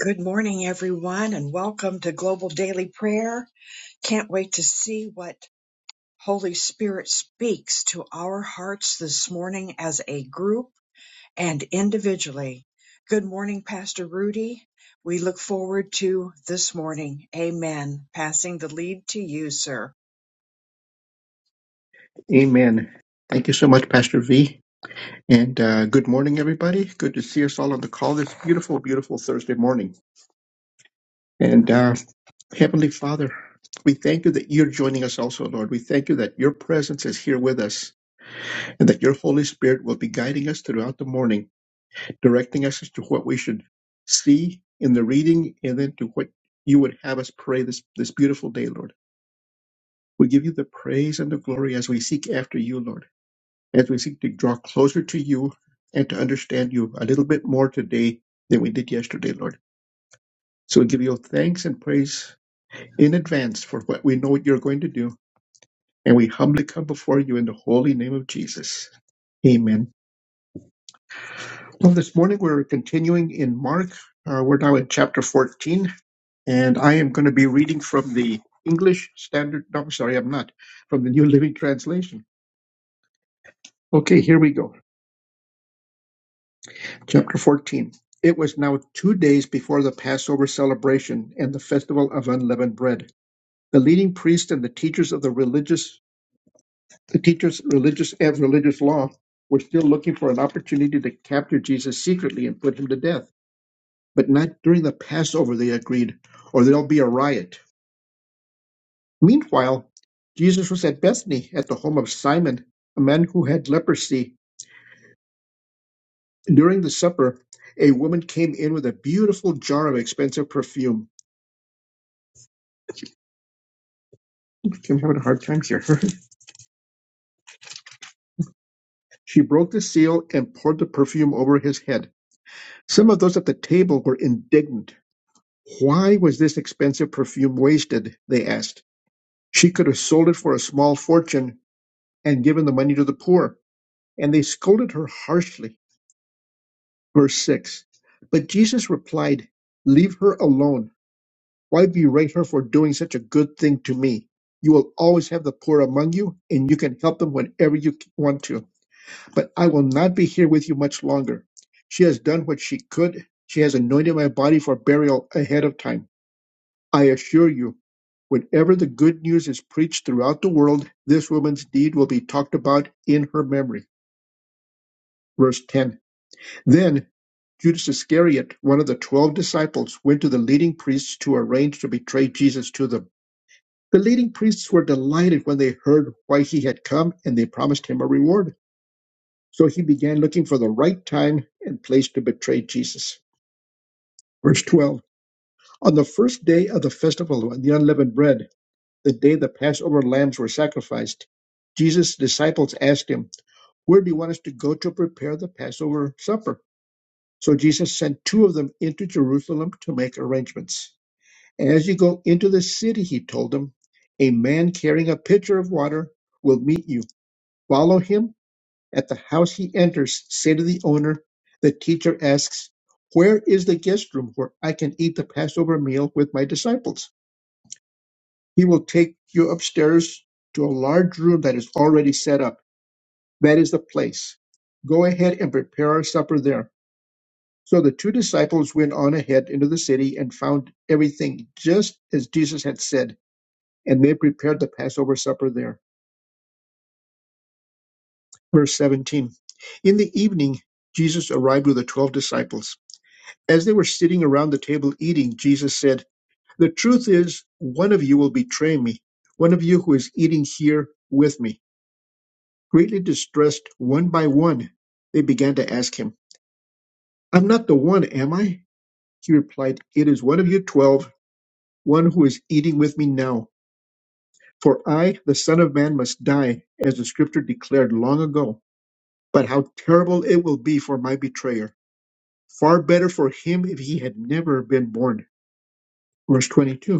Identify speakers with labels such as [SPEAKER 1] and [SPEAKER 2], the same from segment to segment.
[SPEAKER 1] Good morning, everyone, and welcome to Global Daily Prayer. Can't wait to see what Holy Spirit speaks to our hearts this morning as a group and individually. Good morning, Pastor Rudy. We look forward to this morning. Amen. Passing the lead to you, sir.
[SPEAKER 2] Amen. Thank you so much, Pastor V. And uh, good morning, everybody. Good to see us all on the call this beautiful, beautiful Thursday morning. And uh, Heavenly Father, we thank you that you're joining us also, Lord. We thank you that your presence is here with us and that your Holy Spirit will be guiding us throughout the morning, directing us as to what we should see in the reading and then to what you would have us pray this, this beautiful day, Lord. We give you the praise and the glory as we seek after you, Lord. as we seek to draw closer to you and to understand you a little bit more today than we did yesterday, Lord. So we give you thanks and praise in advance for what we know you're going to do, and we humbly come before you in the holy name of Jesus. Amen. Well, this morning we're continuing in Mark. Uh, we're now in chapter 14, and I am going to be reading from the English Standard. No, I'm sorry, I'm not. From the New Living Translation. Okay, here we go. Chapter 14 It was now two days before the Passover celebration and the festival of unleavened bread. The leading priests and the teachers of the religious, the teachers religious and religious law, were still looking for an opportunity to capture Jesus secretly and put him to death. But not during the Passover, they agreed, or there'll be a riot. Meanwhile, Jesus was at Bethany at the home of Simon, a man who had leprosy. During the supper, a woman came in with a beautiful jar of expensive perfume. I'm having a hard time here. she broke the seal and poured the perfume over his head. Some of those at the table were indignant. Why was this expensive perfume wasted? They asked. She could have sold it for a small fortune and given the money to the poor. And they scolded her harshly. Verse 6. But Jesus replied, Leave her alone. Why berate her for doing such a good thing to me? You will always have the poor among you, and you can help them whenever you want to but I will not be here with you much longer. She has done what she could. She has anointed my body for burial ahead of time. I assure you, whenever the good news is preached throughout the world, this woman's deed will be talked about in her memory. Verse 10. Then Judas Iscariot, one of the twelve disciples, went to the leading priests to arrange to betray Jesus to them. The leading priests were delighted when they heard why he had come and they promised him a reward. So he began looking for the right time and place to betray Jesus. Verse 12 On the first day of the festival of the unleavened bread, the day the Passover lambs were sacrificed, Jesus' disciples asked him, Where do you want us to go to prepare the Passover supper? So Jesus sent two of them into Jerusalem to make arrangements. And as you go into the city, he told them, a man carrying a pitcher of water will meet you. Follow him At the house he enters, say to the owner, the teacher asks, Where is the guest room where I can eat the Passover meal with my disciples? He will take you upstairs to a large room that is already set up. That is the place. Go ahead and prepare our supper there. So the two disciples went on ahead into the city and found everything just as Jesus had said, and they prepared the Passover supper there. Verse 17 In the evening, Jesus arrived with the twelve disciples. As they were sitting around the table eating, Jesus said, The truth is, one of you will betray me, one of you who is eating here with me. Greatly distressed one by one, they began to ask him, I'm not the one, am I? He replied, It is one of you twelve, one who is eating with me now. For I, the Son of Man, must die, as the Scripture declared long ago. But how terrible it will be for my betrayer! Far better for him if he had never been born. Verse 22.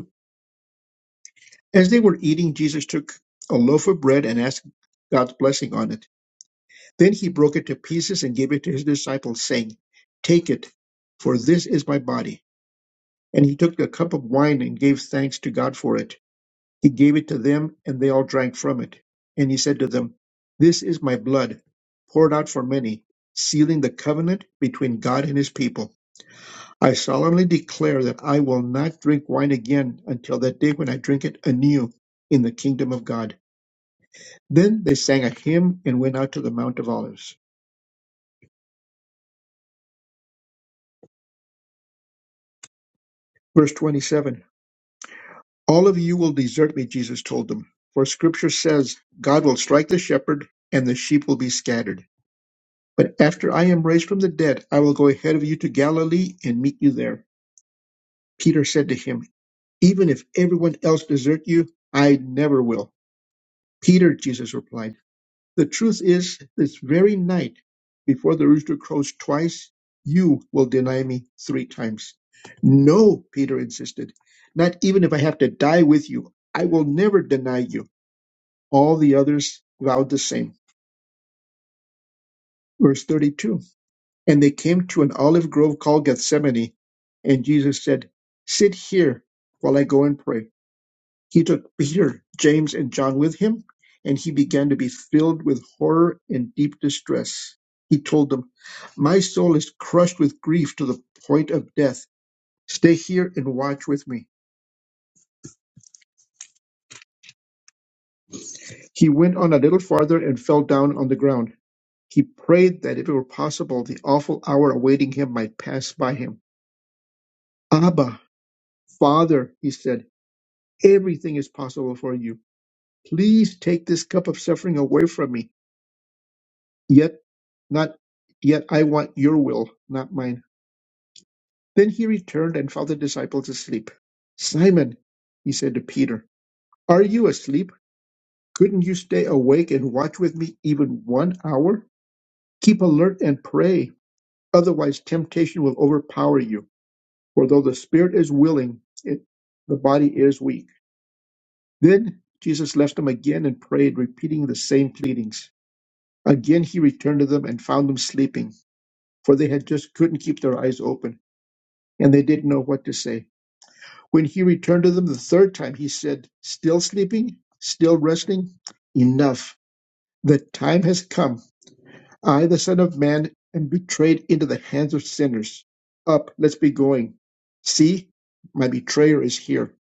[SPEAKER 2] As they were eating, Jesus took a loaf of bread and asked God's blessing on it. Then he broke it to pieces and gave it to his disciples, saying, Take it, for this is my body. And he took a cup of wine and gave thanks to God for it. He gave it to them, and they all drank from it. And he said to them, This is my blood, poured out for many, sealing the covenant between God and his people. I solemnly declare that I will not drink wine again until that day when I drink it anew in the kingdom of God. Then they sang a hymn and went out to the Mount of Olives. Verse 27 All of you will desert me, Jesus told them, for scripture says, God will strike the shepherd, and the sheep will be scattered. But after I am raised from the dead, I will go ahead of you to Galilee and meet you there. Peter said to him, Even if everyone else desert you, I never will. Peter, Jesus replied. The truth is, this very night, before the rooster crows twice, you will deny me three times. No, Peter insisted, not even if I have to die with you. I will never deny you. All the others vowed the same. Verse 32 And they came to an olive grove called Gethsemane, and Jesus said, Sit here while I go and pray. He took Peter, James, and John with him, and he began to be filled with horror and deep distress. He told them, My soul is crushed with grief to the point of death. Stay here and watch with me. He went on a little farther and fell down on the ground. He prayed that if it were possible, the awful hour awaiting him might pass by him. Abba, Father, he said, everything is possible for you. Please take this cup of suffering away from me. Yet not yet I want your will, not mine. Then he returned and found the disciples asleep. Simon, he said to Peter, are you asleep? Couldn't you stay awake and watch with me even one hour? Keep alert and pray, otherwise temptation will overpower you. For though the spirit is willing, it, the body is weak. Then Jesus left them again and prayed, repeating the same pleadings. Again he returned to them and found them sleeping, for they had just couldn't keep their eyes open. and they didn't know what to say. When he returned to them the third time, he said, Still sleeping? Still resting? Enough. The time has come. I, the Son of Man, am betrayed into the hands of sinners. Up, let's be going. See, my betrayer is here.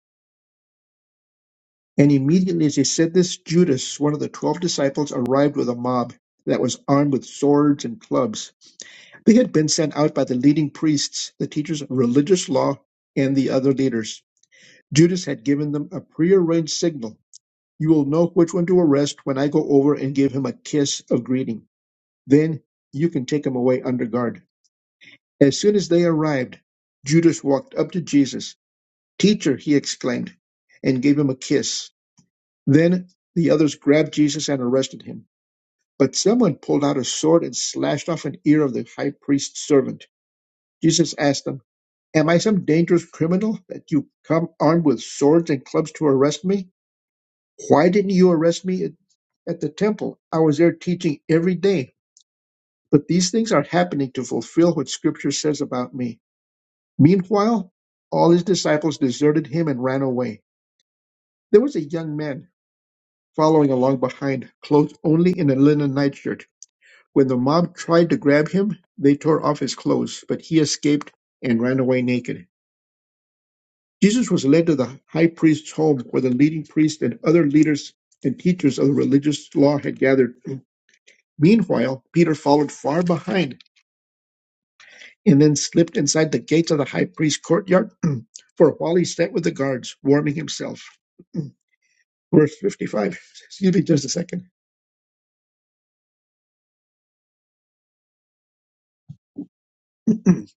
[SPEAKER 2] And immediately as he said this, Judas, one of the twelve disciples, arrived with a mob that was armed with swords and clubs. They had been sent out by the leading priests, the teachers of religious law, and the other leaders. Judas had given them a prearranged signal. You will know which one to arrest when I go over and give him a kiss of greeting. Then you can take him away under guard. As soon as they arrived, Judas walked up to Jesus. Teacher, he exclaimed, and gave him a kiss. Then the others grabbed Jesus and arrested him. But someone pulled out a sword and slashed off an ear of the high priest's servant. Jesus asked them, Am I some dangerous criminal that you come armed with swords and clubs to arrest me? Why didn't you arrest me at, at the temple? I was there teaching every day. But these things are happening to fulfill what Scripture says about me. Meanwhile, all his disciples deserted him and ran away. There was a young man following along behind, clothed only in a linen nightshirt. When the mob tried to grab him, they tore off his clothes, but he escaped and ran away naked. Jesus was led to the high priest's home where the leading priests and other leaders and teachers of the religious law had gathered. Meanwhile, Peter followed far behind and then slipped inside the gates of the high priest's courtyard. For a while he sat with the guards, warming himself. Verse 55. Excuse me just a second.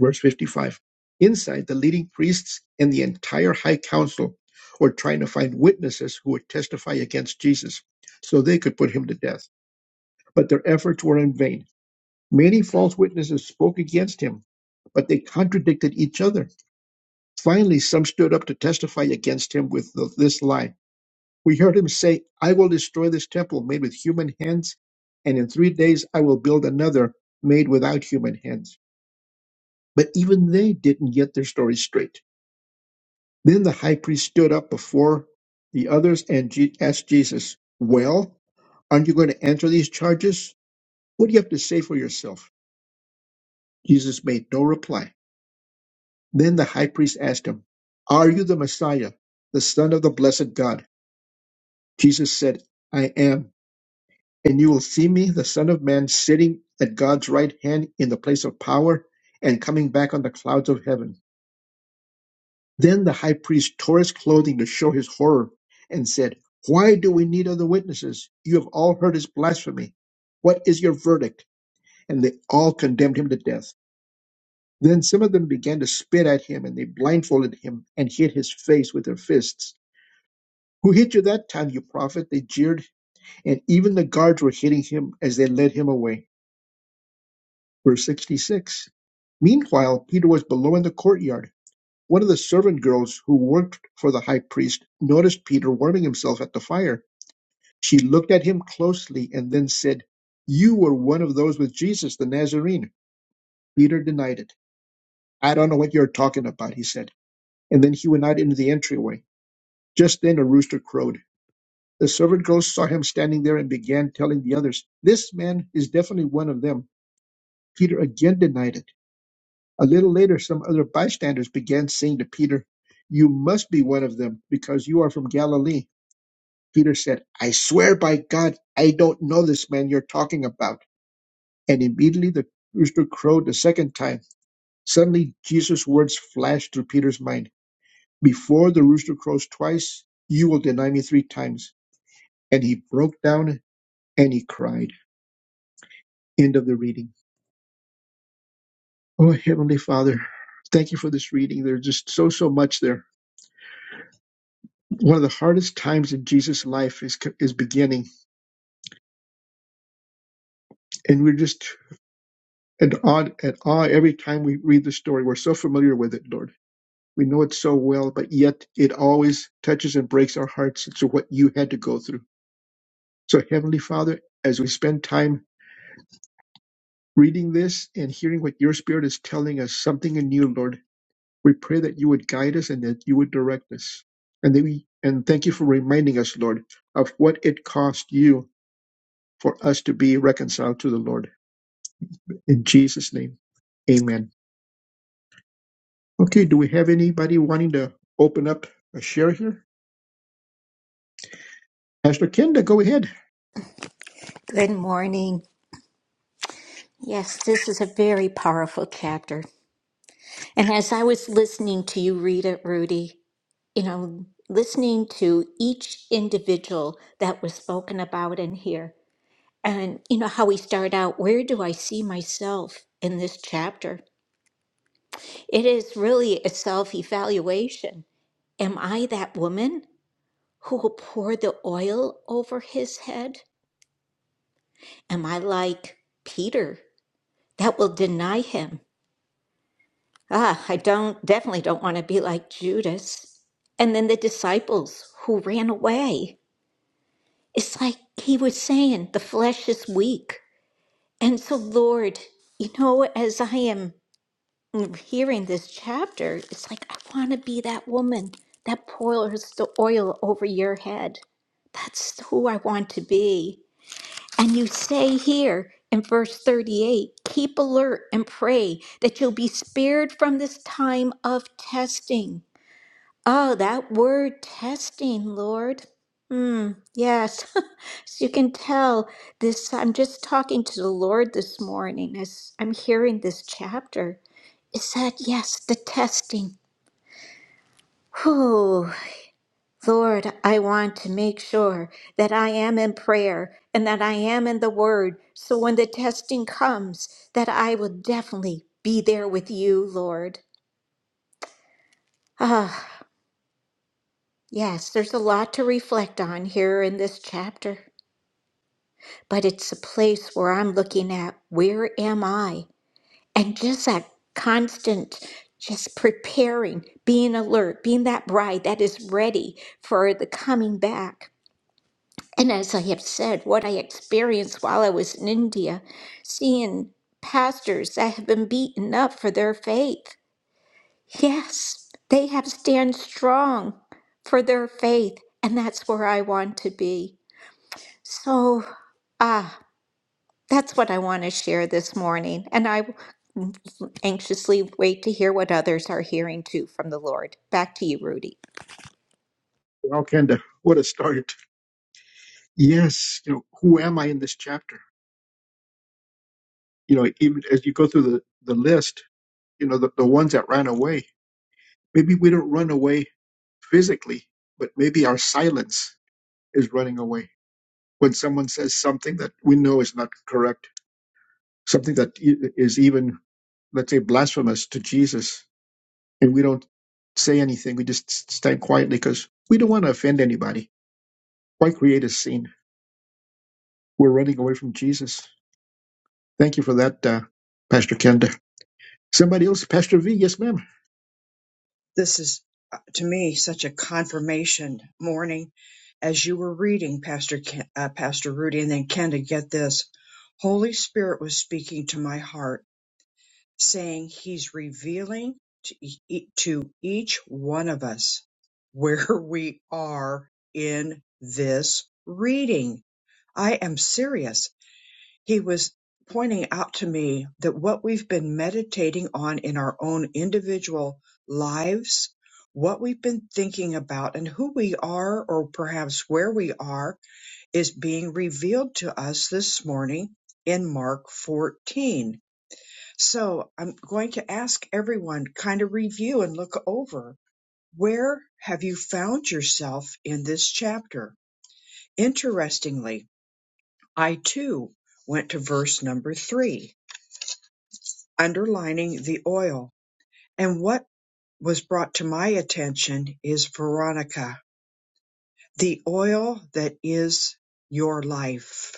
[SPEAKER 2] Verse 55. Inside, the leading priests and the entire high council were trying to find witnesses who would testify against Jesus so they could put him to death. But their efforts were in vain. Many false witnesses spoke against him, but they contradicted each other. Finally, some stood up to testify against him with th- this lie. We heard him say, I will destroy this temple made with human hands, and in three days I will build another made without human hands. But even they didn't get their story straight. Then the high priest stood up before the others and Je- asked Jesus, Well, aren't you going to answer these charges? What do you have to say for yourself? Jesus made no reply. Then the high priest asked him, Are you the Messiah, the Son of the blessed God? Jesus said, I am, and you will see me, the Son of Man, sitting at God's right hand in the place of power and coming back on the clouds of heaven. Then the high priest tore his clothing to show his horror and said, Why do we need other witnesses? You have all heard his blasphemy. What is your verdict? And they all condemned him to death. Then some of them began to spit at him, and they blindfolded him and hit his face with their fists. Who hit you that time, you prophet? They jeered. and even the guards were hitting him as they led him away. Verse 66. Meanwhile, Peter was below in the courtyard. One of the servant girls who worked for the high priest noticed Peter warming himself at the fire. She looked at him closely and then said, You were one of those with Jesus the Nazarene. Peter denied it. I don't know what you're talking about, he said. And then he went out into the entryway. Just then a rooster crowed. The servant girls saw him standing there and began telling the others, This man is definitely one of them. Peter again denied it. A little later, some other bystanders began saying to Peter, You must be one of them, because you are from Galilee. Peter said, I swear by God, I don't know this man you're talking about. And immediately the rooster crowed the second time. Suddenly, Jesus' words flashed through Peter's mind Before the rooster crows twice, you will deny me three times. And he broke down and he cried. End of the reading. Oh, Heavenly Father, thank you for this reading. There's just so, so much there one of the hardest times in Jesus' life is is beginning, and we're just at awe, at awe every time we read the story. We're so familiar with it, Lord. We know it so well, but yet it always touches and breaks our hearts. to what you had to go through. So, Heavenly Father, as we spend time reading this and hearing what your Spirit is telling us, something in you, Lord, we pray that you would guide us and that you would direct us, and that we and thank you for reminding us, Lord, of what it cost you for us to be reconciled to the Lord. In Jesus' name, amen. Okay, do we have anybody wanting to open up a share here? Pastor Kenda, go ahead.
[SPEAKER 3] Good morning. Yes, this is a very powerful chapter. And as I was listening to you read it, Rudy, you know, listening to each individual that was spoken about in here, and you know how we start out, where do I see myself in this chapter? It is really a self evaluation. Am I that woman who will pour the oil over his head? Am I like Peter that will deny him? Ah, I don't definitely don't want to be like Judas. And then the disciples who ran away. It's like he was saying, the flesh is weak. And so, Lord, you know, as I am hearing this chapter, it's like I want to be that woman that pours the oil over your head. That's who I want to be. And you say here in verse 38 keep alert and pray that you'll be spared from this time of testing. Oh, that word testing, Lord. Hmm, yes. As you can tell, this I'm just talking to the Lord this morning as I'm hearing this chapter. It said, yes, the testing. Whew. Lord, I want to make sure that I am in prayer and that I am in the word. So when the testing comes, that I will definitely be there with you, Lord. Ah, yes, there's a lot to reflect on here in this chapter. but it's a place where I'm looking at where am I? And just that constant, just preparing, being alert, being that bride that is ready for the coming back. And as I have said, what I experienced while I was in India, seeing pastors that have been beaten up for their faith. Yes, they have stand strong for their faith, and that's where I want to be. So, ah. That's what I want to share this morning. And I anxiously wait to hear what others are hearing too from the Lord. Back to you, Rudy.
[SPEAKER 2] Wow, Kenda, what a start. Yes, you know, who am I in this chapter? You know, even as you go through the, the list, you know, the, the ones that ran away, maybe we don't run away physically, but maybe our silence is running away. When someone says something that we know is not correct, something that i- is even, let's say, blasphemous to Jesus, and we don't say anything. We just stand quietly because we don't want to offend anybody. Why create a scene? We're running away from Jesus. Thank you for that, uh, Pastor Kenda. Somebody else, Pastor V. Yes, ma'am.
[SPEAKER 1] This is, uh, to me, such a confirmation morning. As you were reading, Pastor Ken, uh, Pastor Rudy, and then Ken, to get this, Holy Spirit was speaking to my heart saying he's revealing to, e- e, to each one of us where we are in this reading. I am serious. He was pointing out to me that what we've been meditating on in our own individual lives, what we've been thinking about and who we are or perhaps where we are is being revealed to us this morning in Mark 14 so I'm going to ask everyone kind of review and look over where have you found yourself in this chapter? Interestingly, I too went to verse number three, underlining the oil. And what was brought to my attention is Veronica, the oil that is your life,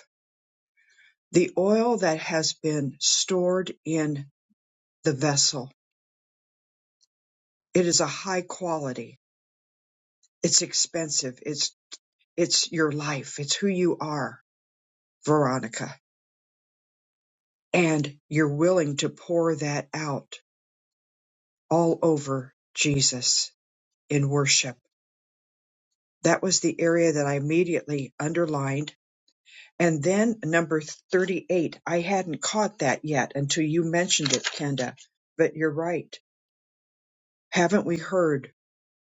[SPEAKER 1] the oil that has been stored in the vessel. It is a high quality. It's expensive. It's It's your life. It's who you are, Veronica. And you're willing to pour that out all over Jesus in worship. That was the area that I immediately underlined. And then number 38, I hadn't caught that yet until you mentioned it, Kenda. But you're right. Haven't we heard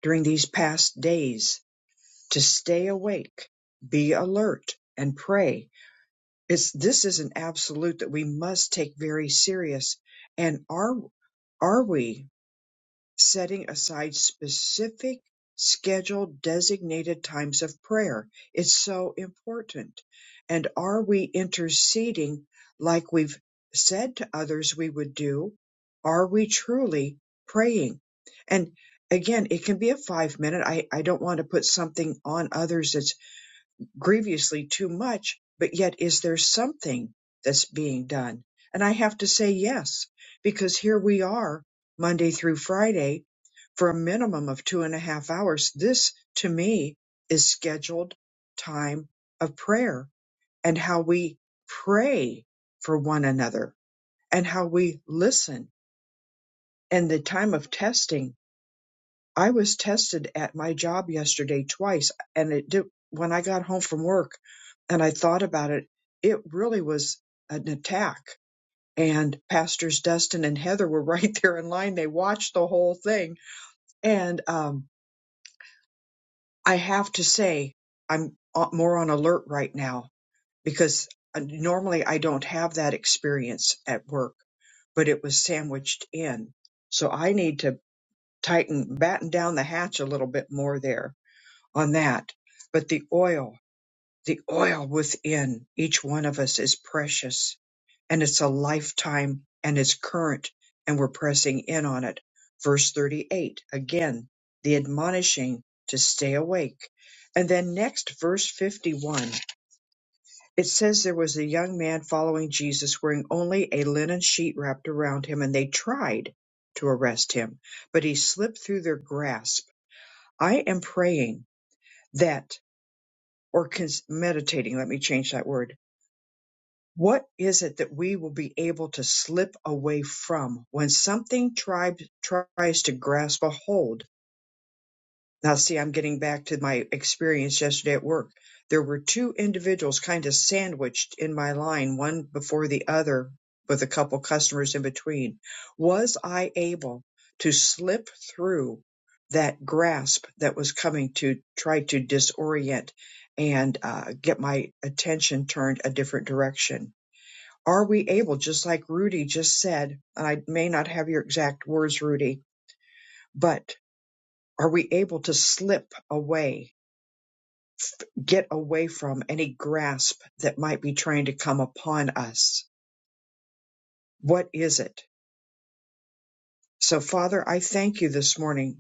[SPEAKER 1] during these past days to stay awake, be alert, and pray? It's this is an absolute that we must take very serious. And are are we setting aside specific scheduled designated times of prayer? It's so important. And are we interceding like we've said to others we would do? Are we truly praying? And again, it can be a five minute. I, I don't want to put something on others that's grievously too much, but yet is there something that's being done? And I have to say yes, because here we are Monday through Friday for a minimum of two and a half hours. This to me is scheduled time of prayer and how we pray for one another and how we listen and the time of testing I was tested at my job yesterday twice, and it did when I got home from work and I thought about it, it really was an attack. And pastors Dustin and Heather were right there in line. They watched the whole thing. And um, I have to say, I'm uh, more on alert right now because uh, normally I don't have that experience at work, but it was sandwiched in. So I need to tighten, batten down the hatch a little bit more there on that. But the oil, the oil within each one of us is precious and it's a lifetime and it's current and we're pressing in on it. Verse 38, again, the admonishing to stay awake. And then next, verse 51, it says there was a young man following Jesus wearing only a linen sheet wrapped around him and they tried to arrest him, but he slipped through their grasp. I am praying that or cons- meditating. Let me change that word. What is it that we will be able to slip away from when something tribe tries to grasp a hold now, see, I'm getting back to my experience yesterday at work. There were two individuals kind of sandwiched in my line, one before the other, with a couple customers in between. Was I able to slip through that grasp that was coming to try to disorient and uh, get my attention turned a different direction? Are we able, just like Rudy just said, and I may not have your exact words, Rudy, but are we able to slip away get away from any grasp that might be trying to come upon us. What is it? So, Father, I thank you this morning.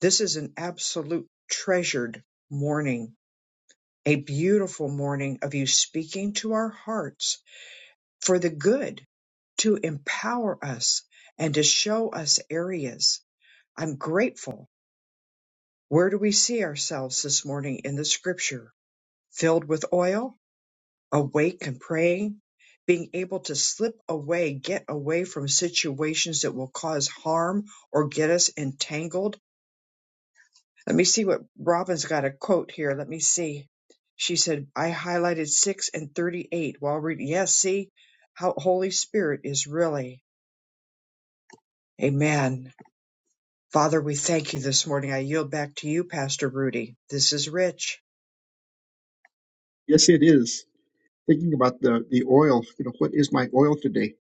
[SPEAKER 1] This is an absolute treasured morning, a beautiful morning of you speaking to our hearts for the good, to empower us and to show us areas. I'm grateful. Where do we see ourselves this morning in the scripture? Filled with oil? awake and praying, being able to slip away, get away from situations that will cause harm or get us entangled. Let me see what Robin's got a quote here. Let me see. She said, I highlighted 6 and 38 while reading. Yes, see how Holy Spirit is really. Amen. Father, we thank you this morning. I yield back to you, Pastor Rudy. This is rich.
[SPEAKER 2] Yes, it is. Thinking about the the oil. You know, what is my oil today,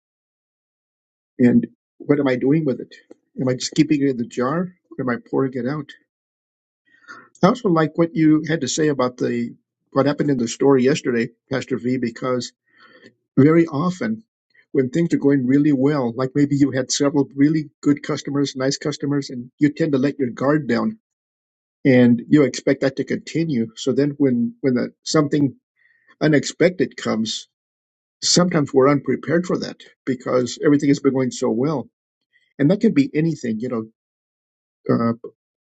[SPEAKER 2] and what am I doing with it? Am I just keeping it in the jar, or am I pouring it out? I also like what you had to say about the what happened in the story yesterday, Pastor V, because Very often, when things are going really well, like maybe you had several really good customers, nice customers, and you tend to let your guard down and you expect that to continue. So then when, when that something unexpected comes, sometimes we're unprepared for that because everything has been going so well. And that could be anything, you know, uh,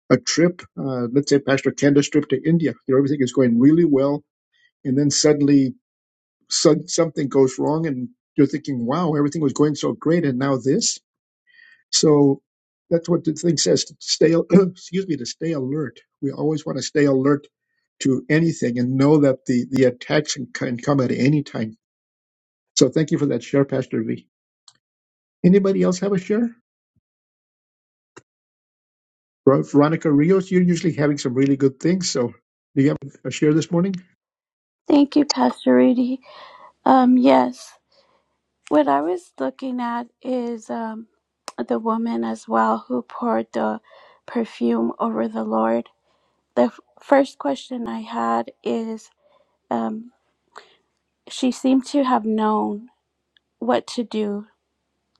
[SPEAKER 2] a trip, uh, let's say Pastor Kenda's trip to India, you know, everything is going really well. And then suddenly some something goes wrong and you're thinking, wow, everything was going so great. And now this, So that's what the thing says. To stay, excuse me, to stay alert. We always want to stay alert to anything and know that the the attacks can, can come at any time. So thank you for that share, Pastor V. Anybody else have a share? Ver- Veronica Rios, you're usually having some really good things. So do you have a share this morning?
[SPEAKER 4] Thank you, Pastor Rudy. Um, yes, what I was looking at is um, the woman as well who poured the perfume over the Lord. The f- first question I had is um, she seemed to have known what to do.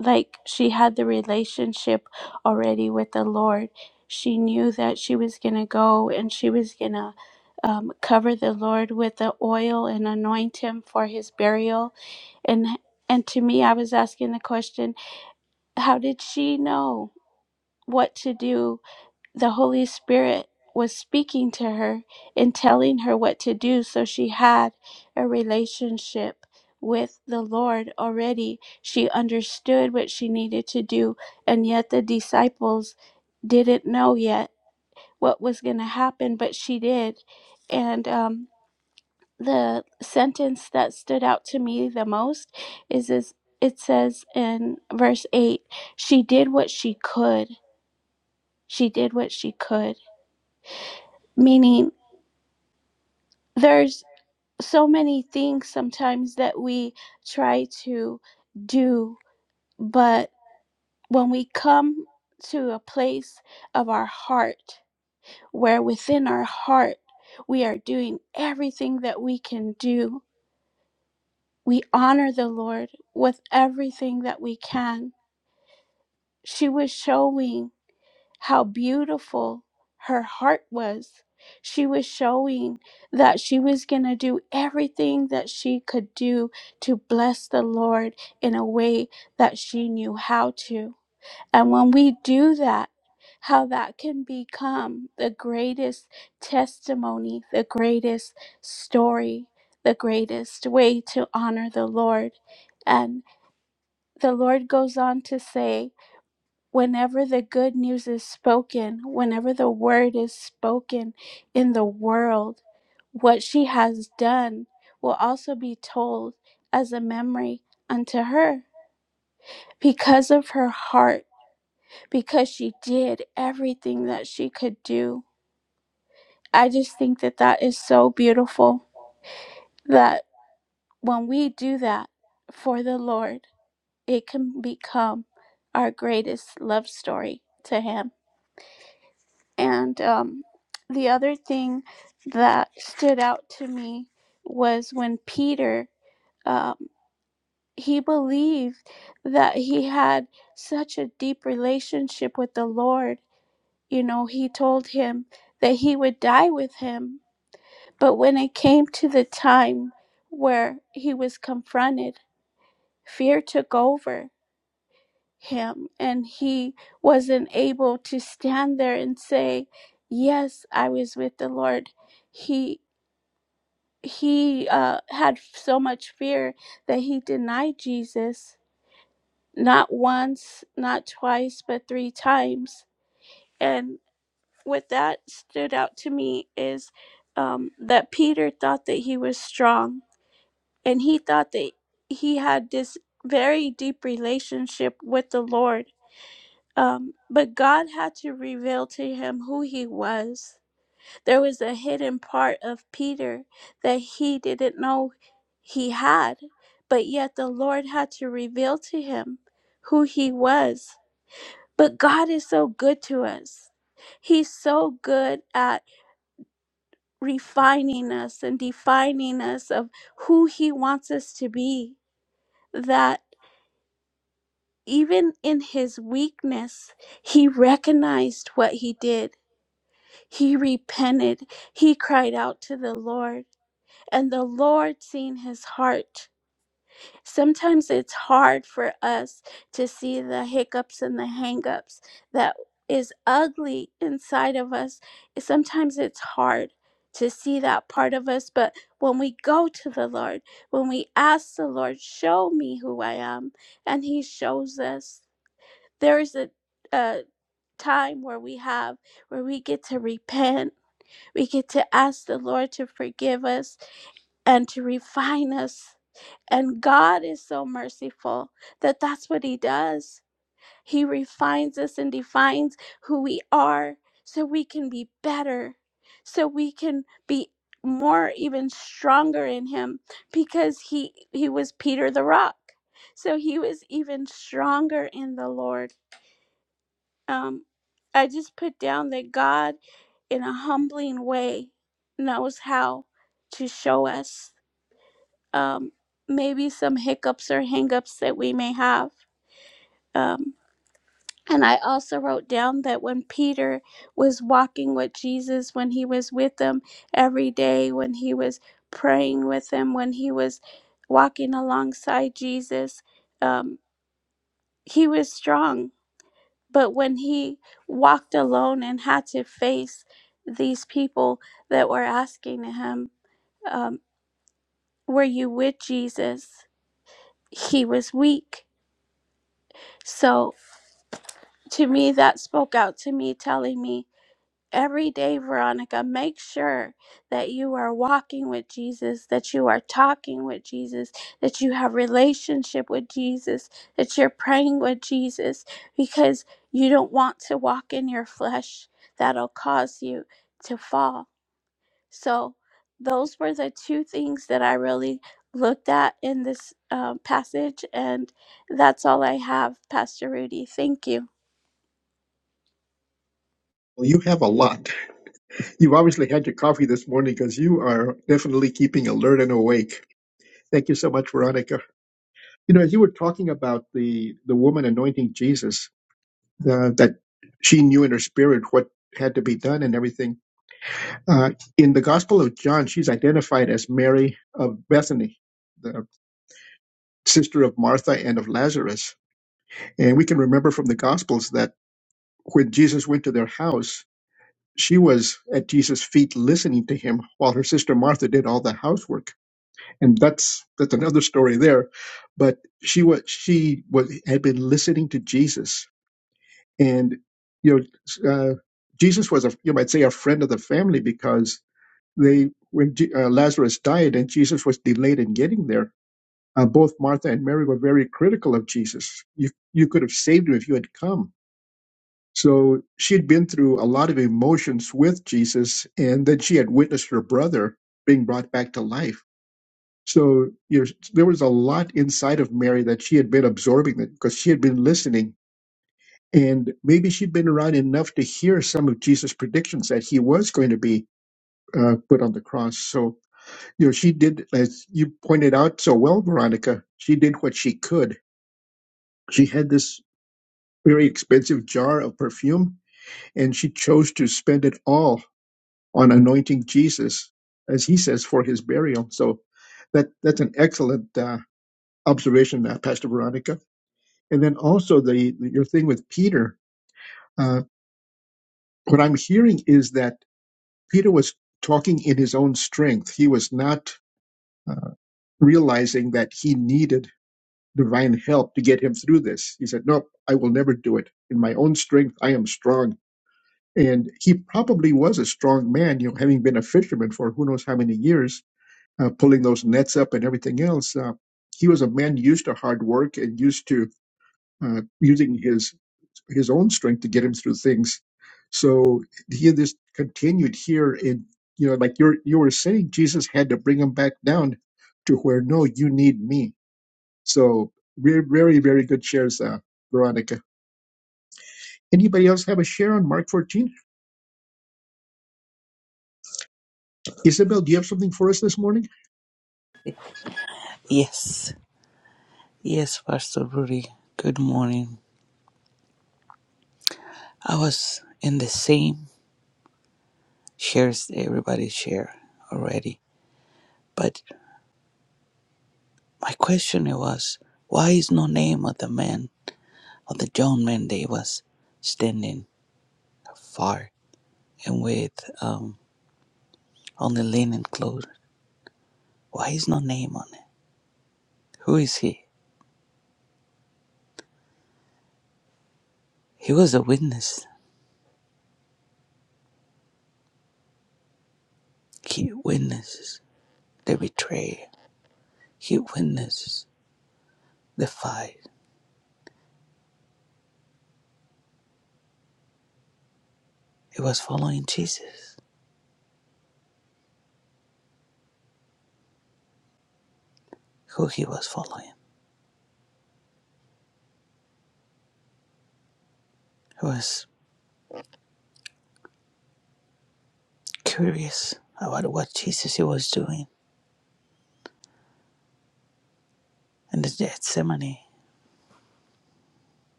[SPEAKER 4] Like she had the relationship already with the Lord. She knew that she was going to go and she was going to um, cover the Lord with the oil and anoint him for his burial and and to me i was asking the question how did she know what to do the holy spirit was speaking to her and telling her what to do so she had a relationship with the lord already she understood what she needed to do and yet the disciples didn't know yet what was going to happen but she did and um the sentence that stood out to me the most is is it says in verse 8 she did what she could she did what she could meaning there's so many things sometimes that we try to do but when we come to a place of our heart where within our heart we are doing everything that we can do we honor the lord with everything that we can She was showing how beautiful her heart was. She was showing that she was going to do everything that she could do to bless the Lord in a way that she knew how to. And when we do that, how that can become the greatest testimony, the greatest story, the greatest way to honor the Lord. And the Lord goes on to say, whenever the good news is spoken, whenever the word is spoken in the world, what she has done will also be told as a memory unto her. Because of her heart, because she did everything that she could do. I just think that that is so beautiful that when we do that for the Lord, it can become our greatest love story to Him. And um, the other thing that stood out to me was when Peter, um, he believed that he had such a deep relationship with the Lord. You know, he told him that he would die with him. But when it came to the time where he was confronted, fear took over him and he wasn't able to stand there and say yes i was with the lord he he uh, had so much fear that he denied jesus not once not twice but three times and what that stood out to me is um, that peter thought that he was strong and he thought that he had this very deep relationship with the lord Um, but God had to reveal to him who he was. There was a hidden part of Peter that he didn't know he had, but yet the Lord had to reveal to him who he was. But God is so good to us. He's so good at refining us and defining us of who he wants us to be that even in his weakness, he recognized what he did He repented. He cried out to the Lord, and the Lord seen his heart. Sometimes it's hard for us to see the hiccups and the hangups that is ugly inside of us. Sometimes it's hard to see that part of us, but when we go to the Lord, when we ask the Lord, show me who I am, and he shows us. There is a, a time where we have where we get to repent we get to ask the Lord to forgive us and to refine us. And God is so merciful that that's what He does. He refines us and defines who we are so we can be better, so we can be more even stronger in him because he he was Peter the rock so he was even stronger in the Lord um, I just put down that God, in a humbling way, knows how to show us um, maybe some hiccups or hangups that we may have. Um, and I also wrote down that when Peter was walking with Jesus, when he was with them every day, when he was praying with him, when he was walking alongside Jesus, um, he was strong But when he walked alone and had to face these people that were asking him, um, Were you with Jesus? He was weak. So to me, that spoke out to me, telling me every day, Veronica, make sure that you are walking with Jesus, that you are talking with Jesus, that you have relationship with Jesus, that you're praying with Jesus because you don't want to walk in your flesh that'll cause you to fall. So those were the two things that I really looked at in this um, passage and that's all I have, Pastor Rudy. Thank you.
[SPEAKER 2] Well, you have a lot. You've obviously had your coffee this morning because you are definitely keeping alert and awake. Thank you so much, Veronica. You know, as you were talking about the the woman anointing Jesus, uh, that she knew in her spirit what had to be done and everything. Uh, in the Gospel of John, she's identified as Mary of Bethany, the sister of Martha and of Lazarus. And we can remember from the Gospels that when Jesus went to their house, she was at Jesus' feet listening to him while her sister Martha did all the housework. And that's that's another story there. But she was she was had been listening to Jesus And you know, uh, Jesus was a you might say a friend of the family because they when Je- uh, Lazarus died and Jesus was delayed in getting there, uh, both Martha and Mary were very critical of Jesus. You you could have saved him if you had come. So she'd been through a lot of emotions with Jesus, and then she had witnessed her brother being brought back to life. So you know, there was a lot inside of Mary that she had been absorbing that because she had been listening and maybe she'd been around enough to hear some of Jesus' predictions that he was going to be uh, put on the cross. So, you know, she did, as you pointed out so well, Veronica, she did what she could. She had this very expensive jar of perfume, and she chose to spend it all on anointing Jesus, as he says, for his burial. So that that's an excellent uh, observation, uh, Pastor Veronica. And then also the your thing with Peter. Uh, what I'm hearing is that Peter was talking in his own strength. He was not uh, realizing that he needed divine help to get him through this. He said, Nope, I will never do it. In my own strength, I am strong. And he probably was a strong man, you know, having been a fisherman for who knows how many years, uh, pulling those nets up and everything else. Uh, he was a man used to hard work and used to uh, using his his own strength to get him through things. So he had this continued here in you know, like you're you were saying, Jesus had to bring him back down to where no, you need me. So very very very good shares, uh, Veronica. Anybody else have a share on Mark 14? Isabel, do you have something for us this morning?
[SPEAKER 5] Yes, yes, Pastor Rudy. Good morning. I was in the same shares everybody share already, but my question was, why is no name of the man of the John man they was standing far and with um on only linen clothes? Why is no name on it? Who is he? He was a witness. He witnesses the betrayal. He witnesses the fight. He was following Jesus. Who he was following? He was. curious about what Jesus he was doing in the Gethsemane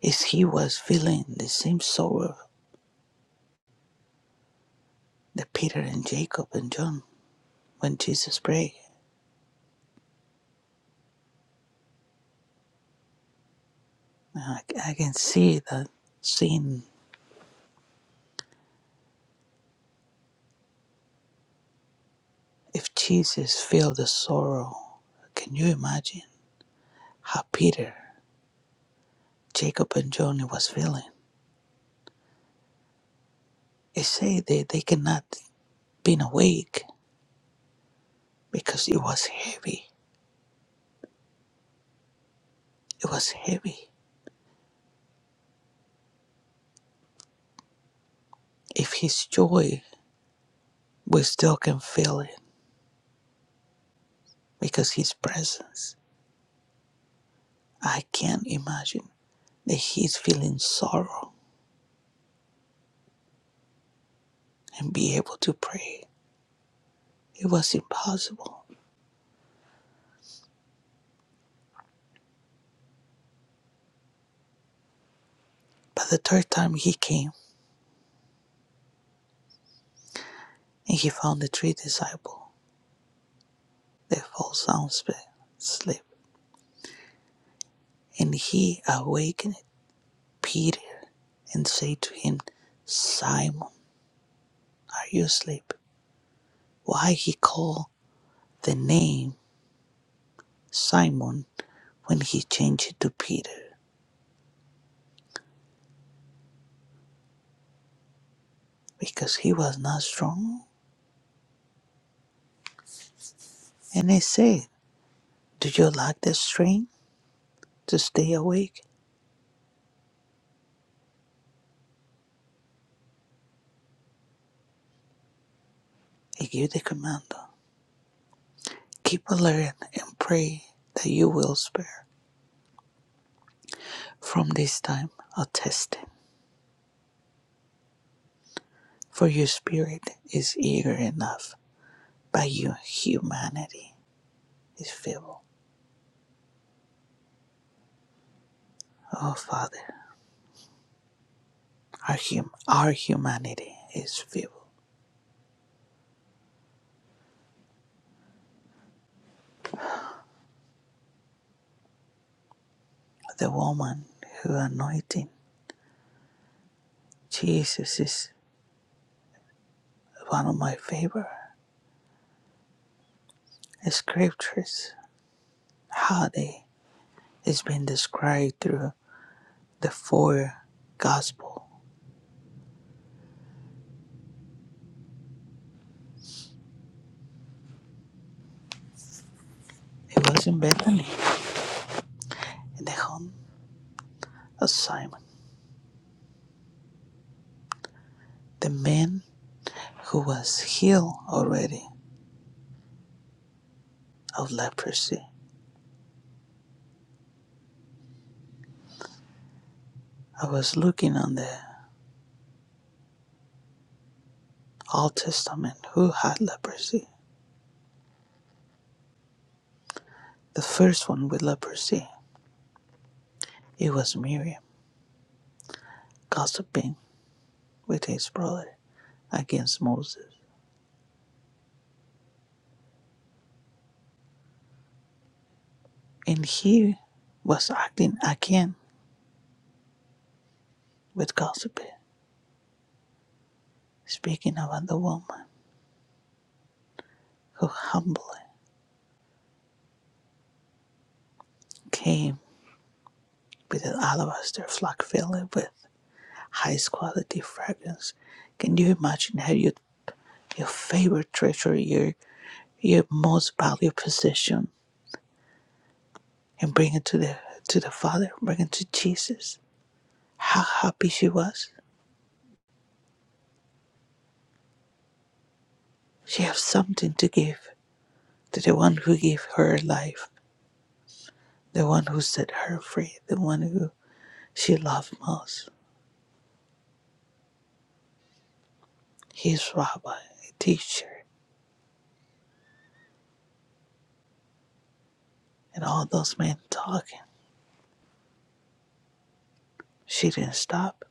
[SPEAKER 5] is he was feeling the same sorrow that Peter and Jacob and John when Jesus prayed. I, I can see that seeing if Jesus felt the sorrow, can you imagine how Peter, Jacob and John was feeling? They say that they cannot been awake because it was heavy. It was heavy. If his joy, we still can feel it because his presence. I can't imagine that he's feeling sorrow and be able to pray. It was impossible. But the third time he came and he found the three disciples that fall sound asleep. And he awakened Peter and said to him, Simon, are you asleep? Why he called the name Simon when he changed it to Peter? Because he was not strong. And I said, Do you lack the strength to stay awake? I give the command. Keep alert and pray that you will spare from this time of testing. For your spirit is eager enough, but your humanity is feeble. Oh, Father, our, hum- our humanity is feeble. The woman who anointed Jesus is one of my favorite scriptures. How they it's been described through the four gospel. It was in Bethany, in the home of Simon, The man who was healed already of leprosy. I was looking on the Old Testament who had leprosy. The first one with leprosy, it was Miriam, gossiping with his brother against Moses. And he was acting again with gossiping, speaking about the woman who humbly came with an alabaster flask filled with highest quality fragrance. Can you imagine how you your favorite treasure, your your most valued possession, and bring it to the to the Father, bring it to Jesus. How happy she was. She has something to give to the one who gave her life, the one who set her free, the one who she loved most. His rabbi, teacher, and all those men talking. She didn't stop.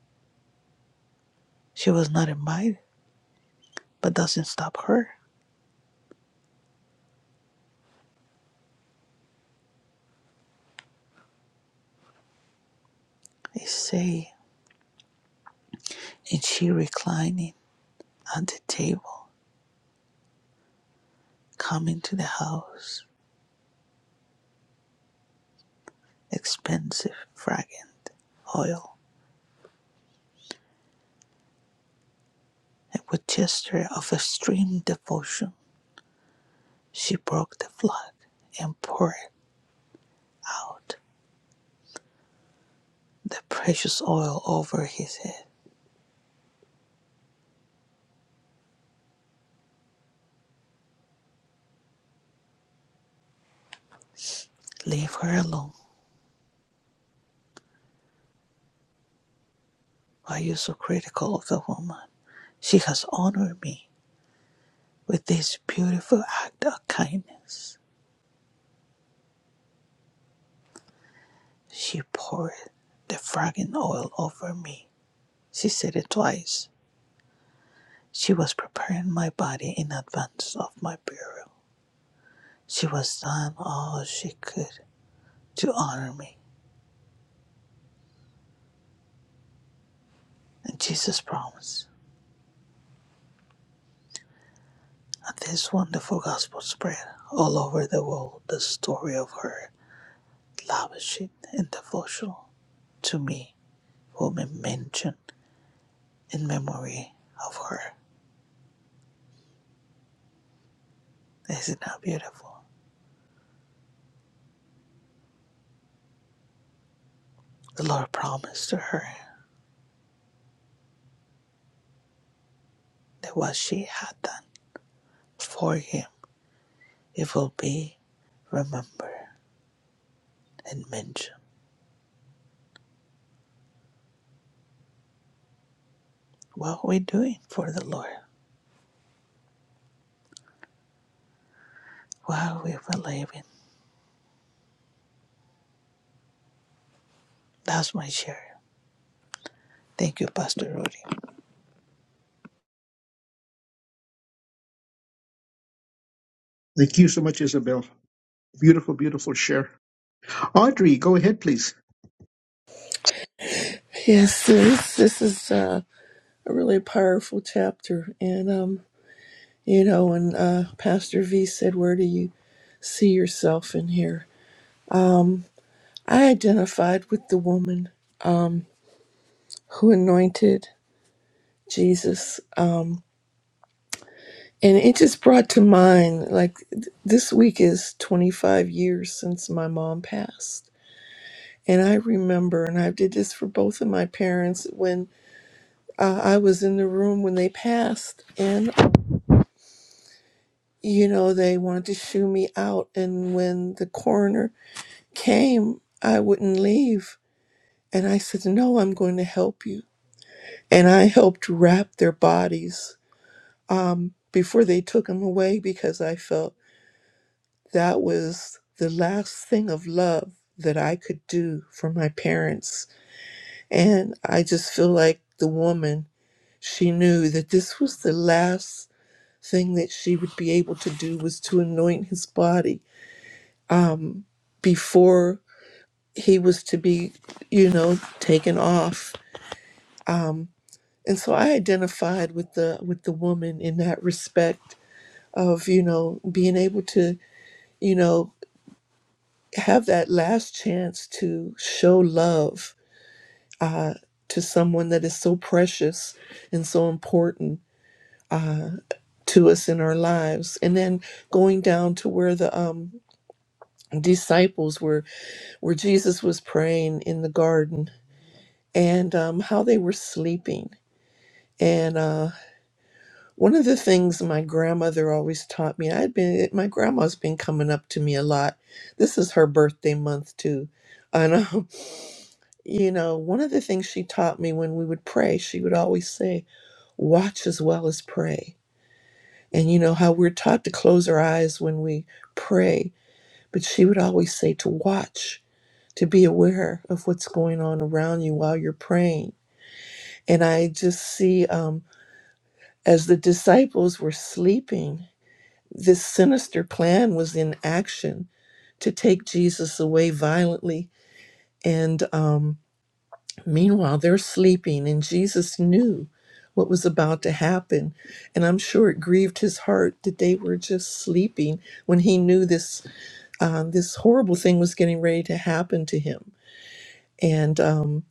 [SPEAKER 5] She was not invited, but doesn't stop her. They say, and she reclining at the table, coming to the house expensive fragrant oil, and with gesture of extreme devotion she broke the flood and poured out the precious oil over his head. Leave her alone. Why are you so critical of the woman? She has honored me with this beautiful act of kindness. She poured the fragrant oil over me. She said it twice. She was preparing my body in advance of my burial. She was done all she could to honor me. And Jesus promised that this wonderful gospel spread all over the world the story of her lavishing and devotion to me will be mentioned in memory of her. Is it not beautiful? The Lord promised to her that what she had done for him, it will be remembered and mentioned. What are we doing for the Lord? What are we believing? That's my share. Thank you, Pastor Rudy.
[SPEAKER 2] Thank you so much, Isabel. Beautiful, beautiful share. Audrey, go ahead, please.
[SPEAKER 6] Yes, this, this is uh, a really powerful chapter. And, um, you know, when uh, Pastor V said, Where do you see yourself in here? I identified with the woman who anointed Jesus. Um, and it just brought to mind, like, th- this week is 25 years since my mom passed. And I remember, and I did this for both of my parents when uh, I was in the room when they passed. you know, they wanted to shoo me out. And when the coroner came, I wouldn't leave. And I said, No, I'm going to help you. And I helped wrap their bodies um, before they took them away because I felt that was the last thing of love that I could do for my parents. And I just feel like the woman, she knew that this was the last thing that she would be able to do was to anoint his body before he was to be you know taken off um and so i identified with the with the woman in that respect of you know being able to you know have that last chance to show love uh to someone that is so precious and so important uh to us in our lives and then going down to where the um disciples were where jesus was praying in the garden and um how they were sleeping And uh, one of the things my grandmother always taught me, I'd been my grandma's been coming up to me a lot. This is her birthday month too, and um, you know, one of the things she taught me when we would pray, she would always say, "Watch as well as pray." And you know how we're taught to close our eyes when we pray, but she would always say to watch, to be aware of what's going on around you while you're praying. And I just see um, as the disciples were sleeping. This sinister plan was in action to take Jesus away violently. And um, meanwhile, they're sleeping, and Jesus knew what was about to happen. And I'm sure it grieved his heart that they were just sleeping when he knew this, um, this horrible thing was getting ready to happen to him. And um,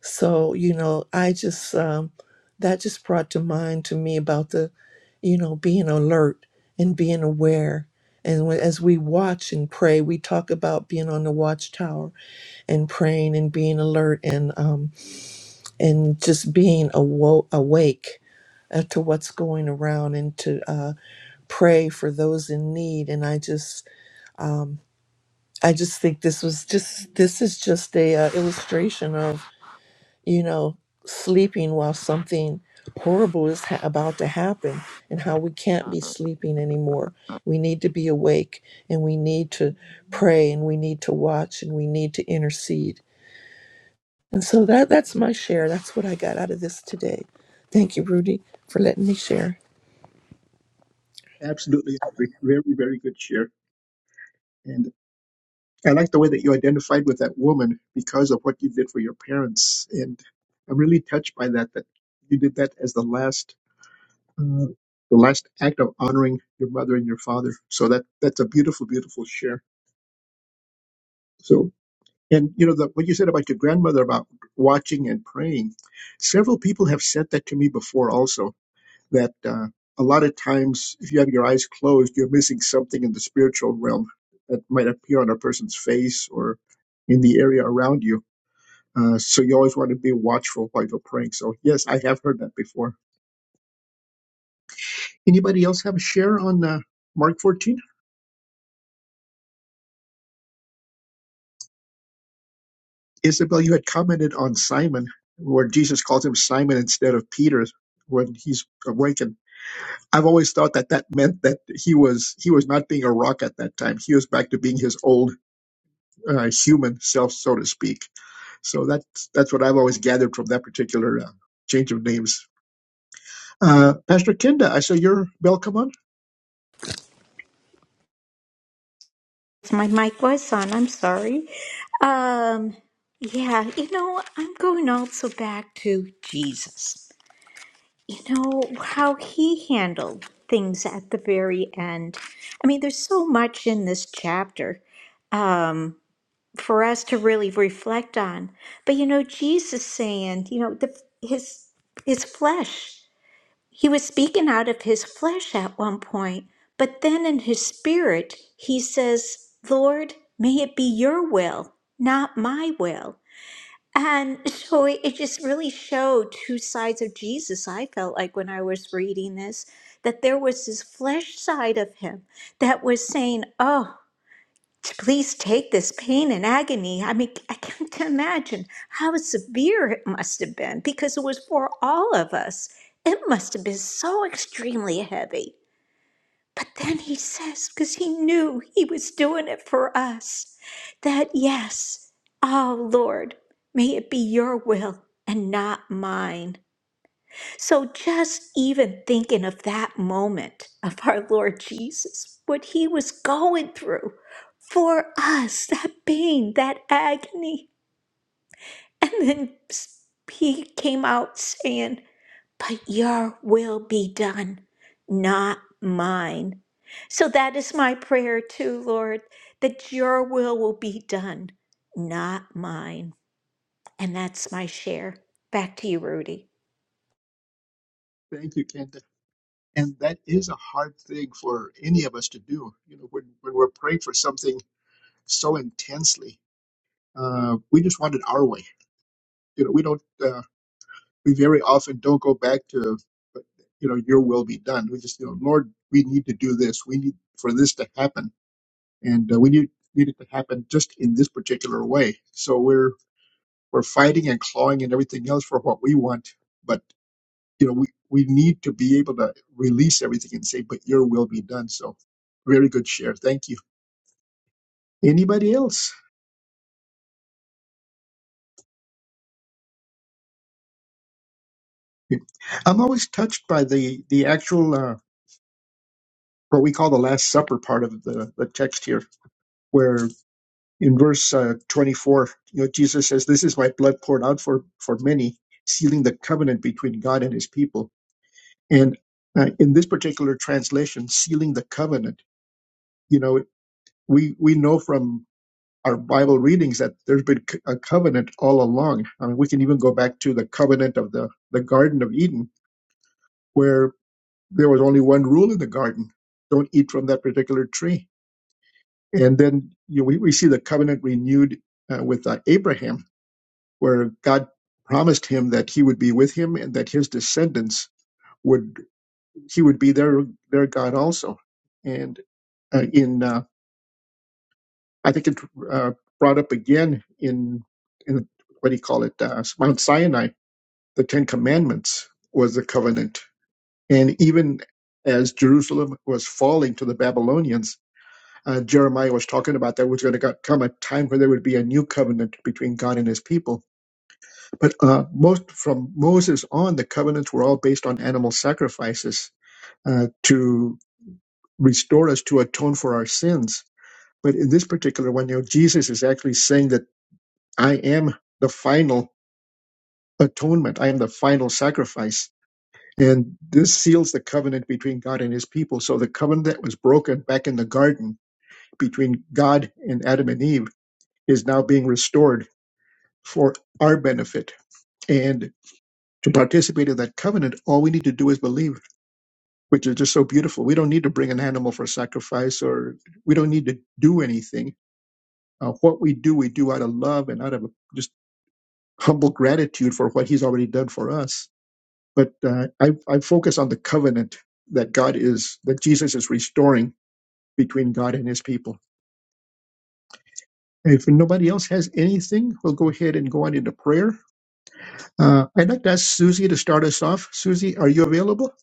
[SPEAKER 6] so, you know, I just, um, that just brought to mind to me about the, you know, being alert and being aware. And when- as we watch and pray, we talk about being on the watchtower and praying and being alert and, um, and just being awo- awake uh, to what's going around and to uh, pray for those in need. And I just, um, I just think this was just, this is just a uh, illustration you know, sleeping while something horrible is ha- about to happen and how we can't be sleeping anymore. We need to be awake and we need to pray and we need to watch and we need to intercede. And so that that's my share. That's what I got out of this today. Thank you, Rudy, for letting me share.
[SPEAKER 2] Absolutely, Audrey. Very, very good share. And. I like the way that you identified with that woman because of what you did for your parents, and I'm really touched by that. That you did that as the last, uh, the last act of honoring your mother and your father. So that that's a beautiful, beautiful share. So, and you know the, what you said about your grandmother about watching and praying. Several people have said that to me before, also that uh, a lot of times if you have your eyes closed, you're missing something in the spiritual realm that might appear on a person's face or in the area around you Uh, so you always want to be watchful while you're praying. So yes, I have heard that before. Anybody else have a share on uh, Mark 14? Isabel, you had commented on Simon, where Jesus calls him Simon instead of Peter when he's awakened. I've always thought that that meant that he was he was not being a rock at that time. He was back to being his old uh, human self, so to speak. So that's that's what I've always gathered from that particular uh, change of names. Uh, Pastor Kenda, I saw your bell come on.
[SPEAKER 3] My mic was on. I'm sorry. Um, yeah, you know, I'm going also back to Jesus. You know, how he handled things at the very end. I mean, there's so much in this chapter. um, for us to really reflect on. But you know, Jesus saying, you know, the, his his flesh. He was speaking out of his flesh at one point, but then in his spirit, he says, "Lord, may it be your will, not my will." And so it it just really showed two sides of Jesus. I felt like when I was reading this, that there was this flesh side of him that was saying, Oh, to please take this pain and agony. I mean, I can't imagine how severe it must have been because it was for all of us. It must have been so extremely heavy. But then he says, because he knew he was doing it for us, that yes, oh Lord, may it be your will and not mine. So just even thinking of that moment of our Lord Jesus, what he was going through for us, that pain, that agony. And then he came out saying, But your will be done, not mine. So that is my prayer too, Lord, that your will will be done, not mine. And that's my share. Back to you, Rudy.
[SPEAKER 2] Thank you, Kenda. And that is a hard thing for any of us to do. You know, when, when we're praying for something so intensely, uh, we just want it our way. You know, we don't, uh, we very often don't go back to, uh, you know, your will be done. We just, you know, Lord, we need to do this. We need for this to happen. And uh, we need, need it to happen just in this particular way. So we're, we're fighting and clawing and everything else for what we want. but. you know, we, we need to be able to release everything and say, but your will be done. So very good share. Thank you. Anybody else? I'm always touched by the, the actual, uh, what we call the Last Supper part of the, the text here, where in verse uh, 24, you know, Jesus says, this is my blood poured out for, for many, sealing the covenant between God and his people. And uh, in this particular translation, sealing the covenant, you know, we, we know from our Bible readings that there's been c- a covenant all along. I mean, we can even go back to the covenant of the, the Garden of Eden, where there was only one rule in the garden don't eat from that particular tree. And then you know, we, we see the covenant renewed uh, with uh, Abraham, where God promised him that he would be with him and that his descendants would he would be their their God also. And uh, in uh, I think it uh, brought up again in in what do you call it uh, Mount Sinai the Ten Commandments was the covenant. And even as Jerusalem was falling to the Babylonians, uh, Jeremiah was talking about there was going to come a time where there would be a new covenant between God and his people. But uh, most from Moses on, the covenants were all based on animal sacrifices uh, to restore us, to atone for our sins. But in this particular one, you know, Jesus is actually saying that I am the final atonement, I am the final sacrifice And this seals the covenant between God and his people. So the covenant that was broken back in the garden between God and Adam and Eve is now being restored for our benefit. And to participate in that covenant, all we need to do is believe, which is just so beautiful. We don't need to bring an animal for sacrifice or we don't need to do anything. Uh, what we do, we do out of love and out of just humble gratitude for what he's already done for us. But uh, I, I focus on the covenant that God is, that Jesus is restoring between God and his people. If nobody else has anything, we'll go ahead and go on into prayer. Uh, I'd like to ask Susie to start us off. Susie, are you available?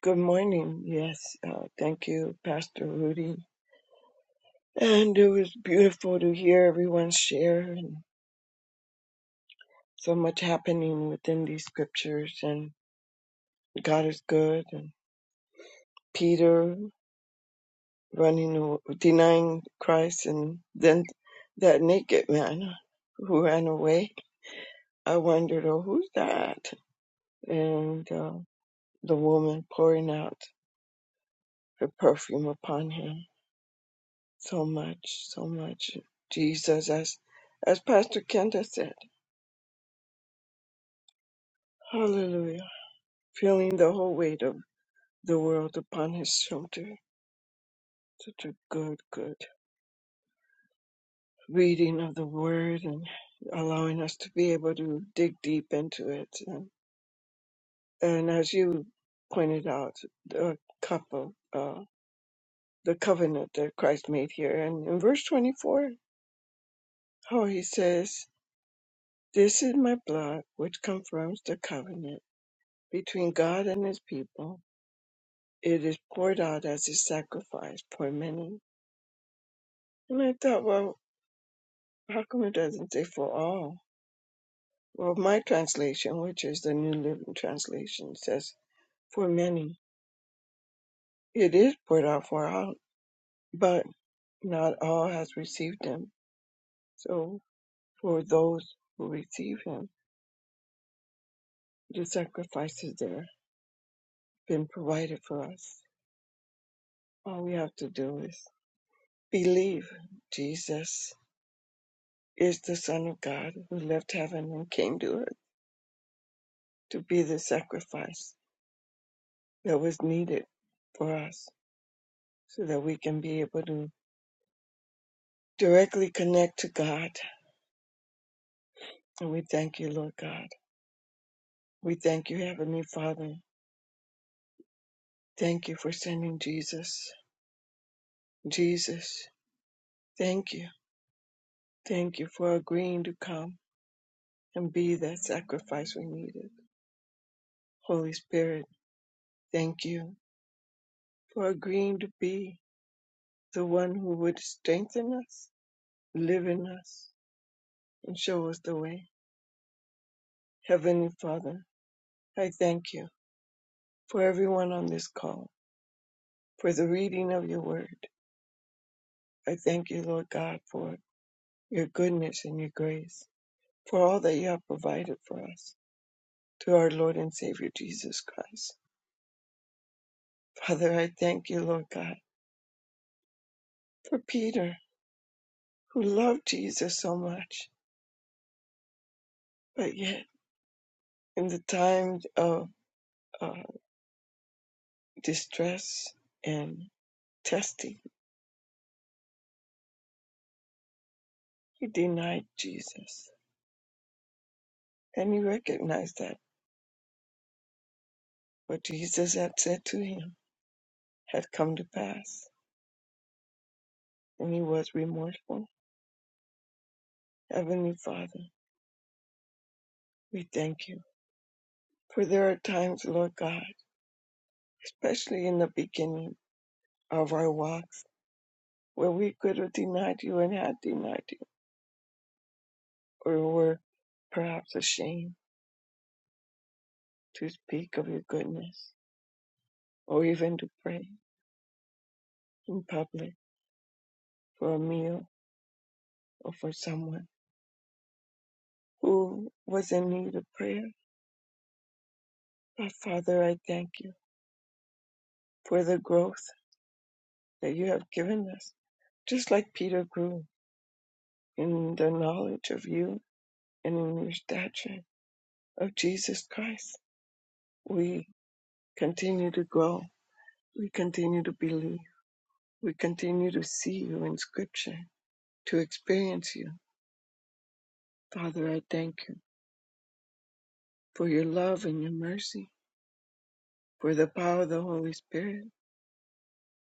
[SPEAKER 7] Good morning. Yes, uh, thank you, Pastor Rudy. And it was beautiful to hear everyone share and so much happening within these scriptures. And God is good. And Peter running, aw- denying Christ, and then that naked man who ran away. I wondered, oh, who's that? And uh, the woman pouring out her perfume upon him. So much, so much. Jesus, as, as Pastor Kenda said, hallelujah. Feeling the whole weight of the world upon his shoulder. Such a good, good reading of the word and allowing us to be able to dig deep into it. And, and as you pointed out, the cup of uh, the covenant that Christ made here. And in verse 24, how he says, This is my blood which confirms the covenant between God and his people. It is poured out as a sacrifice for many. And I thought, well, how come it doesn't say for all? Well, my translation, which is the New Living Translation, says for many. It is poured out for all, but not all has received him. So for those who receive him, the sacrifice is there, been provided for us. All we have to do is believe Jesus is the Son of God who left heaven and came to earth to be the sacrifice that was needed for us so that we can be able to directly connect to God. And we thank you, Lord God. We thank you, Heavenly Father. Thank you for sending Jesus. Jesus, thank you. Thank you for agreeing to come and be that sacrifice we needed. Holy Spirit, thank you for agreeing to be the one who would strengthen us, live in us, and show us the way. Heavenly Father, I thank you for everyone on this call, for the reading of your word. I thank you, Lord God, for your goodness and your grace, for all that you have provided for us through our Lord and Savior Jesus Christ. Father, I thank you, Lord God, for Peter, who loved Jesus so much, but yet in the time of uh, distress and testing, he denied Jesus. And he recognized that. What Jesus had said to him had come to pass, and he was remorseful. Heavenly Father, we thank you. For there are times, Lord God, especially in the beginning of our walks, where we could have denied you and had denied you, or were perhaps ashamed to speak of your goodness, or even to pray in public for a meal or for someone who was in need of prayer. But Father, I thank you for the growth that you have given us just like Peter grew in the knowledge of you and in your stature of Jesus Christ, we continue to grow. We continue to believe. We continue to see you in Scripture, to experience you. Father, I thank you for your love and your mercy, for the power of the Holy Spirit,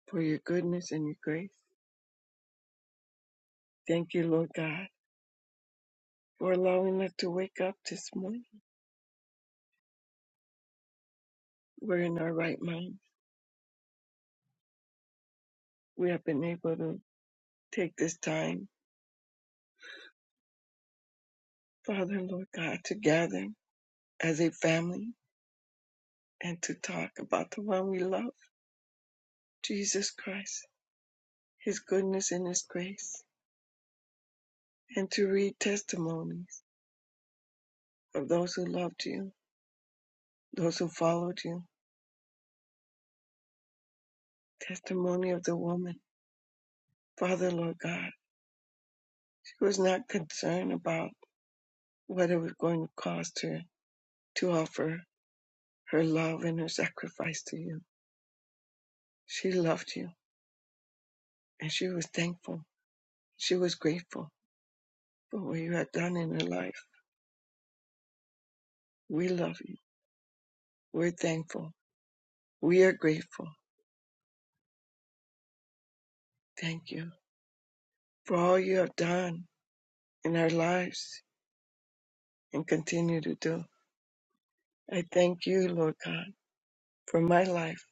[SPEAKER 7] for your goodness and your grace. Thank you, Lord God, for allowing us to wake up this morning. We're in our right mind. We have been able to take this time Father, Lord God, to gather as a family and to talk about the one we love, Jesus Christ, his goodness and his grace, and to read testimonies of those who loved you, those who followed you, testimony of the woman. Father, Lord God, she was not concerned about what it was going to cost her to offer her love and her sacrifice to you. She loved you, and she was thankful. She was grateful for what you had done in her life. We love you We're thankful. We are grateful. Thank you for all you have done in our lives and continue to do. I thank you, Lord God, for my life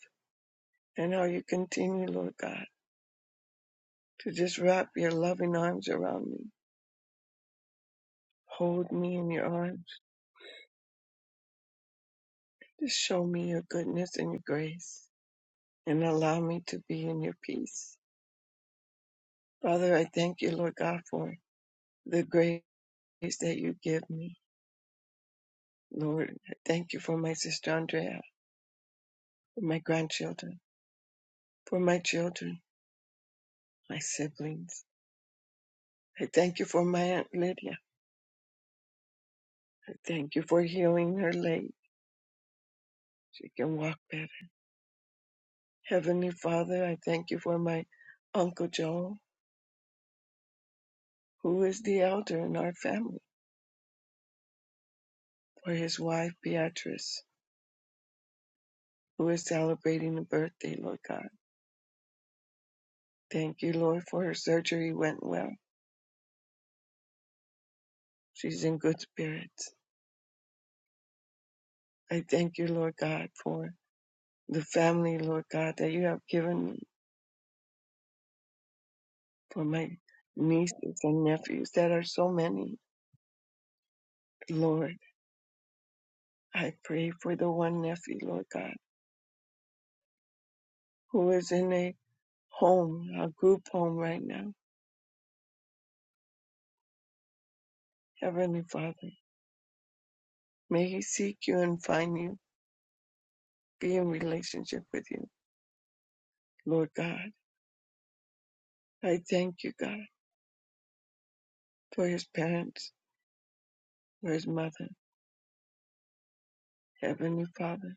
[SPEAKER 7] and how you continue, Lord God, to just wrap your loving arms around me. Hold me in your arms. Just show me your goodness and your grace and allow me to be in your peace. Father, I thank you, Lord God, for the grace that you give me. Lord, I thank you for my sister Andrea, for my grandchildren. for my children, my siblings. I thank you for my Aunt Lydia. I thank you for healing her leg. She can walk better. Heavenly Father, I thank you for my Uncle Joel, who is the elder in our family, for his wife Beatrice, who is celebrating a birthday, Lord God. Thank you, Lord, for her surgery went well. She's in good spirits. I thank you, Lord God, for the family, Lord God, that you have given me, for my nieces and nephews that are so many. Lord, I pray for the one nephew, Lord God, who is in a home, a group home right now. Heavenly Father, may he seek you and find you, be in relationship with you. Lord God, I thank you, God, for his parents, for his mother. Heavenly Father,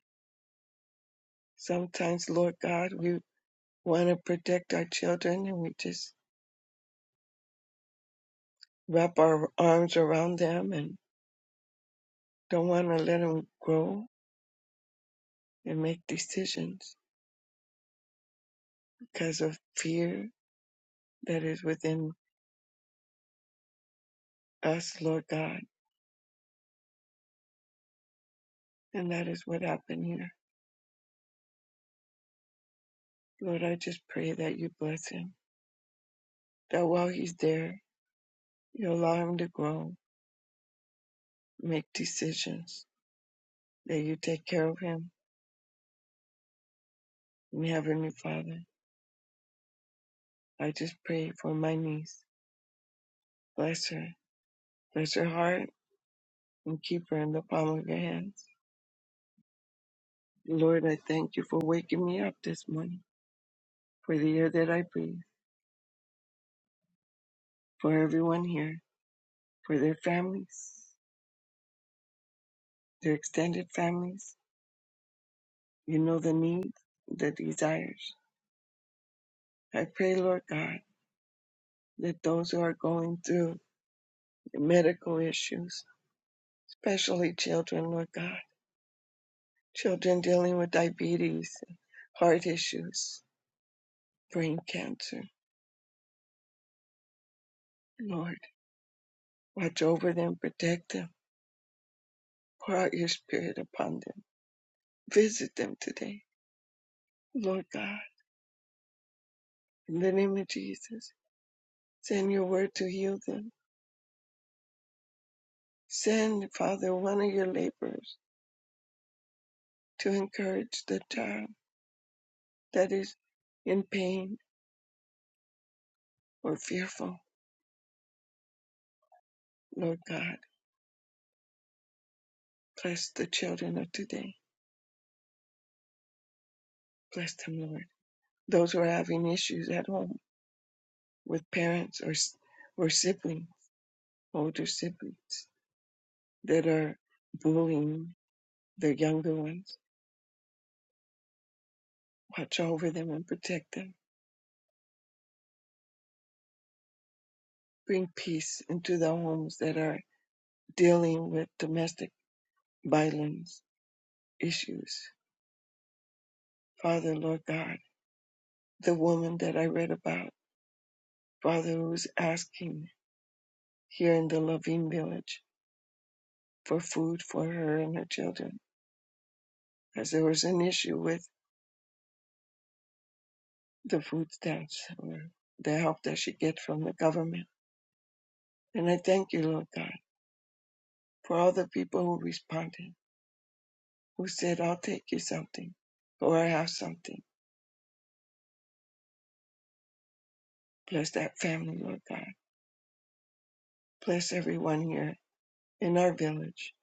[SPEAKER 7] sometimes, Lord God, we want to protect our children and we just wrap our arms around them and don't want to let them grow and make decisions because of fear that is within us, Lord God. And that is what happened here. Lord, I just pray that you bless him, that while he's there, you allow him to grow, make decisions, that you take care of him. And Heavenly Father, I just pray for my niece. Bless her, bless her heart, and keep her in the palm of your hands. Lord, I thank you for waking me up this morning, for the air that I breathe, for everyone here, for their families, their extended families You know the needs, the desires. I pray, Lord God, that those who are going through medical issues, especially children, Lord God, children dealing with diabetes, heart issues, brain cancer, Lord, watch over them, protect them, pour out your spirit upon them. Visit them today, Lord God, in the name of Jesus. Send your word to heal them. Send, Father, one of your laborers to encourage the child that is in pain or fearful. Lord God, bless the children of today. Bless them, Lord. Those who are having issues at home with parents or, or siblings, older siblings that are bullying their younger ones, watch over them and protect them. Bring peace into the homes that are dealing with domestic violence issues. Father, Lord God, the woman that I read about, Father, who's asking here in the Loving Village for food for her and her children, as there was an issue with the food stamps or the help that she get from the government. And I thank you, Lord God, for all the people who responded, who said, "I'll take you something," or "I have something." Bless that family, Lord God. Bless everyone here in our village.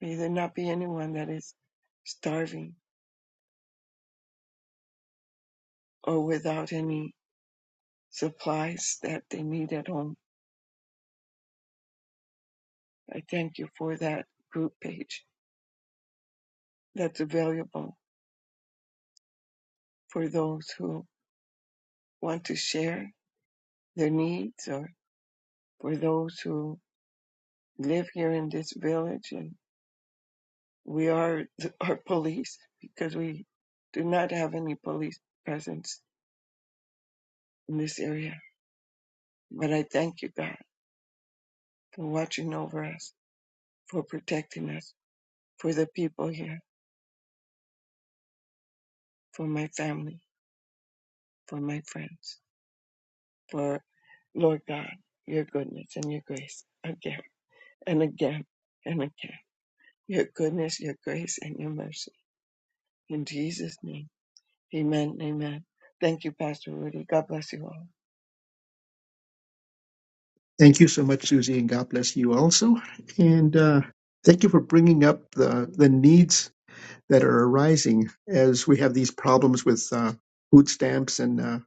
[SPEAKER 7] May there not be anyone that is starving or without any supplies that they need at home. I thank you for that group page that's available for those who want to share their needs or for those who live here in this village. And we are our police because we do not have any police presence in this area. But I thank you, God, for watching over us, for protecting us, for the people here, for my family, for my friends, for Lord God, your goodness and your grace again and again and again. your goodness, your grace, and your mercy. In Jesus' name, amen, amen. Thank you, Pastor Rudy. God bless you all.
[SPEAKER 2] Thank you so much, Susie, and God bless you also. And uh, thank you for bringing up the, the needs that are arising as we have these problems with uh, food stamps and uh,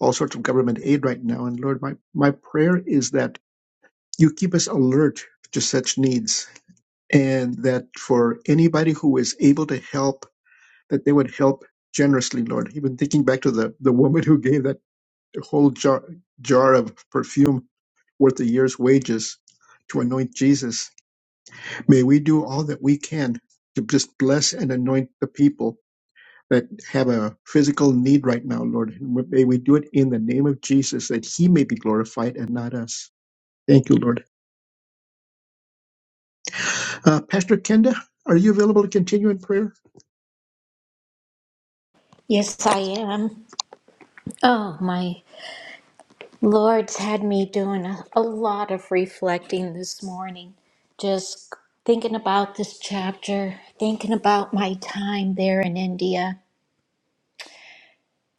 [SPEAKER 2] all sorts of government aid right now. And Lord, my, my prayer is that you keep us alert to such needs and that for anybody who is able to help, that they would help generously, Lord. Even thinking back to the, the woman who gave that whole jar, jar of perfume worth a year's wages to anoint Jesus, may we do all that we can to just bless and anoint the people that have a physical need right now, Lord. And May we do it in the name of Jesus that he may be glorified and not us. Thank you, Lord. Uh, Pastor Kenda, are you available to continue in prayer?
[SPEAKER 3] Yes, I am. Oh, my. Lord's had me doing a, a lot of reflecting this morning, just thinking about this chapter, thinking about my time there in India.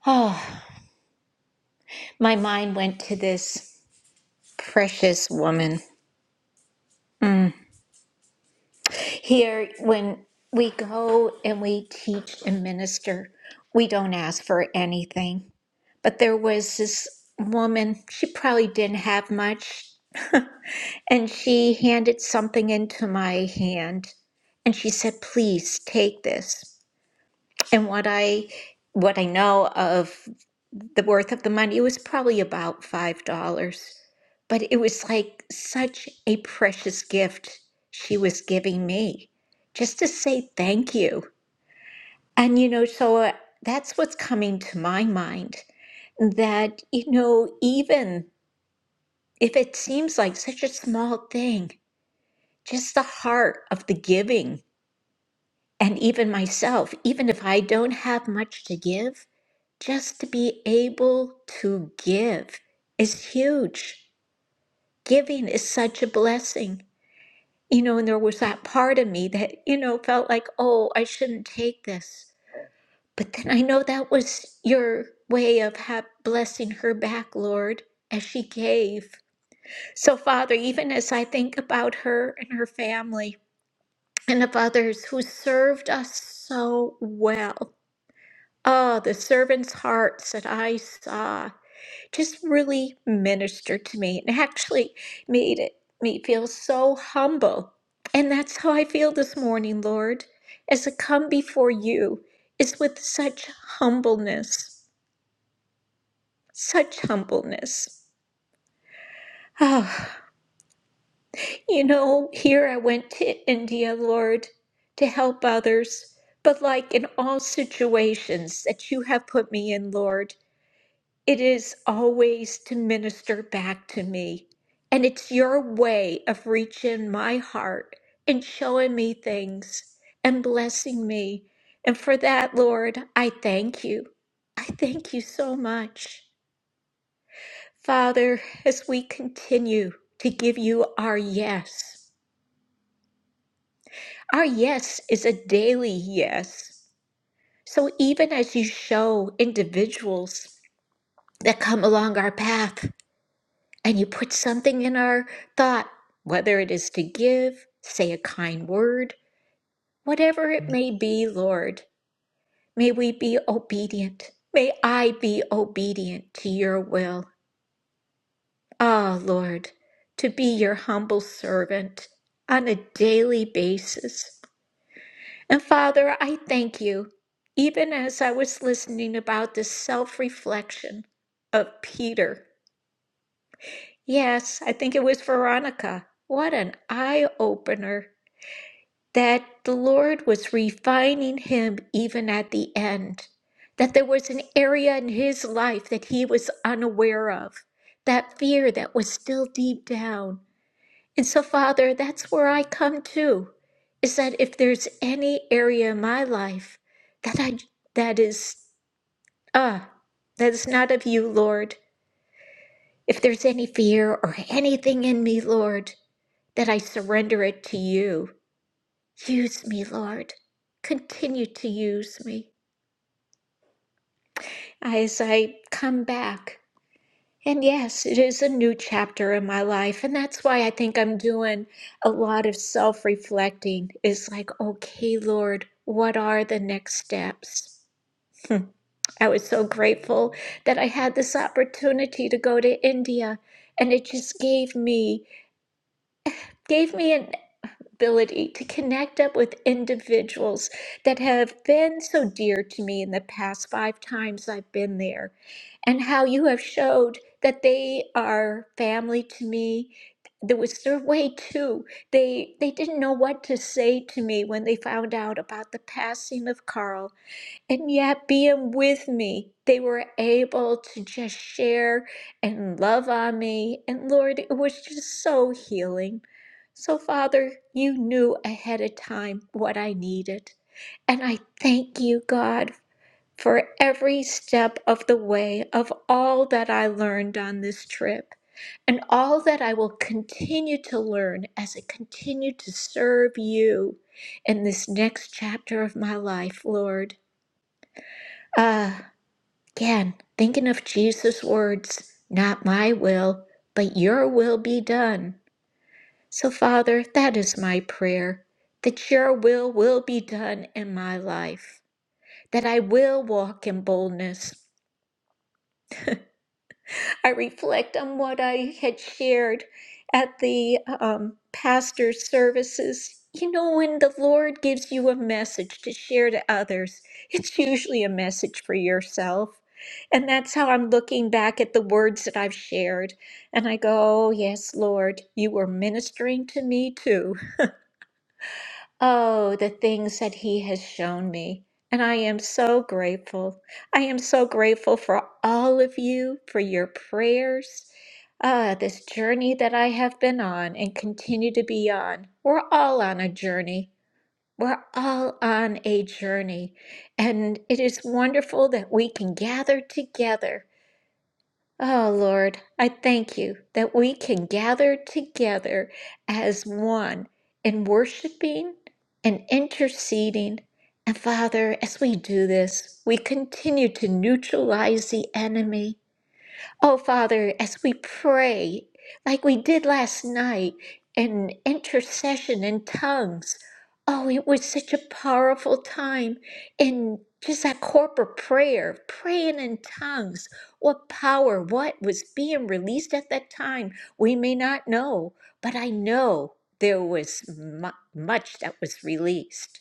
[SPEAKER 3] Oh, my mind went to this precious woman. Here, when we go and we teach and minister, we don't ask for anything. But there was this woman, she probably didn't have much, and she handed something into my hand and she said, "Please take this." And what I what I know of the worth of the money. It was probably about $5. But it was like such a precious gift she was giving me just to say thank you. And, you know, so uh, that's what's coming to my mind that, you know, even if it seems like such a small thing, just the heart of the giving, and even myself, even if I don't have much to give, just to be able to give is huge. giving is such a blessing. You know, and there was that part of me that, you know, felt like, oh, I shouldn't take this. But then I know that was your way of ha- blessing her back, Lord, as she gave. So, Father, even as I think about her and her family and of others who served us so well, oh, the servant's hearts that I saw just really ministered to me and actually made it me feel so humble. And that's how I feel this morning, Lord, as I come before you is with such humbleness, such humbleness. Oh, you know, here I went to India, Lord, to help others, but like in all situations that you have put me in, Lord. It is always to minister back to me. And it's your way of reaching my heart and showing me things and blessing me. And for that, Lord, I thank you. I thank you so much. Father, as we continue to give you our yes, our yes is a daily yes. So even as you show individuals that come along our path, and you put something in our thought, whether it is to give, say a kind word, whatever it may be, Lord, may we be obedient. May I be obedient to your will. Ah, Lord, to be your humble servant on a daily basis. And Father, I thank you, even as I was listening about this self reflection of Peter. Yes, I think it was Veronica. What an eye opener that the Lord was refining him even at the end, that there was an area in his life that he was unaware of, that fear that was still deep down. And so, Father, that's where I come to, is that if there's any area in my life that I that is ah that is not of you, Lord, if there's any fear or anything in me, Lord, that I surrender it to you Use me, Lord. Continue to use me as I come back. And yes, it is a new chapter in my life. And that's why I think I'm doing a lot of self reflecting. It's like, okay, Lord, what are the next steps? Hmm. I was so grateful that I had this opportunity to go to India. And it just gave me, gave me an ability to connect up with individuals that have been so dear to me in the past five times I've been there, and how you have showed that they are family to me. There was their way too. They they didn't know what to say to me when they found out about the passing of Carl, and yet, being with me, they were able to just share and love on me. And Lord, it was just so healing. So, Father, you knew ahead of time what I needed. And I thank you, God, for every step of the way of all that I learned on this trip and all that I will continue to learn as I continue to serve you in this next chapter of my life, Lord. Ah. Again, thinking of Jesus' words, not my will, but your will be done. So, Father, that is my prayer, that your will will be done in my life, that I will walk in boldness, I reflect on what I had shared at the um, pastor's services. You know, when the Lord gives you a message to share to others, it's usually a message for yourself. And that's how I'm looking back at the words that I've shared. And I go, oh, yes, Lord, you were ministering to me too. Oh, the things that He has shown me. And I am so grateful. I am so grateful for all of you, for your prayers. Ah, this journey that I have been on and continue to be on. We're all on a journey. We're all on a journey. And it is wonderful that we can gather together Oh Lord, I thank you that we can gather together as one in worshiping and interceding. And Father, as we do this, we continue to neutralize the enemy Oh, Father, as we pray, like we did last night in intercession and tongues, oh, it was such a powerful time in just that corporate prayer, praying in tongues. What power, what was being released at that time, we may not know, but I know there was mu- much that was released.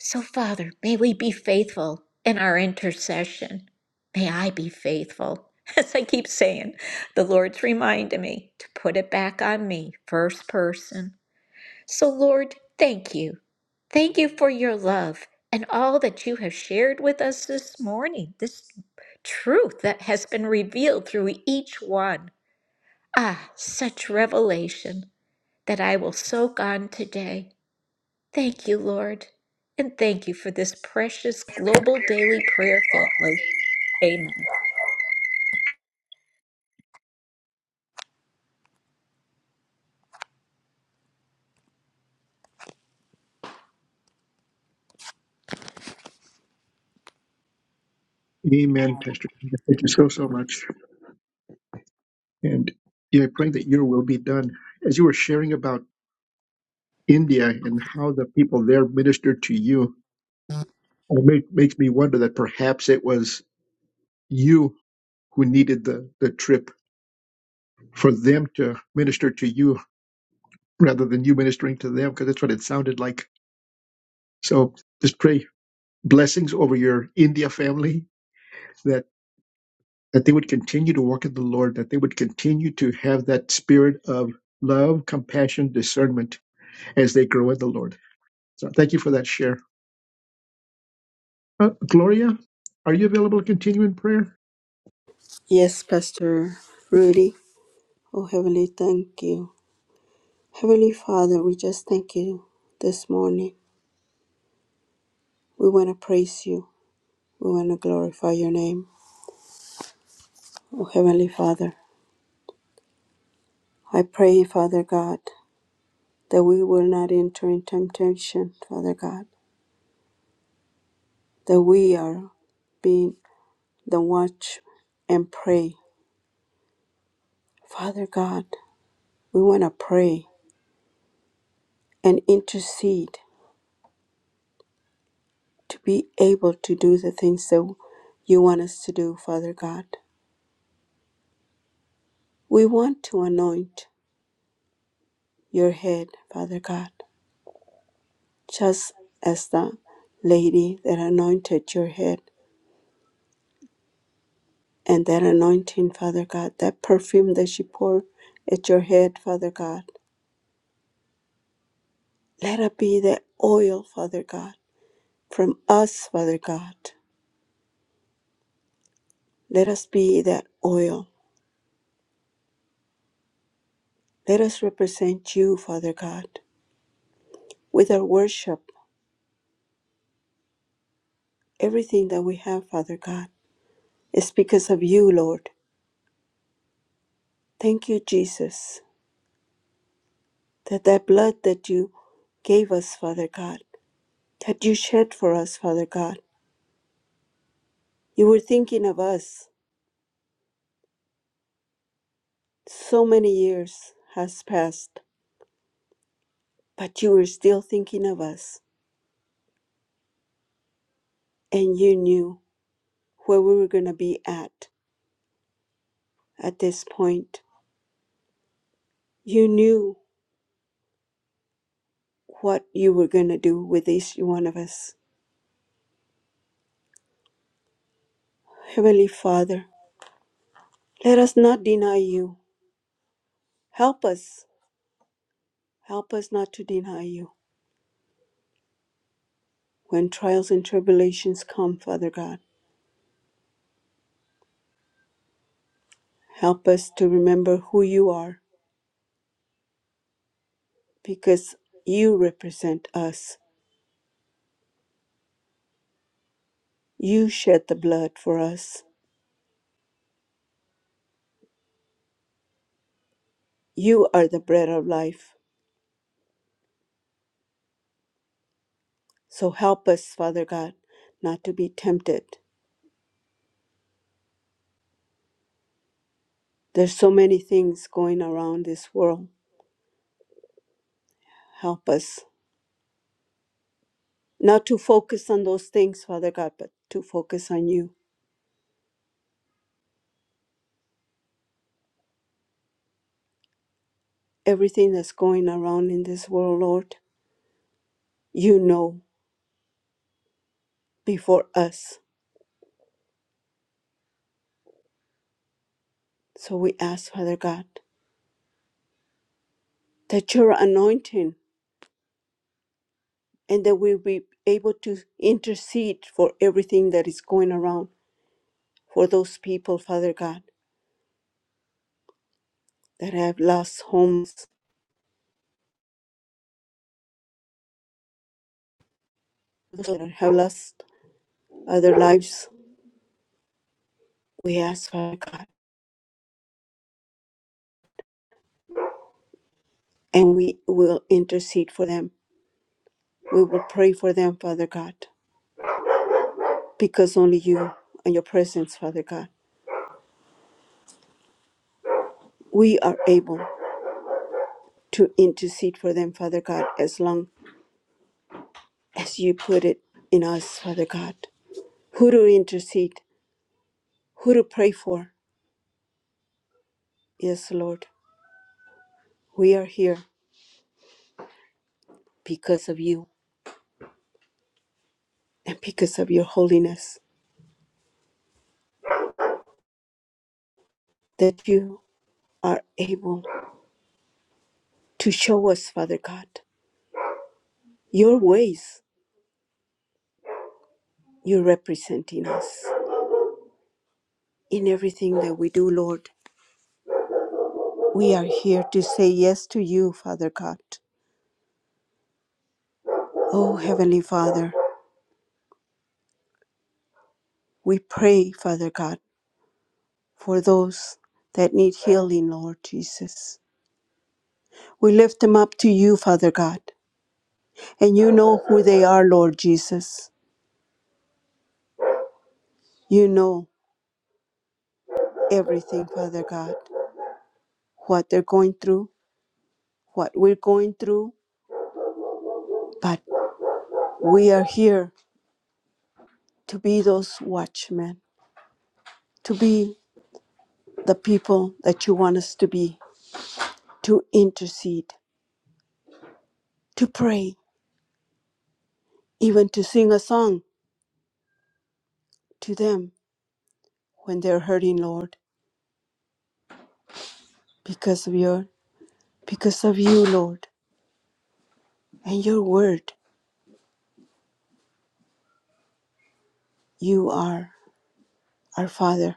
[SPEAKER 3] So, Father, may we be faithful in our intercession. May I be faithful. As I keep saying, the Lord's reminding me to put it back on me, first person. So, Lord, thank you. Thank you for your love and all that you have shared with us this morning, this truth that has been revealed through each one. Ah, such revelation that I will soak on today. Thank you, Lord. And thank you for this precious global daily prayer family. Amen.
[SPEAKER 2] Amen, Pastor Kenda. Thank you so, so much. And yeah, I pray that your will be done. As you were sharing about India and how the people there ministered to you, it make, makes me wonder that perhaps it was you who needed the, the trip for them to minister to you rather than you ministering to them, because that's what it sounded like. So just pray blessings over your India family that, that they would continue to walk in the Lord, that they would continue to have that spirit of love, compassion, discernment as they grow in the Lord. So thank you for that share. Uh, Gloria, are you available to continue in prayer?
[SPEAKER 4] Yes, Pastor Rudy. Oh, Heavenly, thank you. Heavenly Father, we just thank you this morning. We want to praise you. We want to glorify your name. Oh, Heavenly Father, I pray, Father God, that we will not enter in temptation, Father God, that we are being the watch and pray. Father God, we want to pray and intercede to be able to do the things that you want us to do, Father God. We want to anoint your head, Father God. just as the lady that anointed your head and that anointing, Father God, that perfume that she poured at your head, Father God. Let it be that oil, Father God, from us, Father God. Let us be that oil. Let us represent you, Father God, with our worship. Everything that we have, Father God, is because of you, Lord. Thank you, Jesus, that that blood that you gave us, Father God, that you shed for us, Father God You were thinking of us. So many years has passed, but you were still thinking of us. And you knew where we were going to be at at this point. You knew what you were going to do with each one of us. Heavenly Father, let us not deny you. Help us. Help us not to deny you. When trials and tribulations come, Father God, help us to remember who you are because you represent us You shed the blood for us. You are the bread of life. So help us, Father God, not to be tempted. There's so many things going around this world. Help us not to focus on those things, Father God, but to focus on you. Everything that's going around in this world, Lord, you know before us. So we ask, Father God, that your anointing and that we'll be able to intercede for everything that is going around for those people, Father God that have lost homes, that have lost other lives. We ask, Father God, and we will intercede for them. We will pray for them, Father God, because only you and your presence, Father God, we are able to intercede for them, Father God, as long as you put it in us, Father God. Who to intercede, who to pray for. Yes, Lord, we are here because of you and because of your holiness, that you are able to show us, Father God, your ways. You're representing us in everything that we do, Lord. We are here to say yes to you, Father God. Oh, Heavenly Father, we pray, Father God, for those that need healing, Lord Jesus. We lift them up to you, Father God, and you know who they are, Lord Jesus. You know everything, Father God, what they're going through, what we're going through, but we are here to be those watchmen, to be the people that you want us to be, to intercede, to pray, even to sing a song to them when they're hurting, Lord, because of your because of you, Lord, and your word. You are our Father,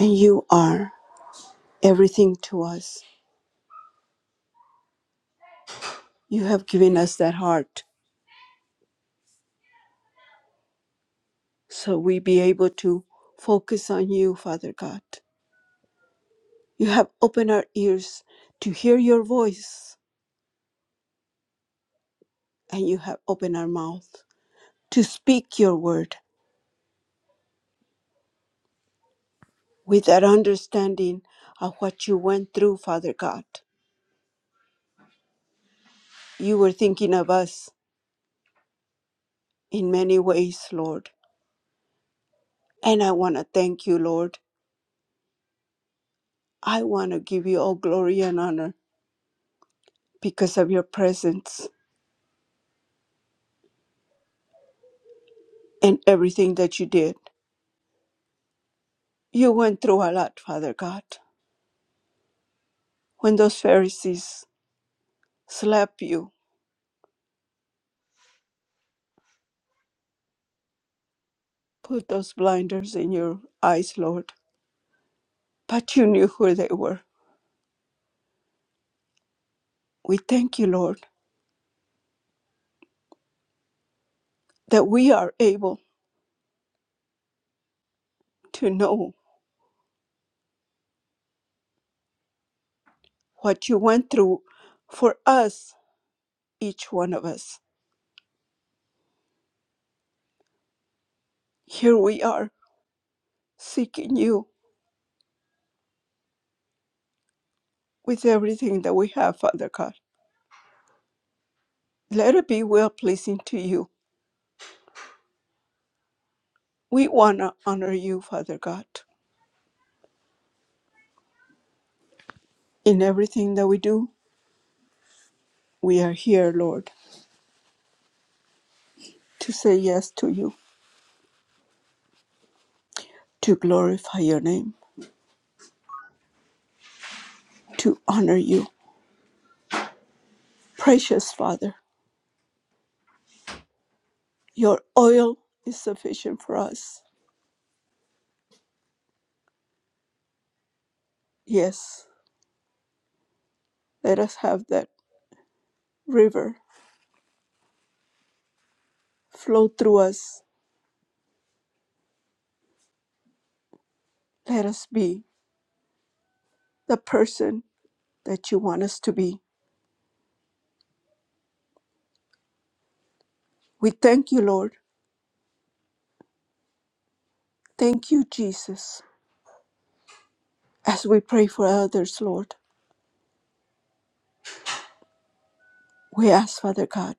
[SPEAKER 4] and you are everything to us. You have given us that heart so we be able to focus on you, Father God. You have opened our ears to hear your voice and you have opened our mouth to speak your word with that understanding of what you went through, Father God. You were thinking of us in many ways, Lord. And I want to thank you, Lord. I want to give you all glory and honor because of your presence and everything that you did. You went through a lot, Father God. When those Pharisees slapped you, put those blinders in your eyes, Lord, but you knew who they were. We thank you, Lord that we are able to know what you went through for us, each one of us. Here we are seeking you with everything that we have, Father God. Let it be well pleasing to you. We want to honor you, Father God. In everything that we do, we are here, Lord, to say yes to you, to glorify your name, to honor you. Precious Father, your oil is sufficient for us. Yes, let us have that river flow through us. Let us be the person that you want us to be. We thank you, Lord. Thank you, Jesus. As we pray for others, Lord, we ask, Father God,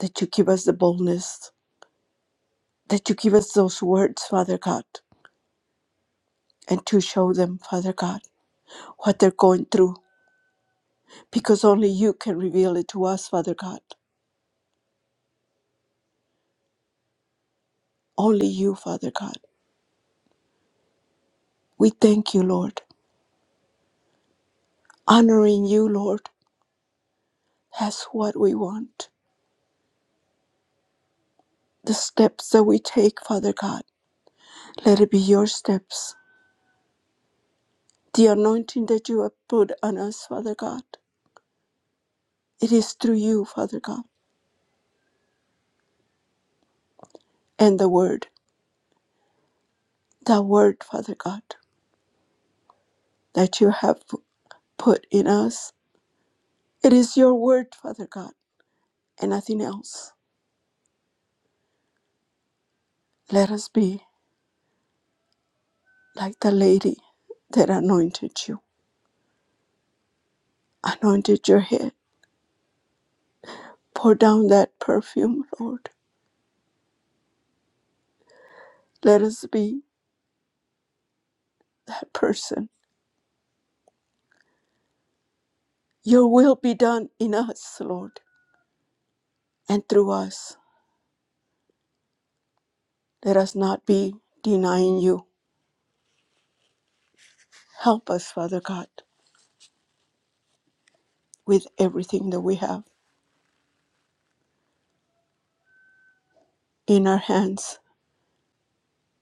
[SPEAKER 4] that you give us the boldness, that you give us those words, Father God, and to show them, Father God, what they're going through, because only you can reveal it to us, Father God. Only you, Father God. We thank you, Lord. Honoring you, Lord, that's what we want the steps that we take, Father God. Let it be your steps. The anointing that you have put on us, Father God, it is through you, Father God, and the word, the word, Father God, that you have put in us. It is your word, Father God, and nothing else. Let us be like the lady that anointed you, anointed your head. Pour down that perfume, Lord. Let us be that person. Your will be done in us, Lord, and through us. Let us not be denying you Help us, Father God, with everything that we have in our hands.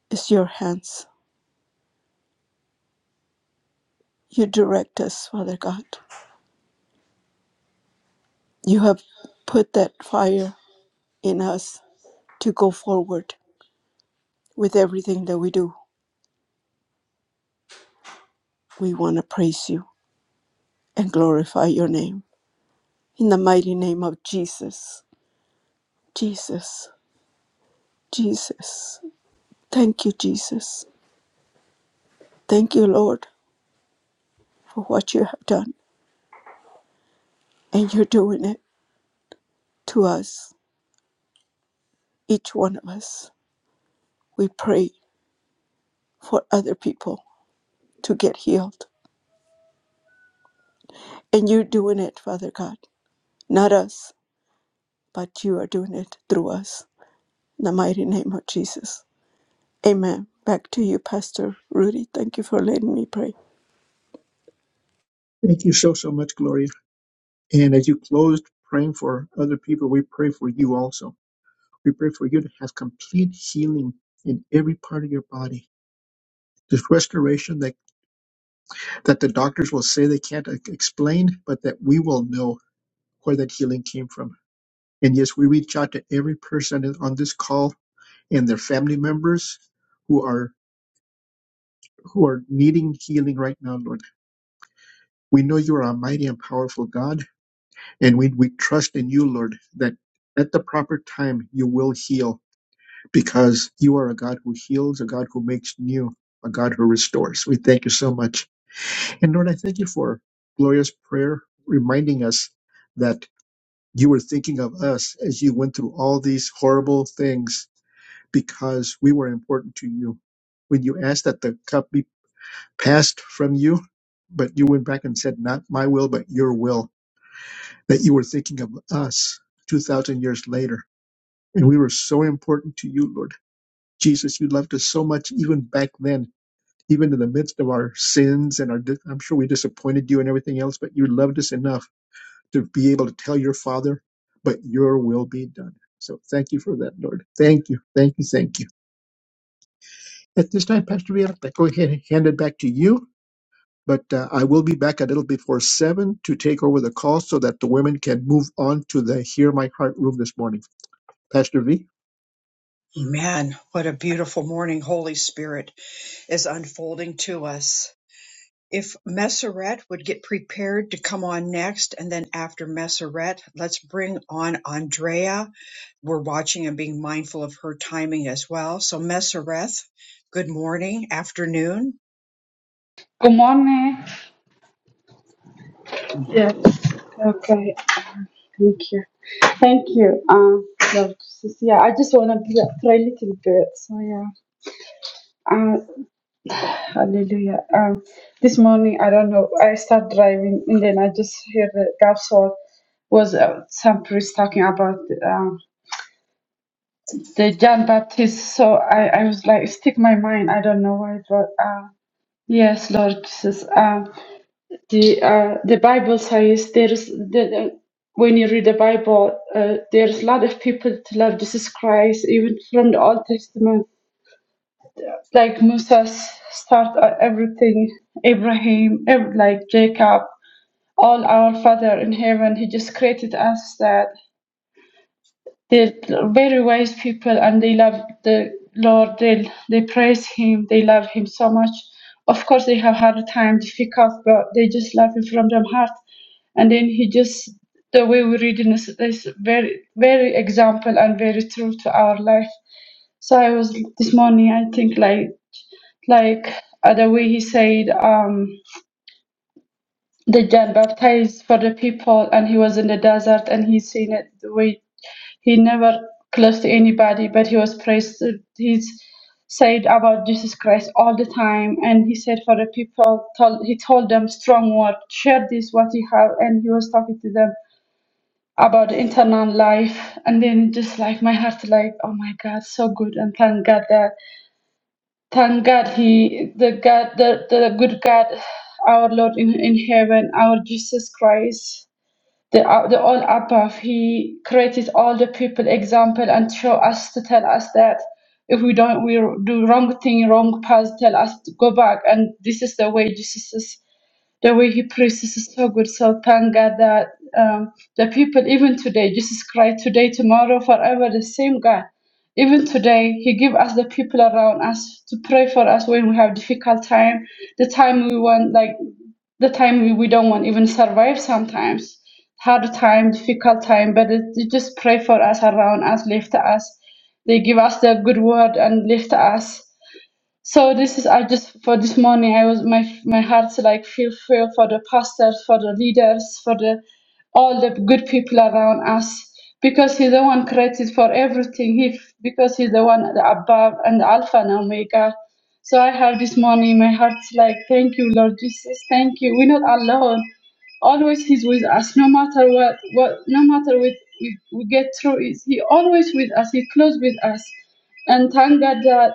[SPEAKER 4] It's your hands. You direct us, Father God. You have put that fire in us to go forward with everything that we do. We want to praise you and glorify your name. In the mighty name of Jesus, Jesus, Jesus. Thank you, Jesus. Thank you, Lord, for what you have done. And you're doing it to us, each one of us. We pray for other people to get healed. And you're doing it, Father God. Not us, but you are doing it through us. In the mighty name of Jesus. Amen. Back to you, Pastor Rudy. Thank you for letting me pray.
[SPEAKER 2] Thank you so, so much, Gloria. And as you closed praying for other people, we pray for you also. We pray for you to have complete healing in every part of your body. This restoration that, that the doctors will say they can't e- explain, but that we will know where that healing came from. And yes, we reach out to every person on this call and their family members who are who are needing healing right now, Lord. We know you are a mighty and powerful God, and we, we trust in you, Lord, that at the proper time you will heal because you are a God who heals, a God who makes new, a God who restores. We thank you so much. And Lord, I thank you for glorious prayer reminding us that you were thinking of us as you went through all these horrible things because we were important to you. When you asked that the cup be passed from you, but you went back and said, Not my will, but your will, that you were thinking of us 2,000 years later. And we were so important to you, Lord. Jesus, you loved us so much even back then, even in the midst of our sins and our, dis- I'm sure we disappointed you and everything else, but you loved us enough to be able to tell your Father, But your will be done. So thank you for that, Lord. Thank you. Thank you. Thank you. At this time, Pastor Rihanna, I'm going to hand it back to you, but uh, I will be back a little before seven to take over the call so that the women can move on to the Hear My Heart room this morning. Pastor V?
[SPEAKER 1] Amen. What a beautiful morning Holy Spirit is unfolding to us. if Messeret would get prepared to come on next, and then after Messeret, let's bring on Andrea. We're watching and being mindful of her timing as well. So Messeret, good morning, afternoon.
[SPEAKER 8] Good morning. Yes. Okay. Thank you. Thank you. Um, Lord Jesus. Yeah, I just want to pray a little bit. So yeah. Uh, hallelujah. Um, this morning I don't know. I start driving and then I just hear the gospel was uh, some priest talking about um the John Baptist. So I I was like stick my mind. I don't know why, but uh, yes, Lord Jesus. Um, the uh, the Bible says there's the, the- when you read the Bible, uh, there's a lot of people to love Jesus Christ, even from the Old Testament, like Moses start uh, everything, Abraham, ev- like Jacob, all our Father in heaven. He just created us that They're very wise people and they love the Lord. They, they praise Him. They love Him so much. Of course, they have had a time, difficult, but they just love Him from their heart. And then He just, the way we read in this is very, very example and very true to our life. So I was this morning, I think, like, like uh, the way He said, um, the John baptized for the people, and He was in the desert and He seen it the way he never close to anybody, but he was praised. He's said about Jesus Christ all the time, and he said for the people, told, he told them strong word, share this what you have, and he was talking to them about internal life, and then just like my heart, like oh my God, so good, and thank God that thank God he the God the the good God, our Lord in in heaven, our Jesus Christ the, uh, the all above he created all the people example and show us to tell us that if we don't we do wrong thing wrong path tell us to go back and this is the way jesus is the way he preaches is so good. So thank God that um, the people, even today, Jesus Christ, today, tomorrow, forever, the same God. Even today, He give us the people around us to pray for us when we have difficult time, the time we want, like the time we, we don't want even survive sometimes, hard time, difficult time. But it, they just pray for us around us, lift us. They give us the good word and lift us so this is I just for this morning I was my my heart's like feel feel for the pastors, for the leaders, for the all the good people around us because he's the one created for everything. He because he's the one the above and the alpha and omega. So I have this morning my heart's like thank you Lord Jesus, thank you. We're not alone. Always he's with us, no matter what what no matter what we, we get through is he always with us, he close with us. And thank God that.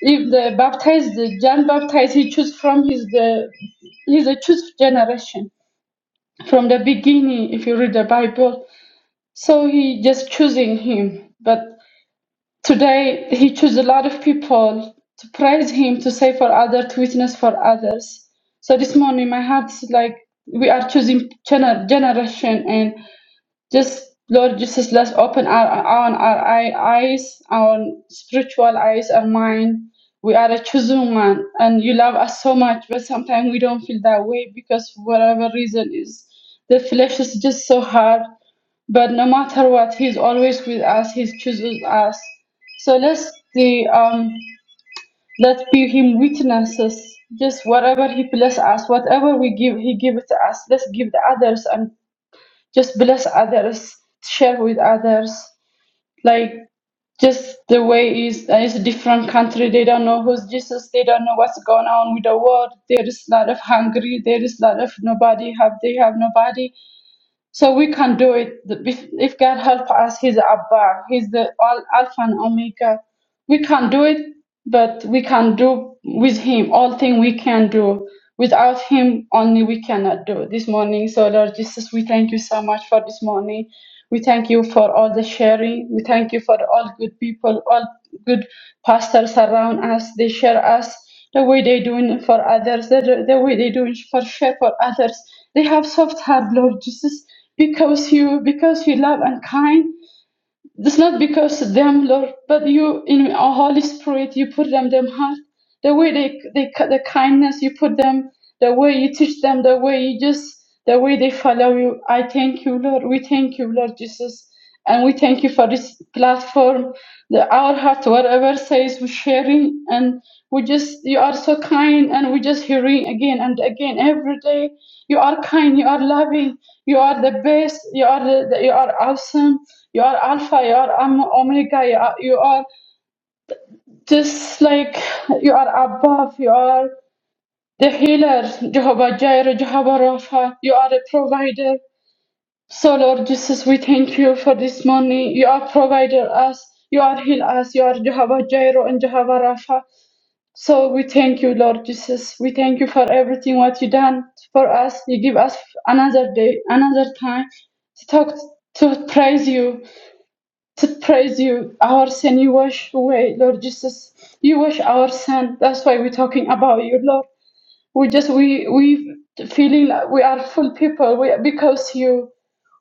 [SPEAKER 8] If the baptized, the John baptized, he chose from his the he's a choose generation from the beginning. If you read the Bible, so he just choosing him. But today he chose a lot of people to praise him, to say for others, to witness for others. So this morning my heart's like we are choosing gener- generation and just Lord Jesus, let's open our, our, our eye- eyes, our spiritual eyes, our mind. We are a chosen one, and you love us so much, but sometimes we don't feel that way because for whatever reason is the flesh is just so hard. But no matter what, He's always with us. He chooses us. So let's the um let's be Him witnesses. Just whatever He bless us, whatever we give, He give it to us. Let's give the others and just bless others, share with others. Like just the way is uh, it's a different country. They don't know who's Jesus. They don't know what's going on with the world. There is a lot of hungry. There is a lot of nobody have. They have nobody. So we can do it. The- If if God help us, He's Abba, He's the Al Alpha and Omega. We can do it, but we can do with Him all thing we can do. Without Him, only we cannot do this morning. So Lord Jesus, we thank you so much for this morning. We thank you for all the sharing. We thank you for all good people, all good pastors around us. They share us the way they doing it for others, the, the way they doing for share for others. They have soft heart, Lord Jesus, because you because you love and kind. It's not because of them, Lord, but you in our Holy Spirit, you put them them heart. The way they they the kindness you put them, the way you teach them, the way you just the way they follow you. I thank you, Lord. We thank you, Lord Jesus. And we thank you for this platform the, our heart, whatever says we're sharing and we just you are so kind and we just hearing again and again every day you are kind you are loving you are the best you are the, the- you are awesome you are alpha you are Om- omega you are, you are just like you are above you are the healer jehovah jireh jehovah rapha you are the provider so, Lord Jesus, we thank you for this morning. You are provided us, you are heal us, you are Jehovah Jireh and Jehovah Rapha. So, we thank you, Lord Jesus. We thank you for everything what you done for us. You give us another day, another time to talk, to praise you, to praise you. Our sin you wash away, Lord Jesus. You wash our sin. That's why we're talking about you, Lord. We just we we feeling like we are full people. We because you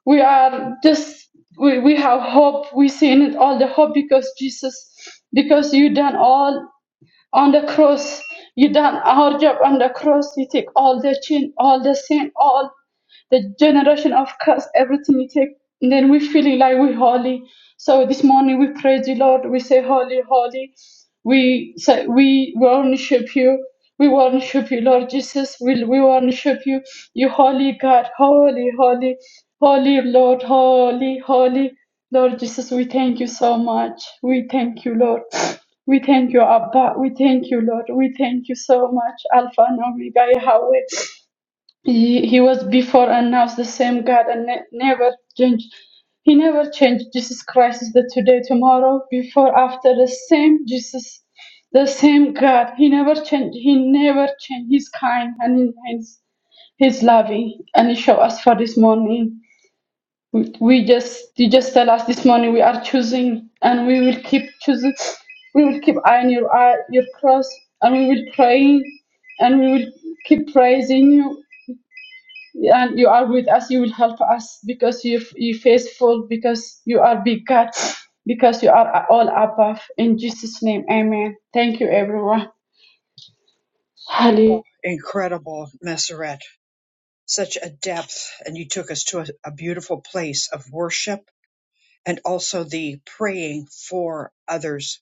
[SPEAKER 8] we are just we, we have hope we see in it all the hope because jesus because you done all on the cross you done our job on the cross you take all the sin all the sin all the generation of curse, everything you take. And then we feeling like we holy. So this morning we praise you, Lord. We say, Holy, holy. We say, we worship you. We worship you, Lord Jesus. We, we worship you. You holy God, holy, holy, holy Lord, holy, holy. Lord Jesus, we thank you so much. We thank you, Lord. We thank you, Abba. We thank you, Lord. We thank you so much, Alpha and Omega, Yahweh. He, he was before and now is the same God and ne- never changed. He never changed. Jesus Christ is the today, tomorrow, before, after the same Jesus, the same God. He never changed. He never changed. He's kind and he's, he's loving and he showed us for this morning. We we just you just tell us this morning we are choosing and we will keep choosing. We will keep eyeing your eye, your cross and we will pray and we will keep praising you and you are with us you will help us because you you faithful because you are big god because you are all above in jesus name amen thank you everyone hallelujah
[SPEAKER 1] Oh, incredible, Messeret. Such a depth, and you took us to a, a beautiful place of worship and also the praying for others.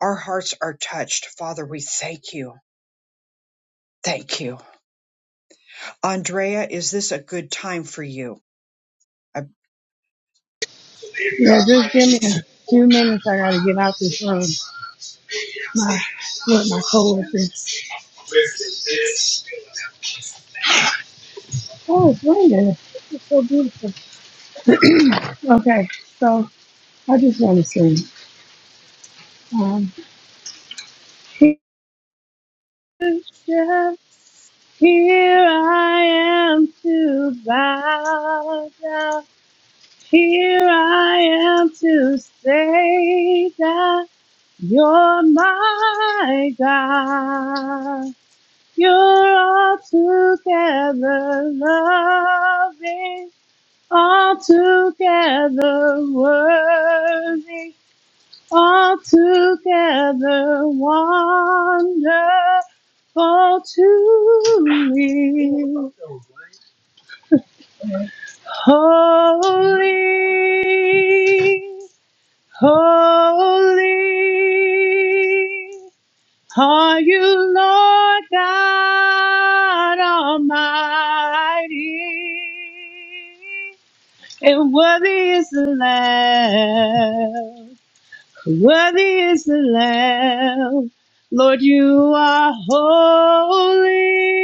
[SPEAKER 1] Our hearts are touched. Father, we thank you. Thank you. Andrea, is this a good time for you?
[SPEAKER 9] Yeah, just give me a few minutes. I gotta get out this room. My with my coworkers. Oh, it's raining. It's so beautiful. Okay, so I just want to sing. Um, here, yeah, here I am to bow down. Here I am to say that you're my God. You're all together loving, all together worthy, all together wonderful to me. Holy, holy. Are you Lord God Almighty? And worthy is the Lamb. Worthy is the Lamb. Lord, you are holy.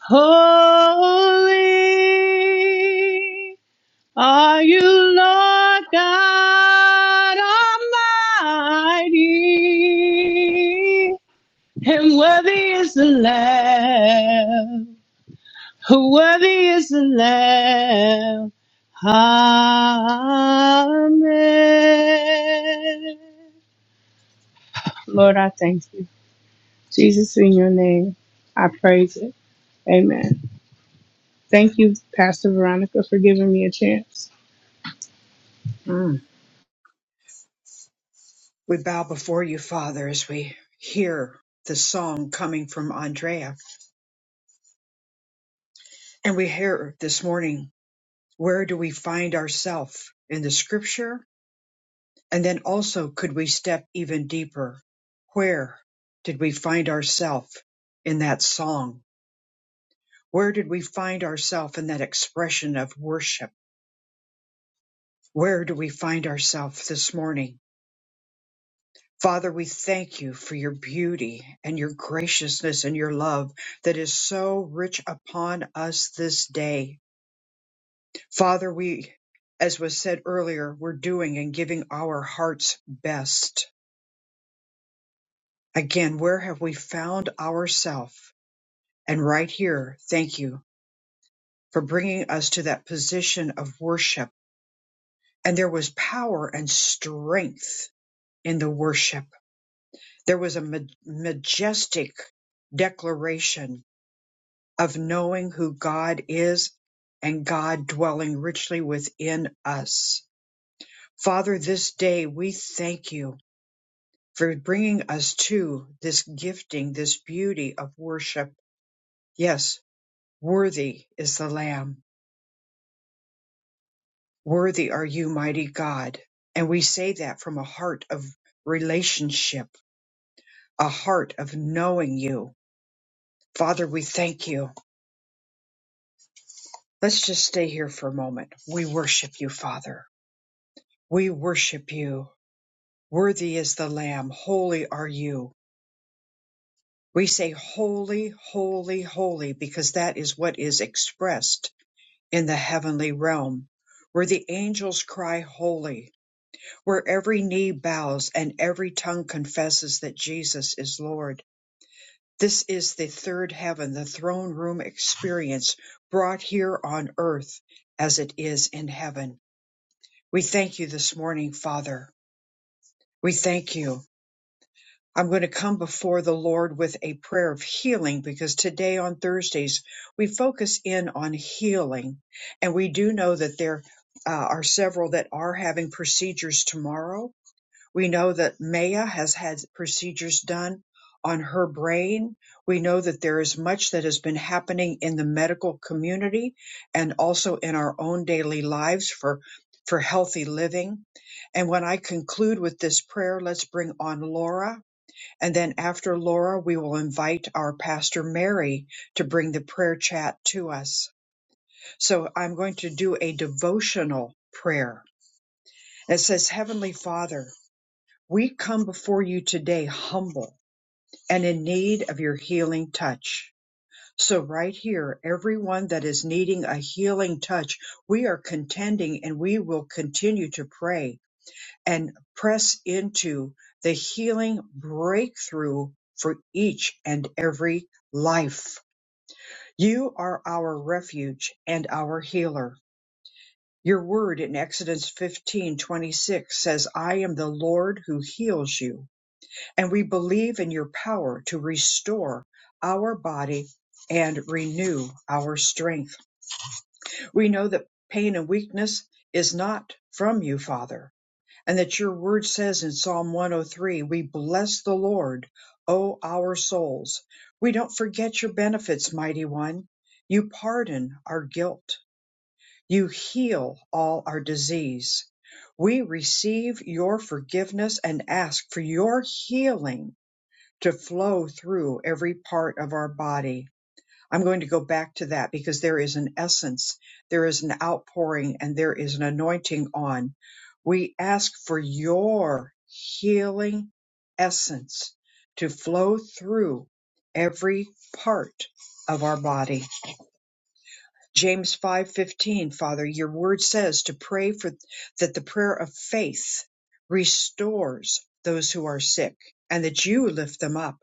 [SPEAKER 9] Holy. Are you Lord God Almighty? And worthy is the Lamb. Worthy is the Lamb. Amen. Jesus, in your name, I praise it. Amen. Thank you, Pastor Veronica, for giving me a chance.
[SPEAKER 1] Mm. We bow before you, Father, as we hear the song coming from Andrea. And we hear this morning, where do we find ourselves in the scripture? And then also, could we step even deeper? Where did we find ourselves in that song? Where did we find ourselves in that expression of worship? Where do we find ourselves this morning? Father, we thank you for your beauty and your graciousness and your love that is so rich upon us this day. Father, we, as was said earlier, we're doing and giving our heart's best. Again, where have we found ourselves? And right here, thank you for bringing us to that position of worship. And there was power and strength in the worship. There was a ma- majestic declaration of knowing who God is and God dwelling richly within us. Father, this day we thank you for bringing us to this gifting, this beauty of worship. Yes, worthy is the Lamb. Worthy are you, mighty God. And we say that from a heart of relationship, a heart of knowing you. Father, we thank you. Let's just stay here for a moment. We worship you, Father. We worship you. Worthy is the Lamb, holy are you. We say, Holy, holy, holy, because that is what is expressed in the heavenly realm, where the angels cry, Holy, where every knee bows and every tongue confesses that Jesus is Lord. This is the third heaven, the throne room experience brought here on earth as it is in heaven. We thank you this morning, Father. We thank you. I'm going to come before the Lord with a prayer of healing because today on Thursdays we focus in on healing. And we do know that there uh, are several that are having procedures tomorrow. We know that Maya has had procedures done on her brain. We know that there is much that has been happening in the medical community and also in our own daily lives for, for healthy living. And when I conclude with this prayer, let's bring on Laura and then after Laura, we will invite our pastor Mary to bring the prayer chat to us. So I'm going to do a devotional prayer. It says, Heavenly Father, we come before you today humble and in need of your healing touch. So right here, everyone that is needing a healing touch, we are contending and we will continue to pray and press into the healing breakthrough for each and every life. You are our refuge and our healer. Your word in Exodus 15:26 says, "I am the Lord who heals you." And we believe in your power to restore our body and renew our strength. We know that pain and weakness is not from you, Father and that your word says in Psalm 103, we bless the Lord, O our souls. We don't forget your benefits, mighty one. You pardon our guilt. You heal all our disease. We receive your forgiveness and ask for your healing to flow through every part of our body. I'm going to go back to that because there is an essence, there is an outpouring, and there is an anointing on. We ask for your healing essence to flow through every part of our body. James 5:15, Father, your word says to pray for that the prayer of faith restores those who are sick and that you lift them up.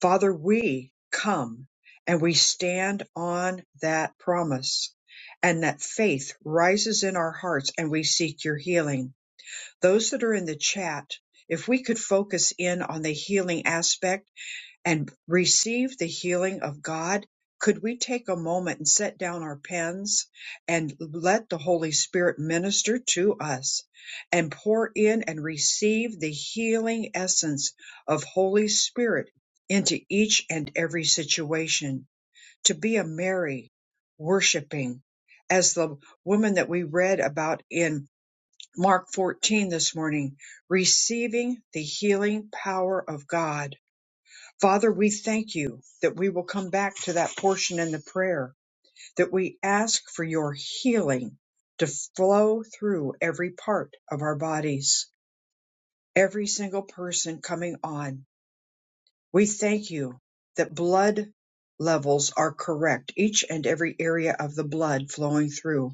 [SPEAKER 1] Father, we come and we stand on that promise and that faith rises in our hearts and we seek your healing. Those that are in the chat, if we could focus in on the healing aspect and receive the healing of God, could we take a moment and set down our pens and let the Holy Spirit minister to us and pour in and receive the healing essence of Holy Spirit into each and every situation to be a Mary worshiping as the woman that we read about in Mark 14 this morning, receiving the healing power of God Father, we thank you that we will come back to that portion in the prayer, that we ask for your healing to flow through every part of our bodies, every single person coming on. We thank you that blood levels are correct, each and every area of the blood flowing through,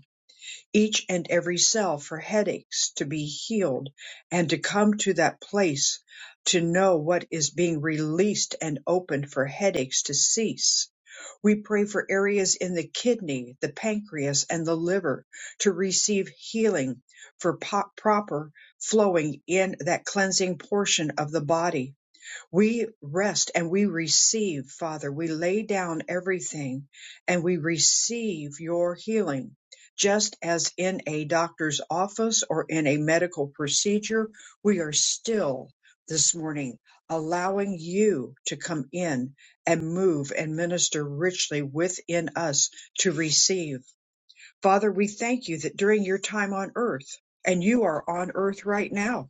[SPEAKER 1] each and every cell for headaches to be healed and to come to that place to know what is being released and opened for headaches to cease we pray for areas in the kidney, the pancreas, and the liver to receive healing for po- proper flowing in that cleansing portion of the body we rest and we receive, Father. We lay down everything and we receive your healing. Just as in a doctor's office or in a medical procedure, we are still this morning allowing you to come in and move and minister richly within us to receive. Father, we thank you that during your time on earth, and you are on earth right now,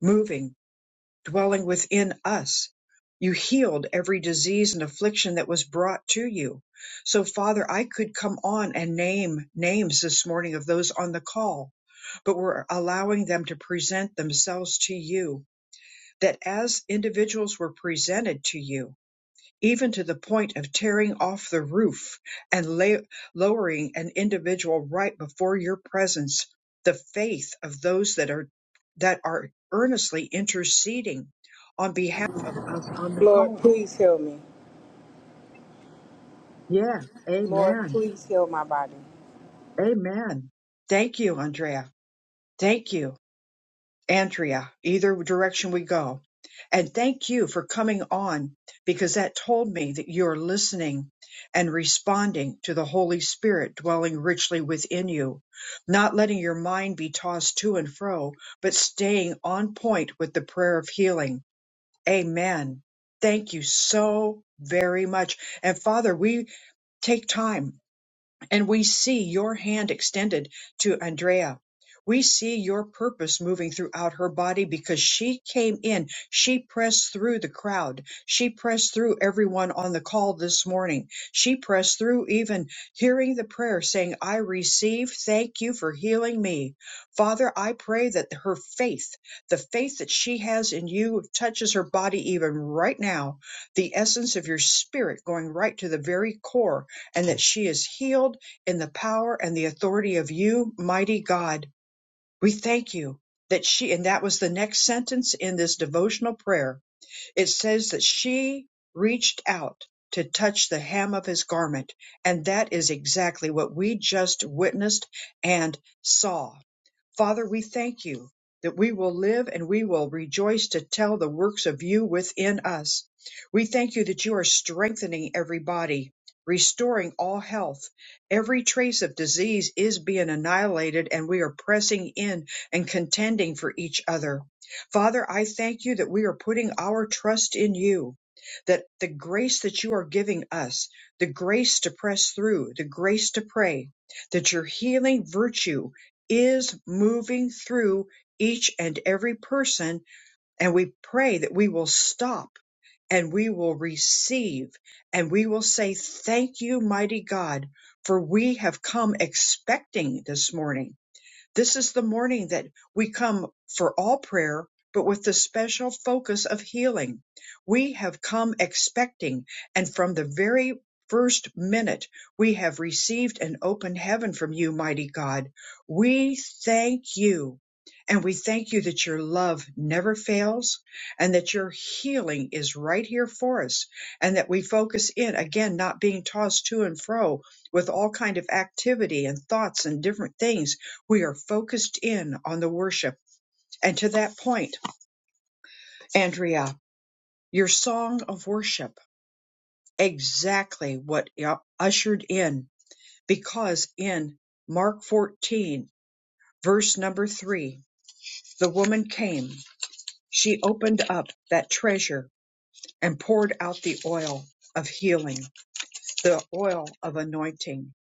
[SPEAKER 1] moving dwelling within us. You healed every disease and affliction that was brought to you. So, Father, I could come on and name names this morning of those on the call, but we're allowing them to present themselves to you, that as individuals were presented to you, even to the point of tearing off the roof and la- lowering an individual right before your presence the faith of those that are that are earnestly interceding on behalf of us on the call yes amen amen thank you andrea thank you Andrea, either direction we go. And thank you for coming on because that told me that you're listening and responding to the Holy Spirit dwelling richly within you, not letting your mind be tossed to and fro, but staying on point with the prayer of healing. Amen. Thank you so very much. And Father, we take time and we see your hand extended to Andrea. We see your purpose moving throughout her body because she came in. She pressed through the crowd. She pressed through everyone on the call this morning. She pressed through even hearing the prayer saying, I receive. Thank you for healing me. Father, I pray that her faith, the faith that she has in you, touches her body even right now. The essence of your spirit going right to the very core, and that she is healed in the power and the authority of you, mighty God. We thank you that she, and that was the next sentence in this devotional prayer. It says that she reached out to touch the hem of his garment. And that is exactly what we just witnessed and saw Father, we thank you that we will live and we will rejoice to tell the works of you within us. We thank you that you are strengthening every body, restoring all health. Every trace of disease is being annihilated, and we are pressing in and contending for each other. Father, I thank you that we are putting our trust in you, that the grace that you are giving us, the grace to press through, the grace to pray, that your healing virtue is moving through each and every person. And we pray that we will stop and we will receive and we will say, Thank you, mighty God, for we have come expecting this morning this is the morning that we come for all prayer, but with the special focus of healing. We have come expecting, and from the very first minute, we have received an open heaven from you, mighty God. We thank you. And we thank you that your love never fails and that your healing is right here for us and that we focus in again, not being tossed to and fro with all kind of activity and thoughts and different things we are focused in on the worship. And to that point, Andrea, your song of worship, exactly what ushered in, because in Mark 14, verse number three, the woman came, she opened up that treasure and poured out the oil of healing. the oil of anointing.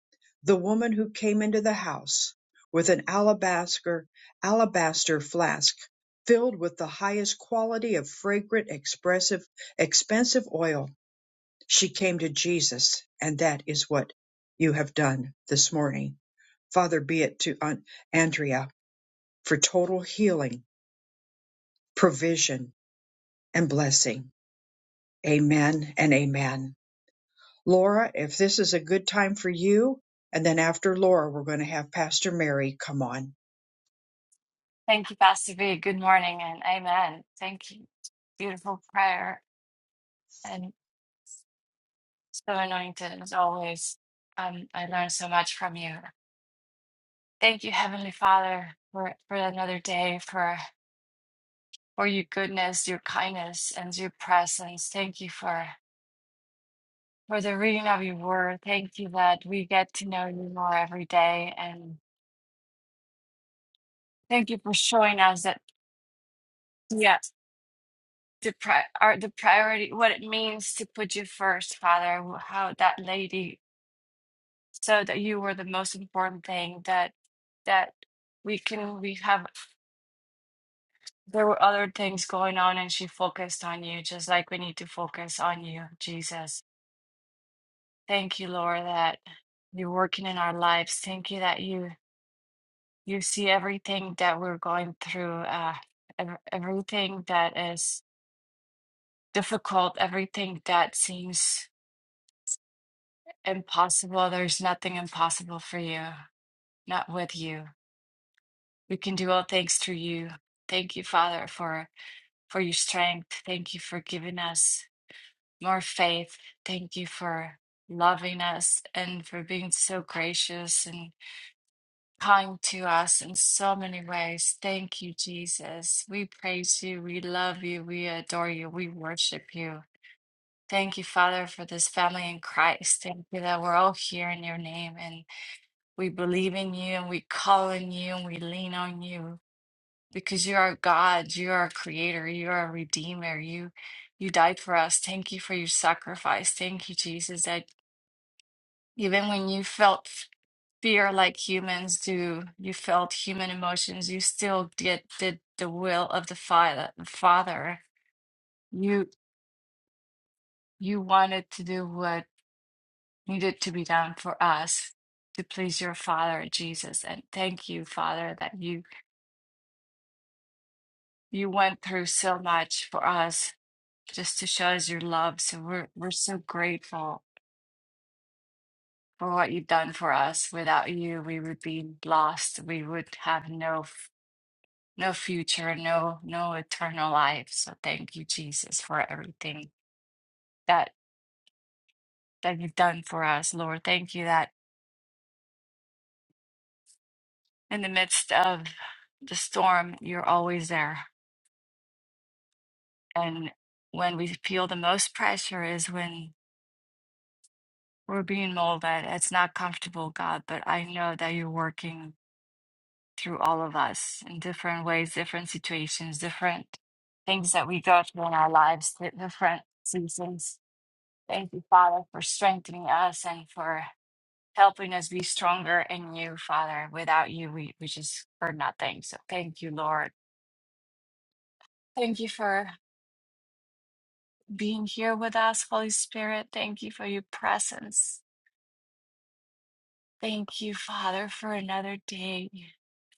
[SPEAKER 1] The woman who came into the house with an alabaster alabaster flask filled with the highest quality of fragrant, expressive, expensive oil, she came to Jesus, and that is what you have done this morning. Father, be it to Aunt Andrea for total healing, provision, and blessing. Amen and amen. Laura, if this is a good time for you. And then after Laura, we're going to have Pastor Mary come on.
[SPEAKER 10] Thank you, Pastor B. Good morning and amen. Thank you. Beautiful prayer and so anointed as always. Um, I learned so much from you. Thank you, Heavenly Father, for, for another day, for for your goodness, your kindness, and your presence. Thank you for for the reading of your word. Thank you that we get to know you more every day, and thank you for showing us that yeah, the pri- are the priority, what it means to put you first, Father. How that lady so that you were the most important thing that that we can we have there were other things going on and she focused on you just like we need to focus on you jesus thank you lord that you're working in our lives thank you that you you see everything that we're going through uh ev- everything that is difficult everything that seems impossible there's nothing impossible for you not with you We can do all things through you. Thank you, Father, for for your strength. Thank you for giving us more faith. Thank you for loving us and for being so gracious and kind to us in so many ways. Thank you, Jesus. We praise you. We love you. We adore you. We worship you. Thank you, Father, for this family in Christ. Thank you that we're all here in your name and we believe in you and we call on you and we lean on you. because you are God, you are a creator, you are a redeemer. You you died for us. Thank you for your sacrifice. Thank you, Jesus, that even when you felt fear like humans do, you felt human emotions, you still did did the will of the Father. Father, you you wanted to do what needed to be done for us to please your Father, Jesus. And thank you, Father, that you you went through so much for us just to show us your love. So we're we're so grateful for what you've done for us. Without you, we would be lost. We would have no f- no future, no no eternal life. So thank you, Jesus, for everything that that you've done for us, Lord. Thank you that in the midst of the storm, you're always there. And when we feel the most pressure is when we're being molded. It's not comfortable, God, but I know that you're working through all of us in different ways, different situations, different things that we go through in our lives, di- different seasons. Thank you, Father, for strengthening us and for helping us be stronger in you, Father. Without you, we, we just are nothing. So thank you, Lord. Thank you for being here with us, Holy Spirit. Thank you for your presence. Thank you, Father, for another day.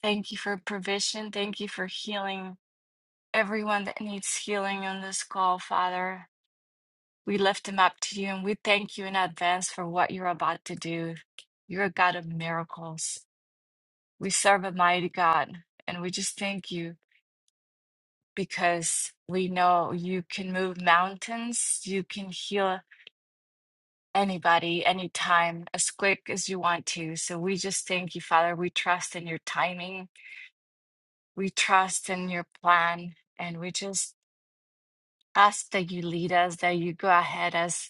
[SPEAKER 10] Thank you for provision. Thank you for healing. everyone that needs healing on this call, Father. We lift them up to you and we thank you in advance for what you're about to do. You're a God of miracles. We serve a mighty God and we just thank you because we know you can move mountains, you can heal anybody, anytime, as quick as you want to. So we just thank you, Father. We trust in your timing, we trust in your plan, and we just ask that you lead us, that you go ahead us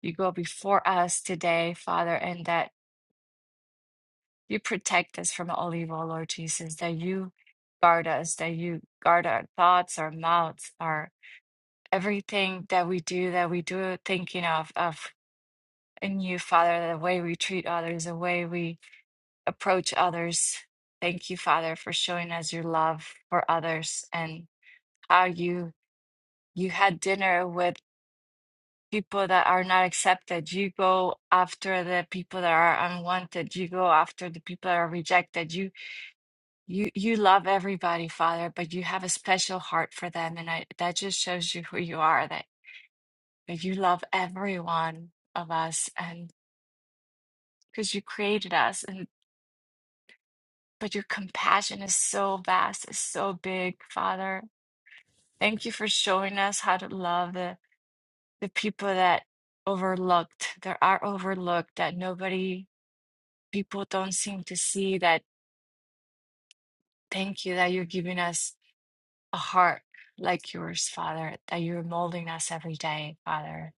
[SPEAKER 10] You go before us today, Father, and that you protect us from all evil, Lord Jesus, that you guard us, that you guard our thoughts, our mouths, our everything that we do, that we do thinking of, of in you, Father, the way we treat others, the way we approach others. Thank you, Father, for showing us your love for others and how you you had dinner with people that are not accepted. You go after the people that are unwanted. You go after the people that are rejected. You you you love everybody, Father, but you have a special heart for them, and I, that just shows you who you are. That that you love every one of us, and because you created us, and but your compassion is so vast, it's so big, Father. Thank you for showing us how to love the the people that overlooked. that are overlooked that nobody people don't seem to see that thank you that you're giving us a heart like yours, Father, that you're molding us every day, Father.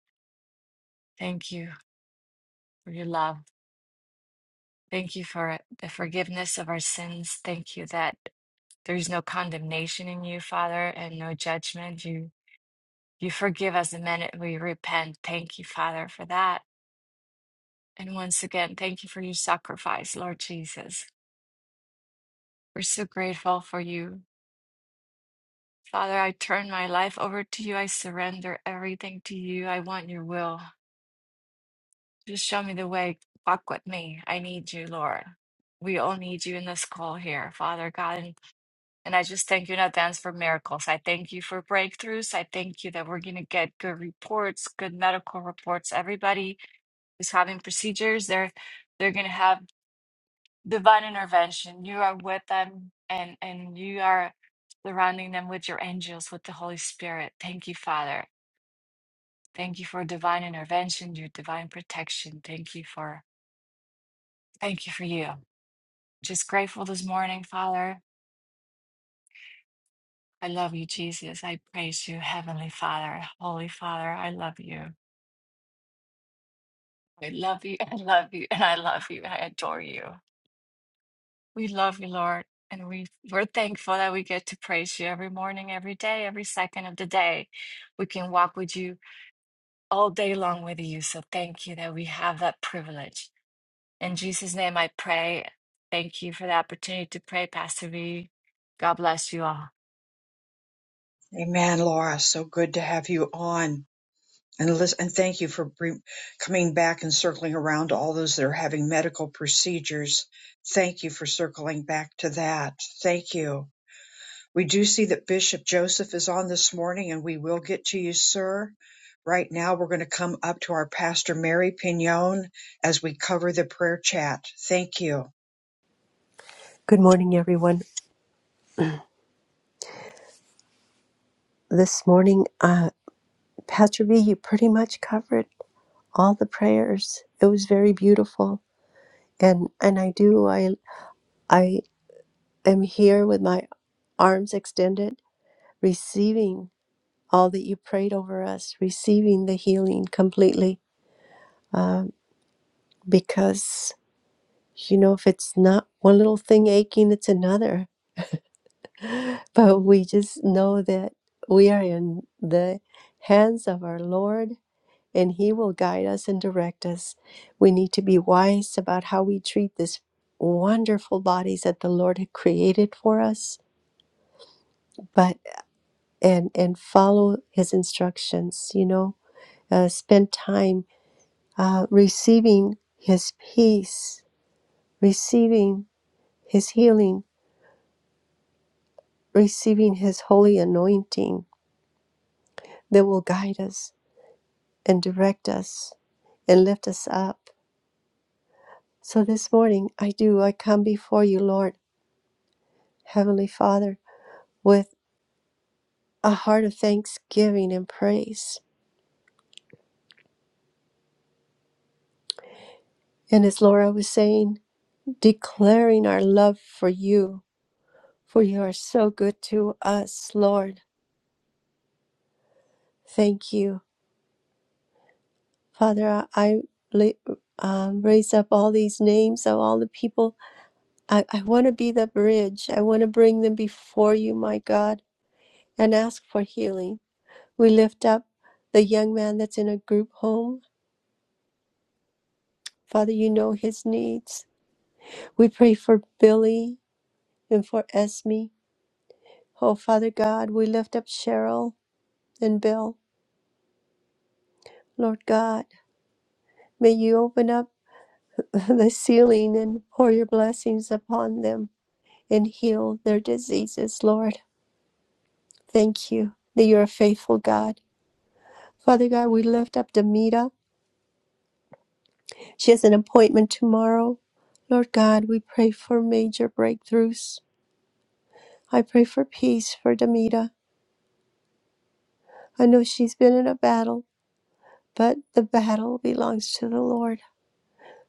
[SPEAKER 10] Thank you for your love. Thank you for the forgiveness of our sins. Thank you that there is no condemnation in you, Father, and no judgment. You you forgive us the minute we repent. Thank you, Father, for that. And once again, thank you for your sacrifice, Lord Jesus. We're so grateful for you Father, I turn my life over to you. I surrender everything to you. I want your will. Just show me the way. Walk with me. I need you, Lord. We all need you in this call here, Father God. And, and I just thank you in advance for miracles. I thank you for breakthroughs. I thank you that we're going to get good reports, good medical reports. Everybody who's having procedures, they're they're going to have divine intervention. You are with them and and you are surrounding them with your angels, with the Holy Spirit. Thank you, Father. Thank you for divine intervention, your divine protection. Thank you for thank you for you. Just grateful this morning, Father. I love you, Jesus. I praise you, Heavenly Father, Holy Father. I love you. I love you. I love you. And I love you. I adore you. We love you, Lord. And we, we're thankful that we get to praise you every morning, every day, every second of the day. We can walk with you all day long with you. So thank you that we have that privilege. In Jesus' name I pray. Thank you for the opportunity to pray, Pastor V. God bless you all.
[SPEAKER 1] Amen, Laura. So good to have you on. And, listen, and thank you for bring, coming back and circling around to all those that are having medical procedures. Thank you for circling back to that. Thank you. We do see that Bishop Joseph is on this morning, and we will get to you, sir. Right now, we're going to come up to our Pastor Mary Pignon as we cover the prayer chat. Thank you.
[SPEAKER 11] Good morning, everyone. This morning, uh, Pastor V, you pretty much covered all the prayers. It was very beautiful, and and I do I I am here with my arms extended, receiving all that you prayed over us, receiving the healing completely. Um, because you know, if it's not one little thing aching, it's another. But we just know that we are in the hands of our Lord and He will guide us and direct us. We need to be wise about how we treat this wonderful bodies that the Lord had created for us, but and and follow His instructions. You know, uh, spend time uh, receiving His peace, receiving His healing, receiving His holy anointing that will guide us and direct us and lift us up. So this morning I do, I come before you, Lord, Heavenly Father. with a heart of thanksgiving and praise. And as Laura was saying, declaring our love for you, for you are so good to us, Lord. Thank you. Father, I I um, raise up all these names of all the people. I, I want to be the bridge. I want to bring them before you, my God, and ask for healing. We lift up the young man that's in a group home. Father, you know his needs. We pray for Billy and for Esme. Oh, Father God, we lift up Cheryl and Bill. Lord God, may you open up the ceiling and pour your blessings upon them and heal their diseases, Lord. Thank you that you're a faithful God. Father God, we lift up Demita. She has an appointment tomorrow. Lord God, we pray for major breakthroughs. I pray for peace for Demita. I know she's been in a battle, but the battle belongs to the Lord.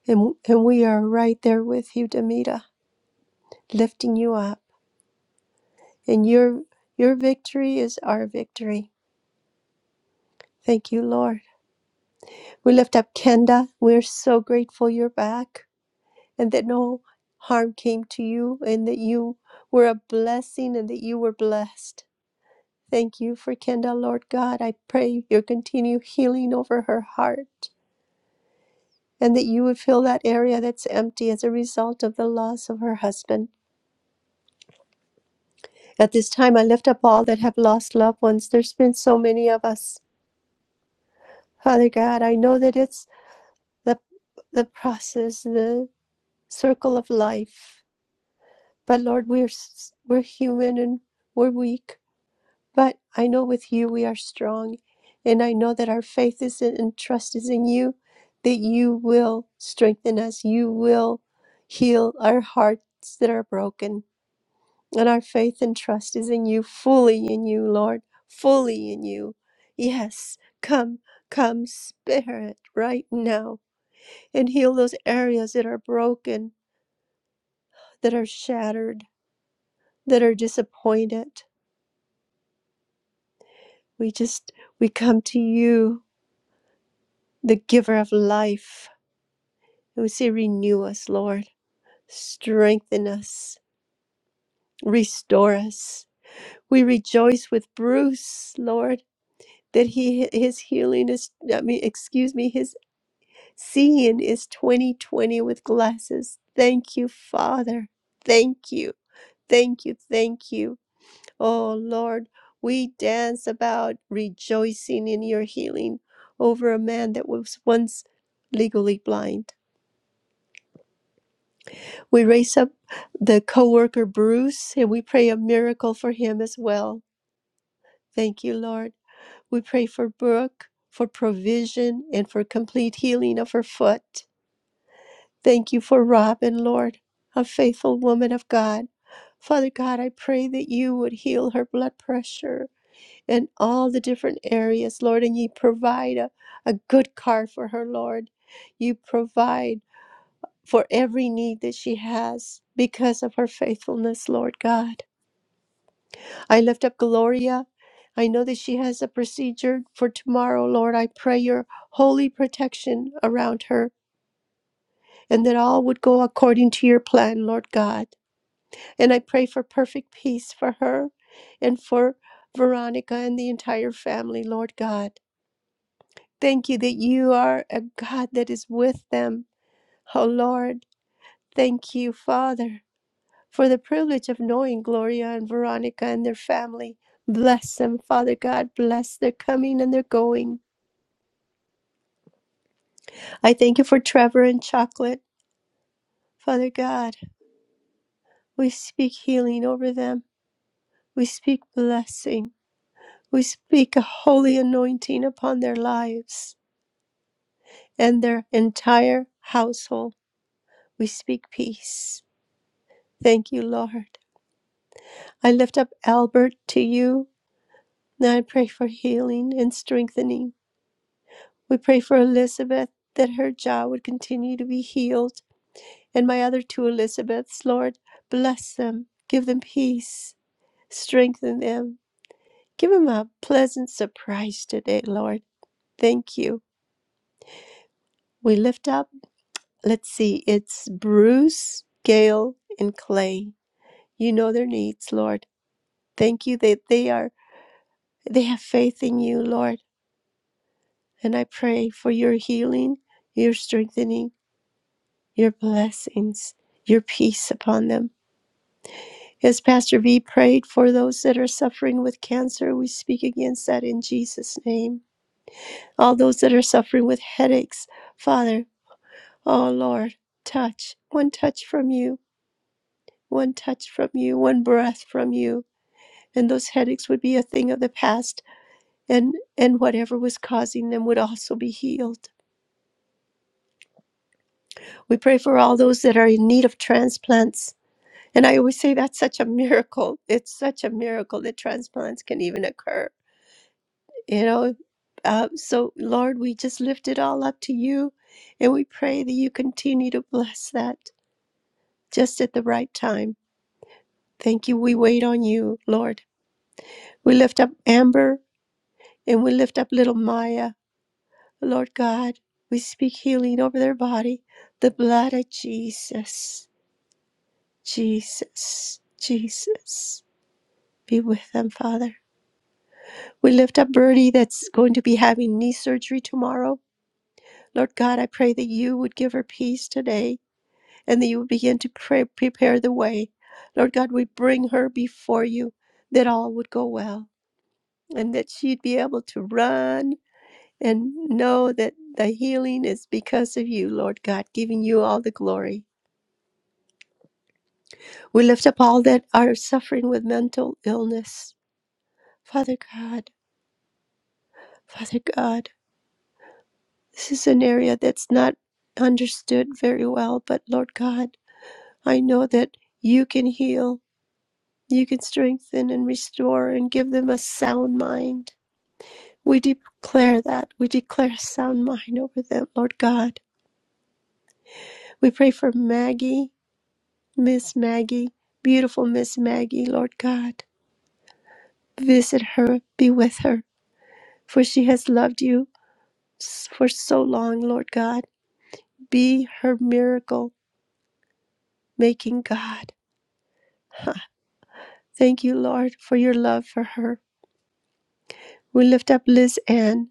[SPEAKER 11] And, and we are right there with you, Demita, lifting you up. And your your victory is our victory. Thank you, Lord. We lift up Kenda. We're so grateful you're back and that no harm came to you and that you were a blessing and that you were blessed. Thank you for Kenda, Lord God. I pray your continued healing over her heart and that you would fill that area that's empty as a result of the loss of her husband. At this time, I lift up all that have lost loved ones. There's been so many of us. Father God, I know that it's the, the process, the circle of life. But Lord, we're, we're human and we're weak. But I know with you we are strong. And I know that our faith is in, and trust is in you, that you will strengthen us. You will heal our hearts that are broken. And our faith and trust is in you, fully in you, Lord, fully in you. Yes, come, come, Spirit, right now, and heal those areas that are broken, that are shattered, that are disappointed. We just, we come to you, the giver of life. And we say, renew us, Lord, strengthen us, restore us. We rejoice with Bruce, Lord, that he his healing is, I mean, excuse me, his Seeing is 2020 with glasses. Thank you, Father. Thank you. Thank you. Thank you. Oh, Lord, we dance about rejoicing in your healing over a man that was once legally blind. We raise up the coworker Bruce and we pray a miracle for him as well. Thank you, Lord. We pray for Brooke for provision and for complete healing of her foot. Thank you for Robin, Lord, a faithful woman of God. Father God, I pray that you would heal her blood pressure in all the different areas, Lord, and you provide a, a good car for her, Lord. You provide for every need that she has because of her faithfulness, Lord God. I lift up Gloria. I know that she has a procedure for tomorrow, Lord. I pray your holy protection around her and that all would go according to your plan, Lord God. And I pray for perfect peace for her and for Veronica and the entire family, Lord God. Thank you that you are a God that is with them. Oh Lord, thank you, Father, for the privilege of knowing Gloria and Veronica and their family. Bless them, Father God. Bless their coming and their going. I thank you for Trevor and Chocolate. Father God, we speak healing over them. We speak blessing. We speak a holy anointing upon their lives and their entire household. We speak peace. Thank you, Lord. I lift up Albert to you. Now I pray for healing and strengthening. We pray for Elizabeth that her jaw would continue to be healed. And my other two Elizabeths, Lord, bless them, give them peace, strengthen them. Give them a pleasant surprise today, Lord. Thank you. We lift up Let's see, it's Bruce, Gail, and Clay. You know their needs, Lord. Thank you that they are they have faith in you, Lord. And I pray for your healing, your strengthening, your blessings, your peace upon them. As Pastor V prayed for those that are suffering with cancer, we speak against that in Jesus' name. All those that are suffering with headaches, Father, oh Lord, touch, one touch from you, one touch from you, one breath from you and those headaches would be a thing of the past and and whatever was causing them would also be healed we pray for all those that are in need of transplants and i always say that's such a miracle it's such a miracle that transplants can even occur you know uh, so lord we just lift it all up to you and we pray that you continue to bless that just at the right time thank you we wait on you lord we lift up amber and we lift up little maya Lord God, we speak healing over their body. The blood of Jesus, Jesus, Jesus. Be with them, Father. We lift up Birdie, that's going to be having knee surgery tomorrow. Lord God, I pray that you would give her peace today and that you would begin to pray, prepare the way. Lord God, we bring her before you that all would go well and that she'd be able to run and know that the healing is because of you, Lord God, giving you all the glory. We lift up all that are suffering with mental illness. Father God, Father God, this is an area that's not understood very well, but Lord God, I know that you can heal, you can strengthen and restore and give them a sound mind. We declare that. We declare a sound mind over them, Lord God. We pray for Maggie, Miss Maggie, beautiful Miss Maggie, Lord God. Visit her, be with her, for she has loved you for so long, Lord God. Be her miracle making God. Thank you, Lord, for your love for her. We lift up Liz Ann,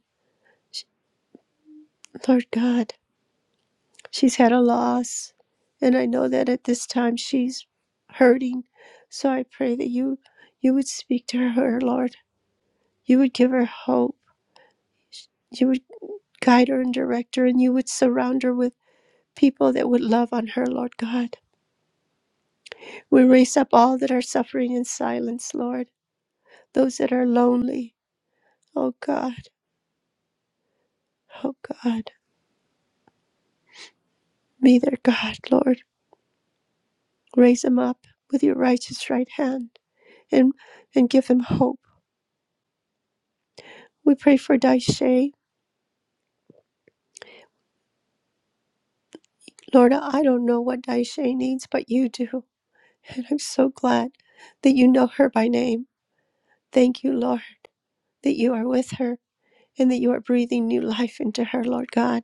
[SPEAKER 11] Lord God. She's had a loss, and I know that at this time she's hurting. So I pray that you you would speak to her, Lord. You would give her hope. You would guide her and direct her, and you would surround her with people that would love on her, Lord God. We raise up all that are suffering in silence, Lord, those that are lonely, Oh God, oh God, be their God, Lord. Raise them up with your righteous right hand and, and give them hope. We pray for Daishe. Lord, I don't know what Daishe needs, but you do. And I'm so glad that you know her by name. Thank you, Lord, that you are with her and that you are breathing new life into her, Lord God.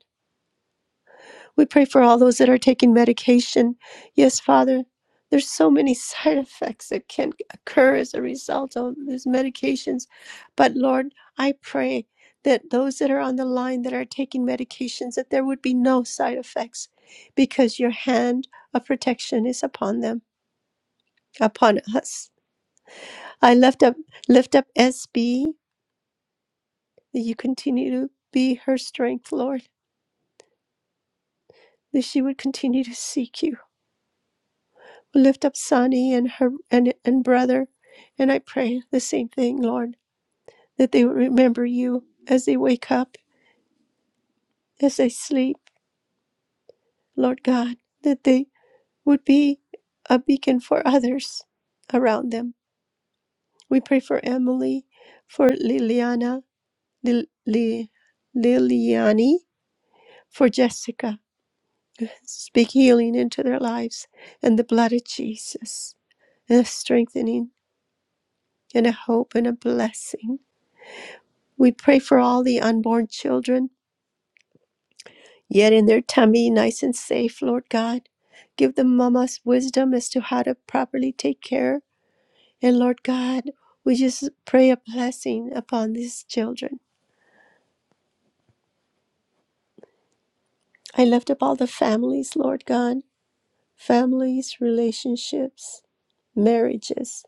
[SPEAKER 11] We pray for all those that are taking medication. Yes, Father, there's so many side effects that can occur as a result of these medications. But Lord, I pray that those that are on the line that are taking medications, that there would be no side effects because your hand of protection is upon them, upon us. I lift up lift up SB, that you continue to be her strength, Lord, that she would continue to seek you lift up Sonny and her and, and brother. And I pray the same thing, Lord, that they would remember you as they wake up, as they sleep, Lord God, that they would be a beacon for others around them. We pray for Emily, for Liliana, Lil, Li- Liliani, for Jessica. Speak healing into their lives and the blood of Jesus, and a strengthening and a hope and a blessing We pray for all the unborn children, yet in their tummy, nice and safe, Lord God. Give the mamas wisdom as to how to properly take care. And Lord God, we just pray a blessing upon these children. I lift up all the families, Lord God, families, relationships, marriages.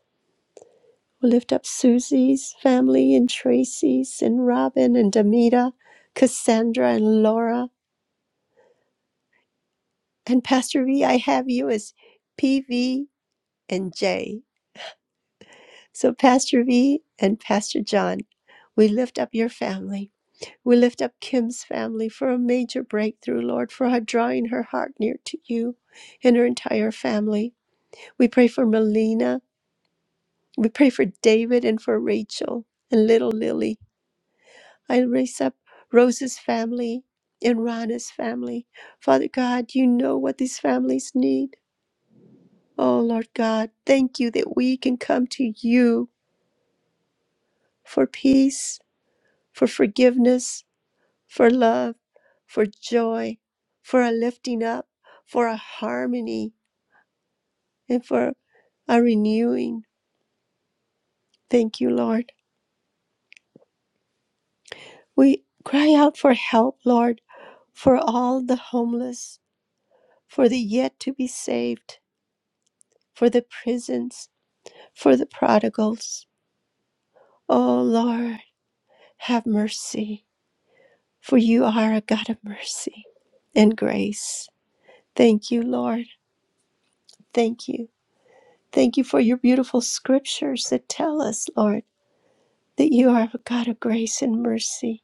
[SPEAKER 11] We lift up Susie's family and Tracy's and Robin and Demita, Cassandra and Laura. And Pastor V, I have you as PV and Jay. So, Pastor V and Pastor John, we lift up your family. We lift up Kim's family for a major breakthrough, Lord, for her drawing her heart near to you and her entire family. We pray for Melina. We pray for David and for Rachel and little Lily. I raise up Rose's family and Rana's family. Father God, you know what these families need. Oh, Lord God, thank you that we can come to you for peace for forgiveness, for love, for joy, for a lifting up, for a harmony, and for a renewing. Thank you, Lord. We cry out for help, Lord, for all the homeless, for the yet to be saved, for the prisons, for the prodigals. Oh, Lord, have mercy, for you are a God of mercy and grace. Thank you, Lord. Thank you. Thank you for your beautiful scriptures that tell us, Lord, that you are a God of grace and mercy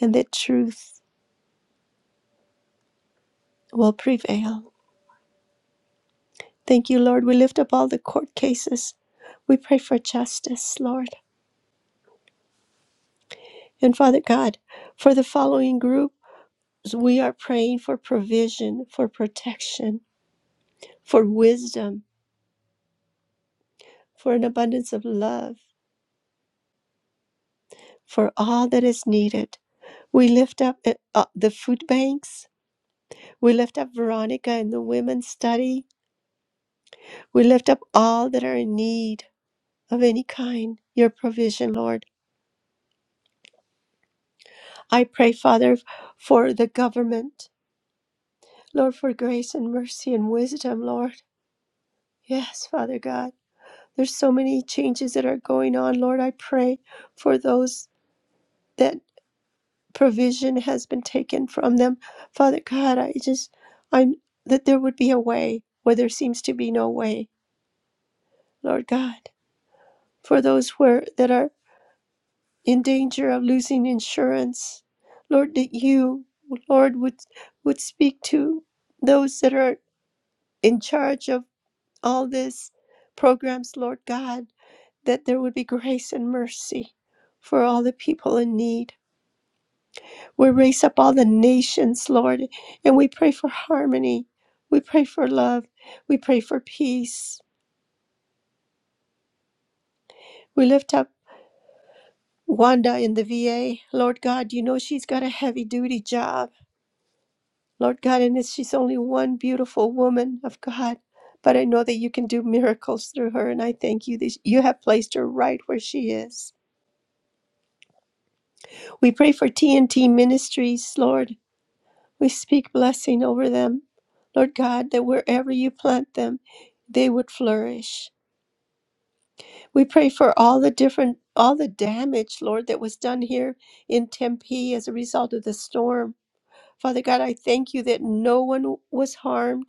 [SPEAKER 11] and that truth will prevail. Thank you, Lord. We lift up all the court cases. We pray for justice, Lord. And Father God, for the following group, we are praying for provision, for protection, for wisdom, for an abundance of love, for all that is needed. We lift up uh, uh, the food banks. We lift up Veronica and the women's study. We lift up all that are in need of any kind, your provision, Lord. I pray, Father, for the government, Lord, for grace and mercy and wisdom, Lord. Yes, Father God. There's so many changes that are going on, Lord. I pray for those that provision has been taken from them. Father God, I just, I, that there would be a way where there seems to be no way, Lord God. For those where that are in danger of losing insurance. Lord, that you, Lord, would, would speak to those that are in charge of all these programs, Lord God, that there would be grace and mercy for all the people in need. We raise up all the nations, Lord, and we pray for harmony. We pray for love. We pray for peace. We lift up Wanda in the VA. Lord God, you know she's got a heavy duty job Lord God, and it's, she's only one beautiful woman of God. But I know that you can do miracles through her, and I thank you that you have placed her right where she is. We pray for TNT Ministries, Lord. We speak blessing over them. Lord God, that wherever you plant them, they would flourish. We pray for all the different, all the damage, Lord, that was done here in Tempe as a result of the storm. Father God, I thank you that no one was harmed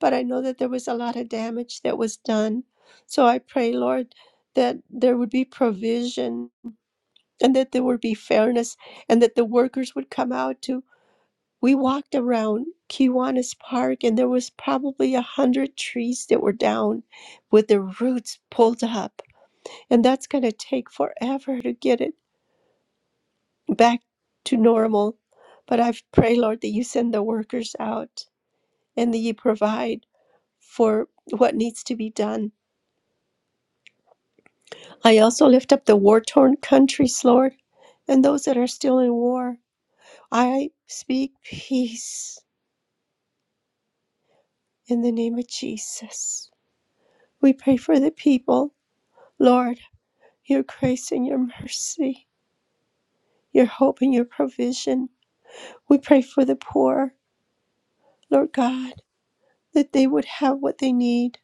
[SPEAKER 11] but I know that there was a lot of damage that was done. So I pray, Lord, that there would be provision and that there would be fairness and that the workers would come out to. We walked around Kiwanis Park and there was probably a hundred trees that were down with their roots pulled up. And that's going to take forever to get it back to normal. But I pray, Lord, that you send the workers out and that you provide for what needs to be done I also lift up the war torn countries, Lord, and those that are still in war. I speak peace in the name of Jesus. We pray for the people, Lord, your grace and your mercy, your hope and your provision. We pray for the poor, Lord God, that they would have what they need.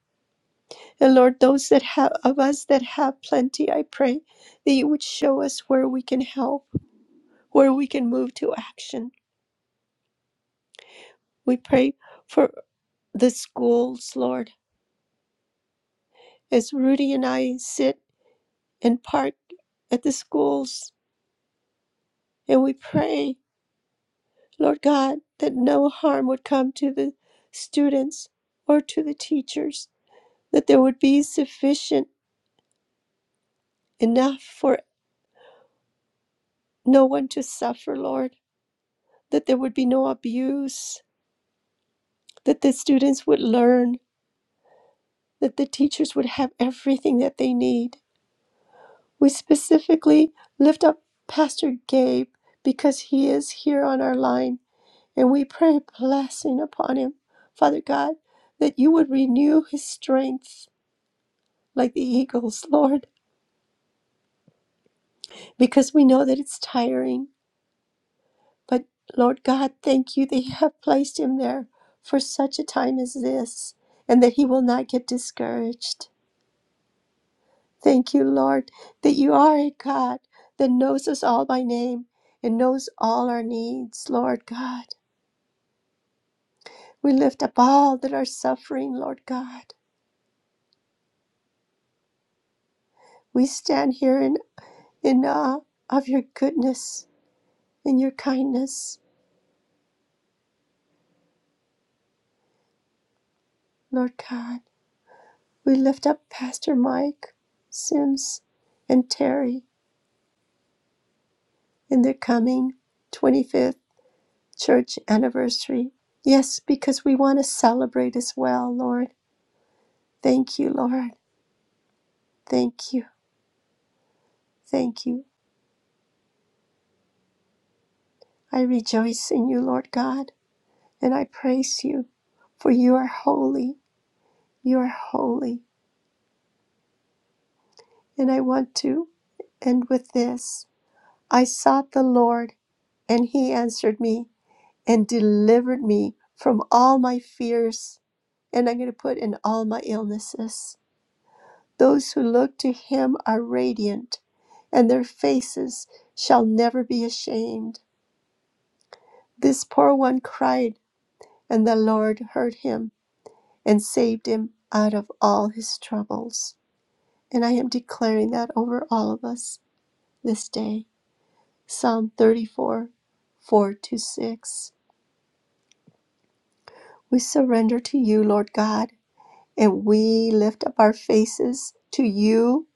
[SPEAKER 11] And Lord, those that have of us that have plenty, I pray that you would show us where we can help, where we can move to action. We pray for. the schools, Lord. As Rudy and I sit and park at the schools and we pray, Lord God, that no harm would come to the students or to the teachers, that there would be sufficient enough for no one to suffer, Lord, that there would be no abuse, that the students would learn, that the teachers would have everything that they need. We specifically lift up Pastor Gabe because he is here on our line And we pray blessing upon him, Father God, that you would renew his strength like the eagles, Lord, because we know that it's tiring. But Lord God, thank you that you have placed him there for such a time as this and that he will not get discouraged. Thank you, Lord, that you are a God that knows us all by name and knows all our needs, Lord God. We lift up all that are suffering, Lord God. We stand here in in awe of your goodness and your kindness, Lord God. We lift up Pastor Mike, Sims, and Terry in their coming 25th church anniversary. Yes, because we want to celebrate as well, Lord. Thank you, Lord. Thank you. Thank you. I rejoice in you, Lord God, and I praise you, for you are holy. You are holy. And I want to end with this I sought the Lord And he answered me and delivered me from all my fears. And I'm going to put in all my illnesses. Those who look to him are radiant, and their faces shall never be ashamed. This poor one cried, and the Lord heard him and saved him out of all his troubles. And I am declaring that over all of us this day. Psalm 34 4 to 6. We surrender to you, Lord God And we lift up our faces to you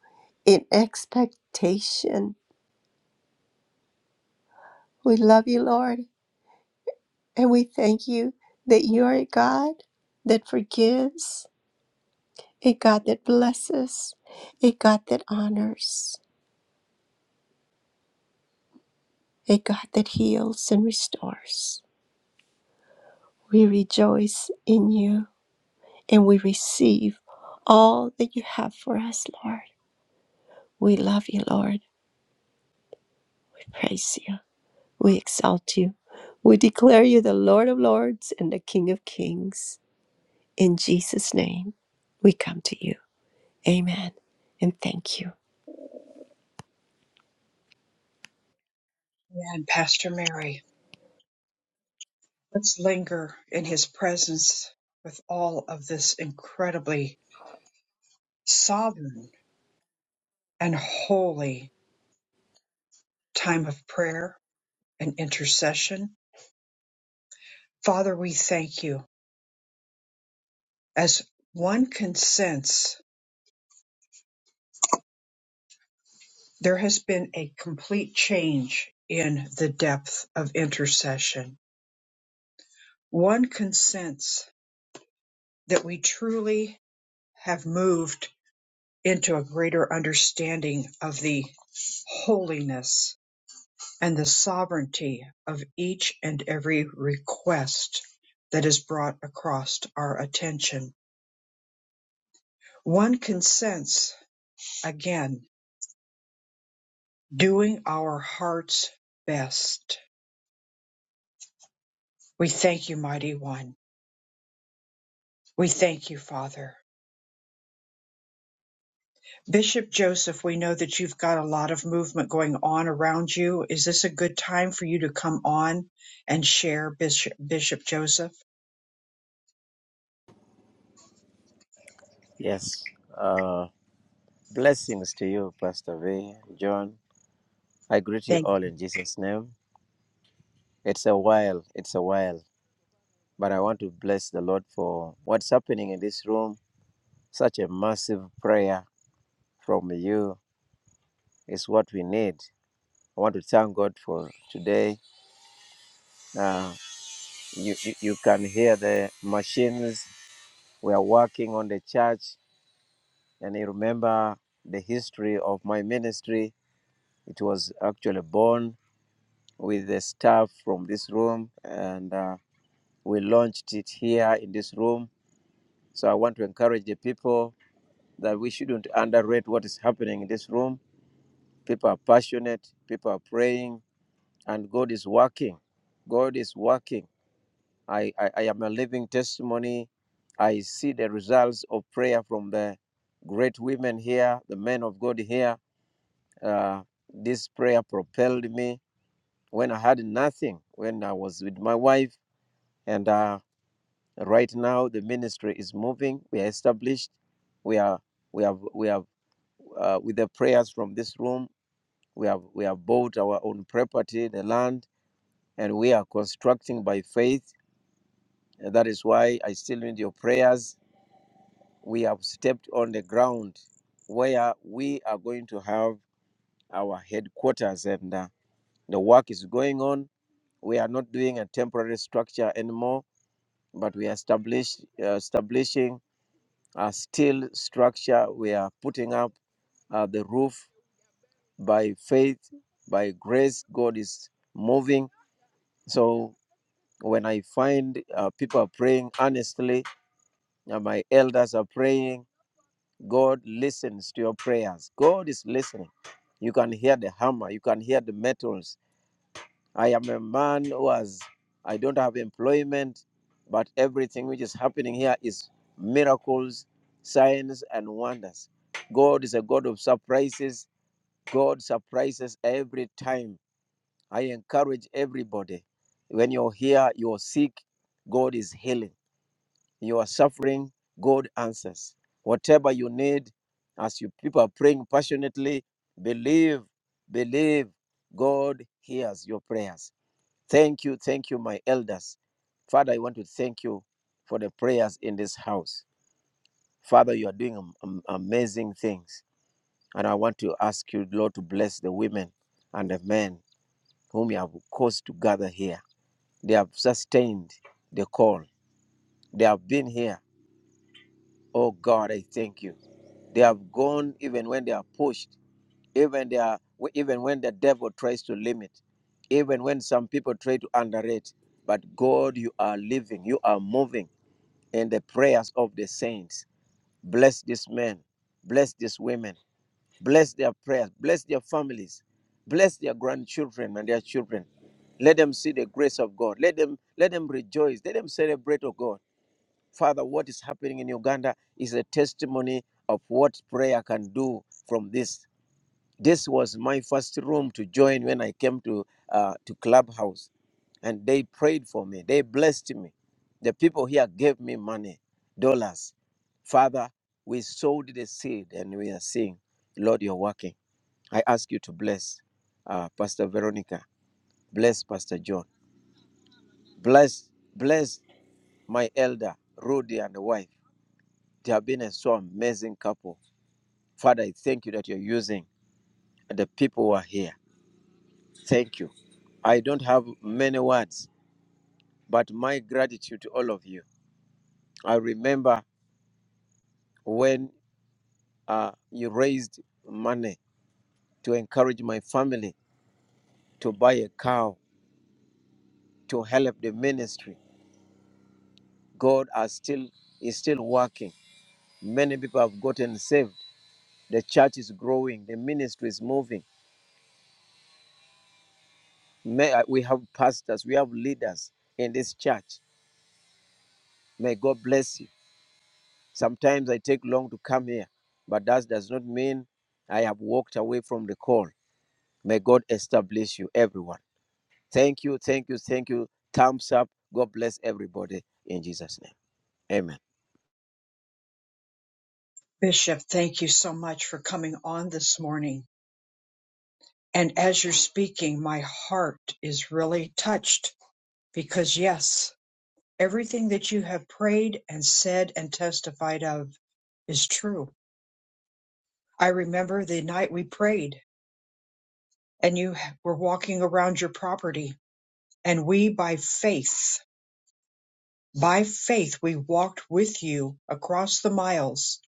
[SPEAKER 11] in expectation. We love you, Lord, and we thank you that you're a God that forgives, a God that blesses, a God that honors, a God that heals and restores. We rejoice in you and we receive all that you have for us, Lord. We love you, Lord. We praise you. We exalt you. We declare you the Lord of Lords and the King of Kings. In Jesus' name, we come to you. Amen. And thank you.
[SPEAKER 1] Amen, Pastor Mary. Let's linger in his presence with all of this incredibly sovereign and holy time of prayer and intercession. Father, we thank you. As one can sense, there has been a complete change in the depth of intercession. One can sense that we truly have moved into a greater understanding of the holiness and the sovereignty of each and every request that is brought across our attention. One can sense, again, doing our heart's best. We thank you, Mighty One. We thank you, Father. Bishop Joseph, we know that you've got a lot of movement going on around you. Is this a good time for you to come on and share, Bishop, Bishop Joseph?
[SPEAKER 12] Yes. Uh, blessings to you, Pastor V, John. I greet you
[SPEAKER 1] Thank
[SPEAKER 12] all in Jesus' name. It's a while, it's a while, but I want to bless the Lord for what's happening in this room. Such a massive prayer from you is what we need. I want to thank God for today. Uh, you, you, you can hear the machines. We are working on the church, and you remember the history of my ministry. It was actually born with the staff from this room, and uh, we launched it here in this room. So I want to encourage the people that we shouldn't underrate what is happening in this room. People are passionate, people are praying, and God is working. God is working. I, I, I am a living testimony. I see the results of prayer from the great women here, the men of God here. Uh, this prayer propelled me when I had nothing, when I was with my wife, and uh, Right now, the ministry is moving. We are established. We are we have we have uh, with the prayers from this room. We have we have bought our own property, the land, and we are constructing by faith. And that is why I still need your prayers. We have stepped on the ground where we are going to have our headquarters, and uh, the work is going on. We are not doing a temporary structure anymore, but we are established, uh, establishing uh, steel structure. We are putting up uh, the roof by faith, by grace. God is moving. So when I find uh, people are praying honestly, uh, my elders are praying, God listens to your prayers. God is listening. You can hear the hammer, you can hear the metals I am a man who has, I don't have employment, but everything which is happening here is miracles, signs, and wonders. God is a God of surprises. God surprises every time. I encourage everybody. When you're here, you're sick, God is healing. You are suffering, God answers. Whatever you need, as you people are praying passionately, believe, believe, God hears your prayers. Thank you, thank you, my elders. Father, I want to thank you for the prayers in this house. Father, you are doing am- am- amazing things. And I want to ask you, Lord, to bless the women and the men whom you have caused to gather here. They have sustained the call, they have been here. Oh God, I thank you. They have gone even when they are pushed, even they are even when the devil tries to limit, even when some people try to underrate. But God, you are living, you are moving. and the prayers of the saints. Bless this man, bless these women, bless their prayers, bless their families, bless their grandchildren and their children. Let them see the grace of God. Let them let them rejoice. Let them celebrate, oh God. Father, what is happening in Uganda is a testimony of what prayer can do from this. This was my first room to join when I came to uh, to Clubhouse, and they prayed for me. They blessed me. The people here gave me money, dollars. Father, we sowed the seed, and we are seeing, Lord, you're working. I ask you to bless uh, Pastor Veronica, bless Pastor John, bless bless my elder Rudy and the wife. They have been a so amazing couple. Father, I thank you that you're using the people who are here. Thank you. I don't have many words, but my gratitude to all of you. I remember when uh, you raised money to encourage my family to buy a cow to help the ministry. God is still is still working. Many people have gotten saved. The church is growing. The ministry is moving. May, uh, we have pastors. We have leaders in this church. May God bless you. Sometimes I take long to come here, but that does not mean I have walked away from the call. May God establish you, everyone. Thank you, thank you, thank you. Thumbs up. God bless everybody in Jesus' name. Amen.
[SPEAKER 1] Bishop. Thank you so much for coming on this morning. And as you're speaking, my heart is really touched because, yes, everything that you have prayed and said and testified of is true. I remember the night we prayed and you were walking around your property, and we, by faith, by faith, we walked with you across the miles,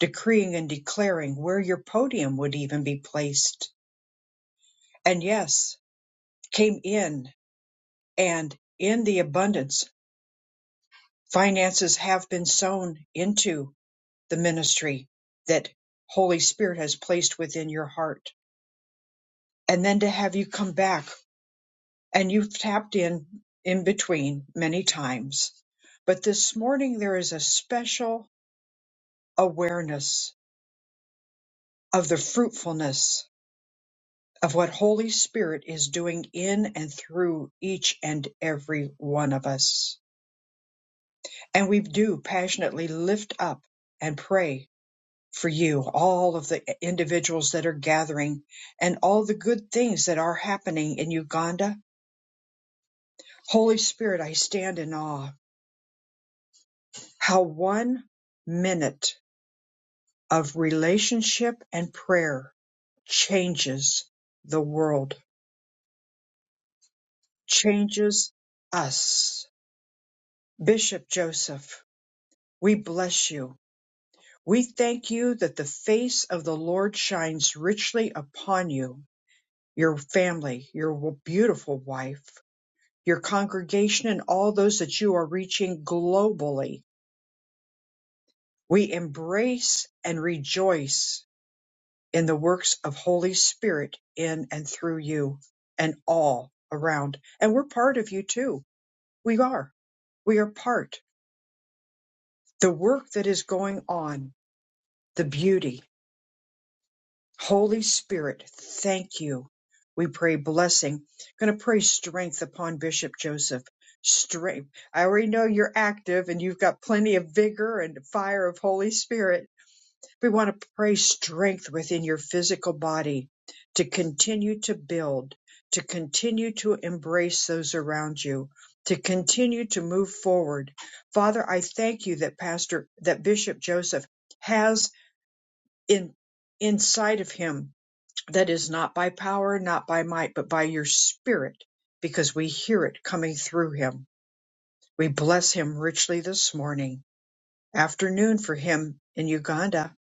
[SPEAKER 1] decreeing and declaring where your podium would even be placed. And yes, came in and in the abundance Finances have been sown into the ministry that Holy Spirit has placed within your heart. And then to have you come back and you've tapped in in between many times. But this morning there is a special awareness of the fruitfulness of what Holy Spirit is doing in and through each and every one of us. And we do passionately lift up and pray for you, all of the individuals that are gathering, and all the good things that are happening in Uganda. Holy Spirit, I stand in awe how one minute of relationship and prayer changes the world, changes us. Bishop Joseph, we bless you. We thank you that the face of the Lord shines richly upon you, your family, your beautiful wife your congregation, and all those that you are reaching globally. We embrace and rejoice in the works of Holy Spirit in and through you and all around. And we're part of you too. We are. We are part. The work that is going on, the beauty. Holy Spirit, thank you. We pray blessing. Going to pray strength upon Bishop Joseph. Strength. I already know you're active and you've got plenty of vigor and fire of Holy Spirit. We want to pray strength within your physical body to continue to build, to continue to embrace those around you, to continue to move forward. Father, I thank you that Pastor, that Bishop Joseph has in, inside of him that is not by power, not by might, but by your spirit, because we hear it coming through him. We bless him richly this morning. Afternoon for him in Uganda.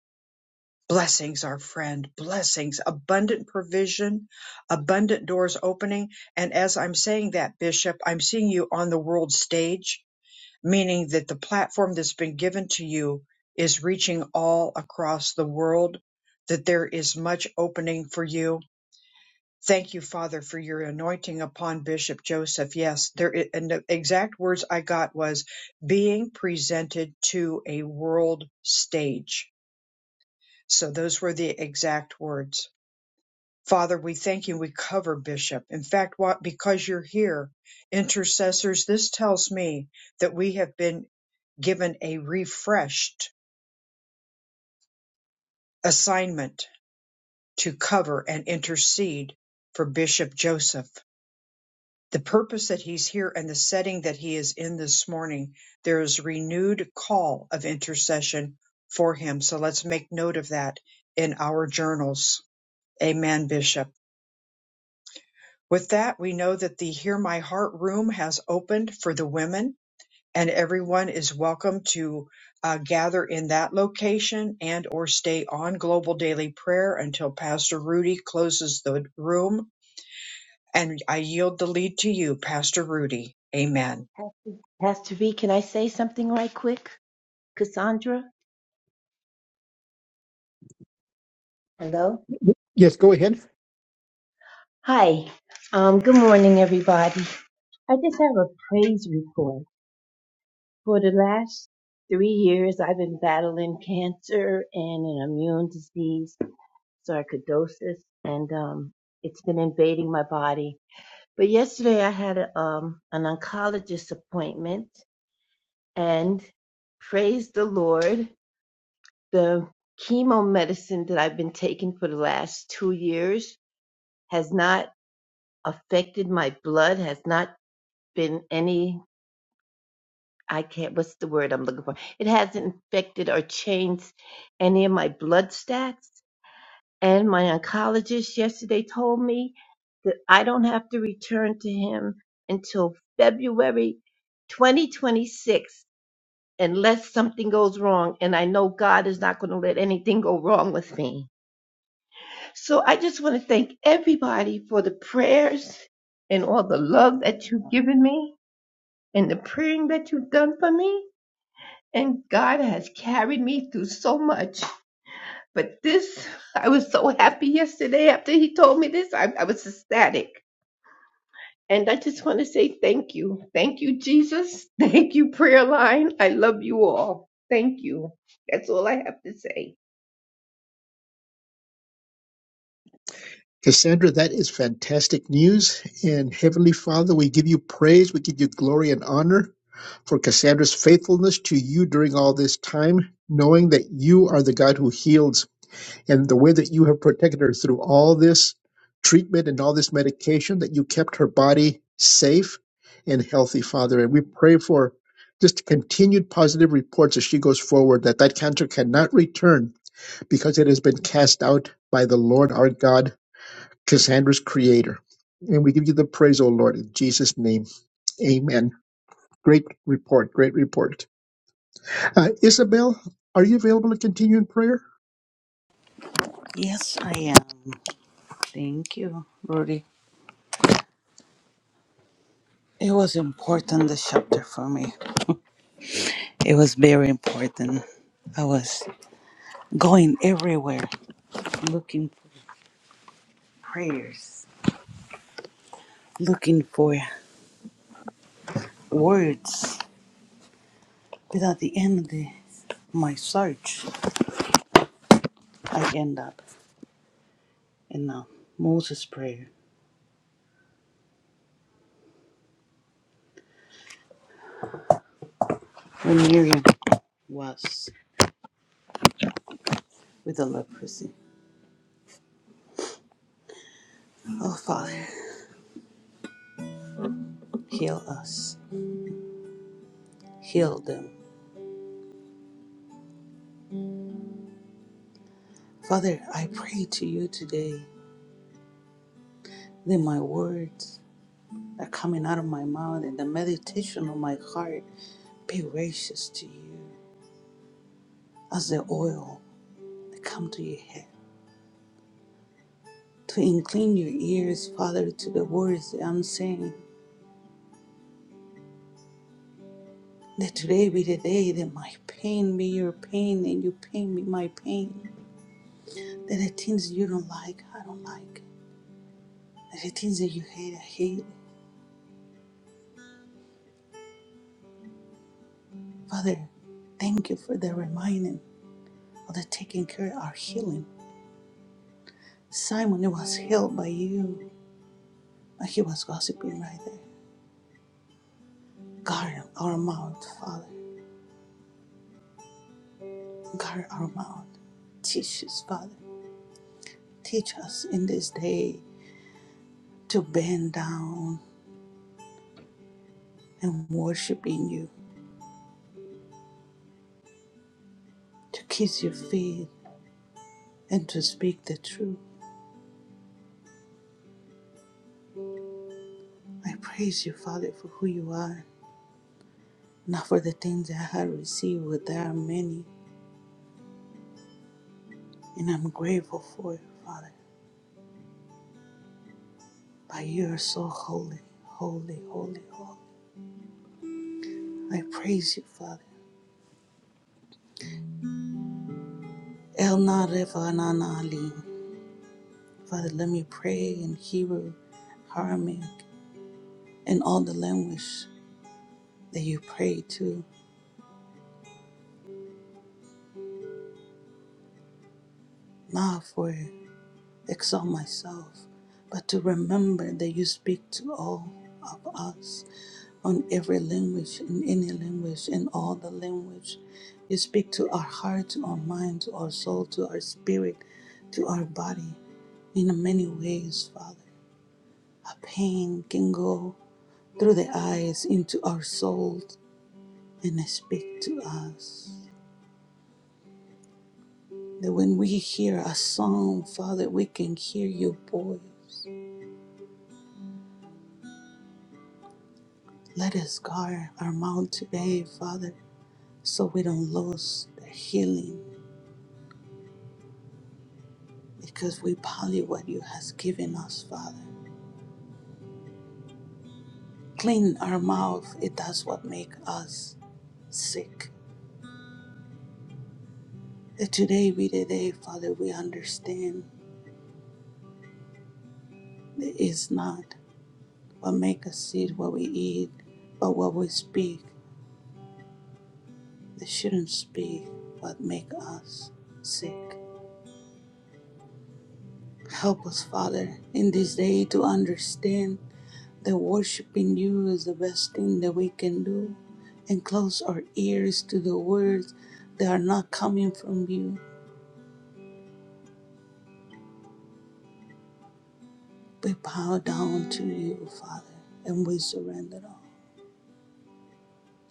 [SPEAKER 1] Blessings, our friend. Blessings. Abundant provision, abundant doors opening. And as I'm saying that, Bishop, I'm seeing you on the world stage, meaning that the platform that's been given to you is reaching all across the world, that there is much opening for you Thank you, Father, for your anointing upon Bishop Joseph. Yes, there i- and the exact words I got was being presented to a world stage. So those were the exact words. Father, we thank you. We cover Bishop. In fact, what because you're here, intercessors, this tells me that we have been given a refreshed assignment to cover and intercede for Bishop Joseph. the purpose that he's here and the setting that he is in this morning, there is renewed call of intercession for him. So let's make note of that in our journals. Amen, Bishop. With that, we know that the Hear My Heart room has opened for the women and everyone is welcome to uh, gather in that location and or stay on global daily prayer until pastor rudy closes the room and i yield the lead to you pastor rudy amen
[SPEAKER 13] Pastor Pastor V, can I say something right quick? Cassandra? Hello?
[SPEAKER 2] Yes, go ahead.
[SPEAKER 13] Hi. Um, good morning, everybody. I just have a praise report. For the last three years, I've been battling cancer and an immune disease, sarcoidosis, and um, it's been invading my body. But yesterday, I had a, um, an oncologist appointment, and praise the Lord. the chemo medicine that I've been taking for the last two years has not affected my blood, has not been any, I can't, what's the word I'm looking for? It hasn't affected or changed any of my blood stats. And my oncologist yesterday told me that I don't have to return to him until February 2026 unless something goes wrong. And I know God is not going to let anything go wrong with me. So I just want to thank everybody for the prayers and all the love that you've given me and the praying that you've done for me. And God has carried me through so much. But this, I was so happy yesterday after he told me this. I, I was ecstatic. And I just want to say thank you. Thank you, Jesus. Thank you, Prayer Line. I love you all. Thank you. That's all I have to say.
[SPEAKER 2] Cassandra, that is fantastic news. And Heavenly Father, we give you praise, we give you glory and honor for Cassandra's faithfulness to you during all this time, knowing that you are the God who heals and the way that you have protected her through all this treatment and all this medication that you kept her body safe and healthy father and we pray for just continued positive reports as she goes forward that that cancer cannot return because it has been cast out by the lord our god cassandra's creator and we give you the praise o lord in jesus name amen great report great report uh, isabel are you available to continue in prayer
[SPEAKER 5] Yes, I am. Thank you, Rudy. It was important, the chapter for me. It was very important. I was going everywhere looking for prayers, looking for words. But at the end of the, my search, I end up in uh, Moses' prayer when Miriam was with the leprosy. Oh, Father, heal us, heal them. Father, I pray to you today that my words that are coming out of my mouth and the meditation of my heart be gracious to you as the oil that come to your head to incline your ears father to the words that i'm saying that today be the day that my pain be your pain and your pain be my pain that the things you don't like i don't like that the things that you hate i hate father thank you for the reminding of the taking care of our healing simon it was healed by you but he was gossiping right there Guard our mouth, Father. Guard our mouth. Teach us, Father. Teach us in this day to bend down and worship in you, to kiss your feet and to speak the truth. I praise you, Father, for who you are, not for the things that I have received, but there are many, and I'm grateful for it, Father. But you are so holy, holy, holy, holy. I praise you, Father. El Narevananali. Father, let me pray in Hebrew, Aramaic, and all the language that you pray to, not for exalt myself, but to remember that you speak to all of us on every language, in any language, in all the language. You speak to our heart, to our mind, to our soul, to our spirit, to our body in many ways, Father. Our pain can go through the eyes into our soul, and speak to us. That when we hear a song, Father, we can hear your voice. Let us guard our mouth today, Father, so we don't lose the healing because we value what you has given us, Father. Clean our mouth, it does what make us sick. That today be the day, Father, we understand that it's not what make us eat what we eat, but what we speak. This shouldn't be what make us sick. Help us, Father, in this day to understand that worshiping you is the best thing that we can do and close our ears to the words that are not coming from you. We bow down to you, Father, and we surrender all.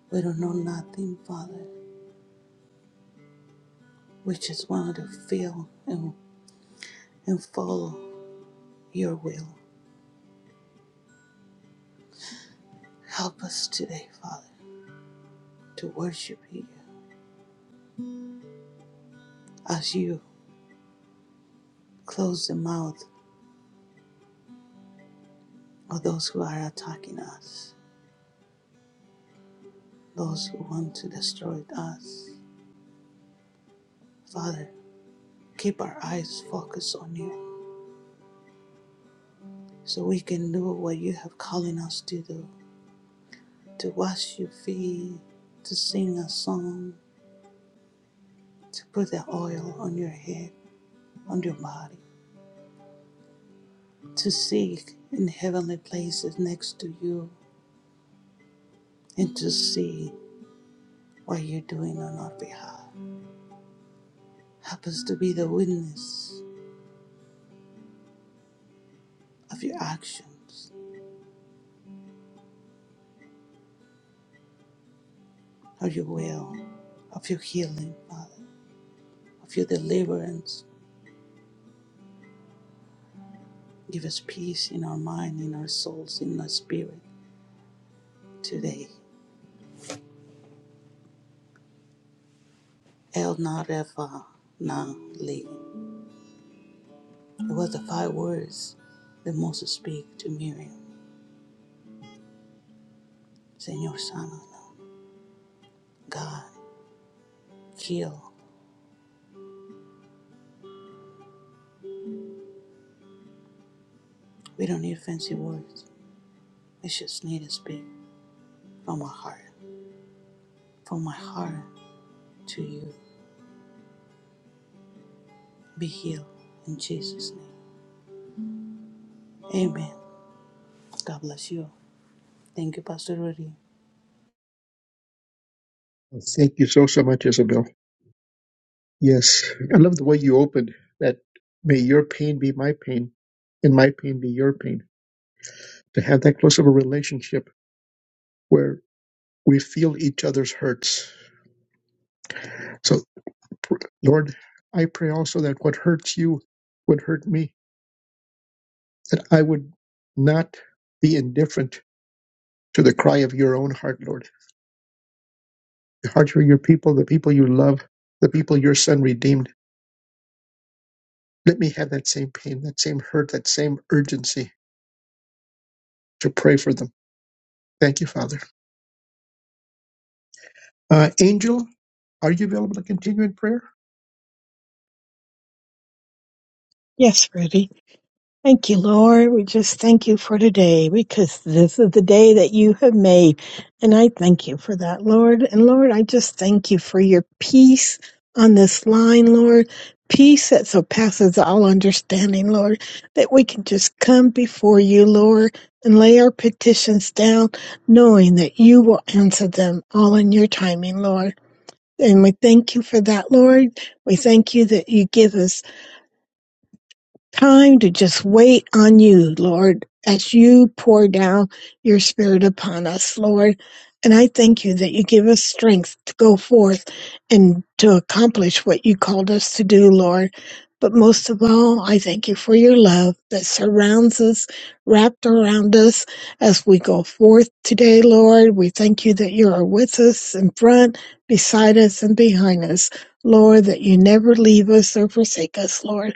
[SPEAKER 5] We don't know nothing, Father. We just want to feel and, and follow your will. Help us today, Father, to worship you as you Close the mouth of those who are attacking us, those who want to destroy us. Father, keep our eyes focused on you so we can do what you have calling us to do to wash your feet, to sing a song, to put the oil on your head, on your body, to seek in heavenly places next to you, and to see what you're doing on our behalf. Help us to be the witness of your actions of your will, of your healing, Father, of your deliverance. Give us peace in our mind, in our souls, in our spirit today. El Narefa Na Li. It was the five words that Moses speak to Miriam. Señor sana, no. God, heal. We don't need fancy words. We just need to speak from our heart. From my heart to you. Be healed in Jesus' name. Amen. God bless you. Thank you, Pastor Rudy.
[SPEAKER 2] thank you so so much isabel Yes, I love the way you opened that. May your pain be my pain, and my pain be your pain. To have that close of a relationship where we feel each other's hurts. So, pr- Lord, I pray also that what hurts you would hurt me, that I would not be indifferent to the cry of your own heart, Lord. The heart of your people, the people you love, the people your son redeemed. Let me have that same pain, that same hurt, that same urgency to pray for them. Thank you, Father. Uh, Angel, are you available to continue in prayer?
[SPEAKER 14] Yes, Rudy. Thank you, Lord. We just thank you for today because this is the day that you have made. And I thank you for that, Lord. And Lord, I just thank you for your peace on this line, Lord. Peace that surpasses all understanding, Lord. That we can just come before you, Lord, and lay our petitions down, knowing that you will answer them all in your timing, Lord. And we thank you for that, Lord. We thank you that you give us Time to just wait on you, Lord, as you pour down your spirit upon us, Lord. And I thank you that you give us strength to go forth and to accomplish what you called us to do, Lord. But most of all, I thank you for your love that surrounds us, wrapped around us as we go forth today, Lord. We thank you that you are with us in front, beside us, and behind us, Lord, that you never leave us or forsake us, Lord.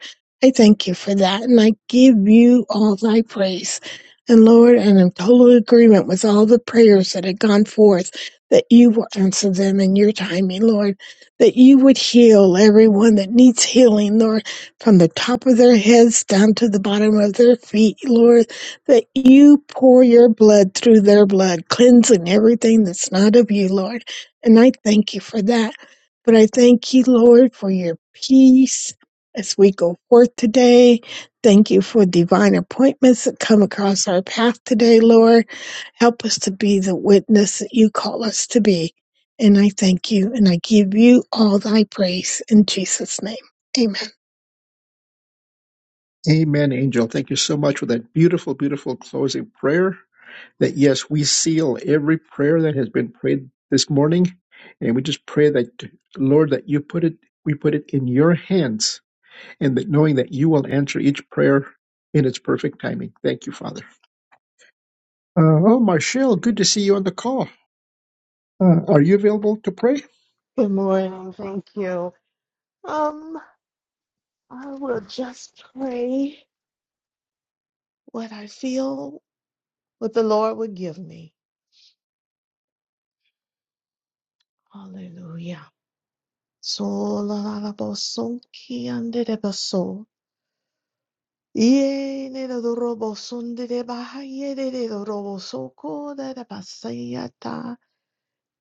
[SPEAKER 14] I thank you for that, and I give you all thy praise. And Lord, and I'm in total agreement with all the prayers that had gone forth, that you will answer them in your timing, Lord, that you would heal everyone that needs healing, Lord, from the top of their heads down to the bottom of their feet, Lord, that you pour your blood through their blood, cleansing everything that's not of you, Lord. And I thank you for that. But I thank you, Lord, for your peace as we go forth today, thank you for divine appointments that come across our path today, Lord. Help us to be the witness that you call us to be. And I thank you and I give you all thy praise in Jesus' name. Amen.
[SPEAKER 2] Amen, Angel. Thank you so much for that beautiful, beautiful closing prayer. That, yes, we seal every prayer that has been prayed this morning. And we just pray that, Lord, that you put it, we put it in your hands and that knowing that you will answer each prayer in its perfect timing. Thank you, Father. Uh, oh, Marshall, good to see you on the call. Uh, are you available to pray?
[SPEAKER 15] Good morning. Thank you. Um, I will just pray what I feel, what the Lord would give me. Hallelujah. So la la la bo son ki ande de ba so. Ye ne de do ro bo son de de ba ha ye de de do ro bo so ko de de ba sa ya ta.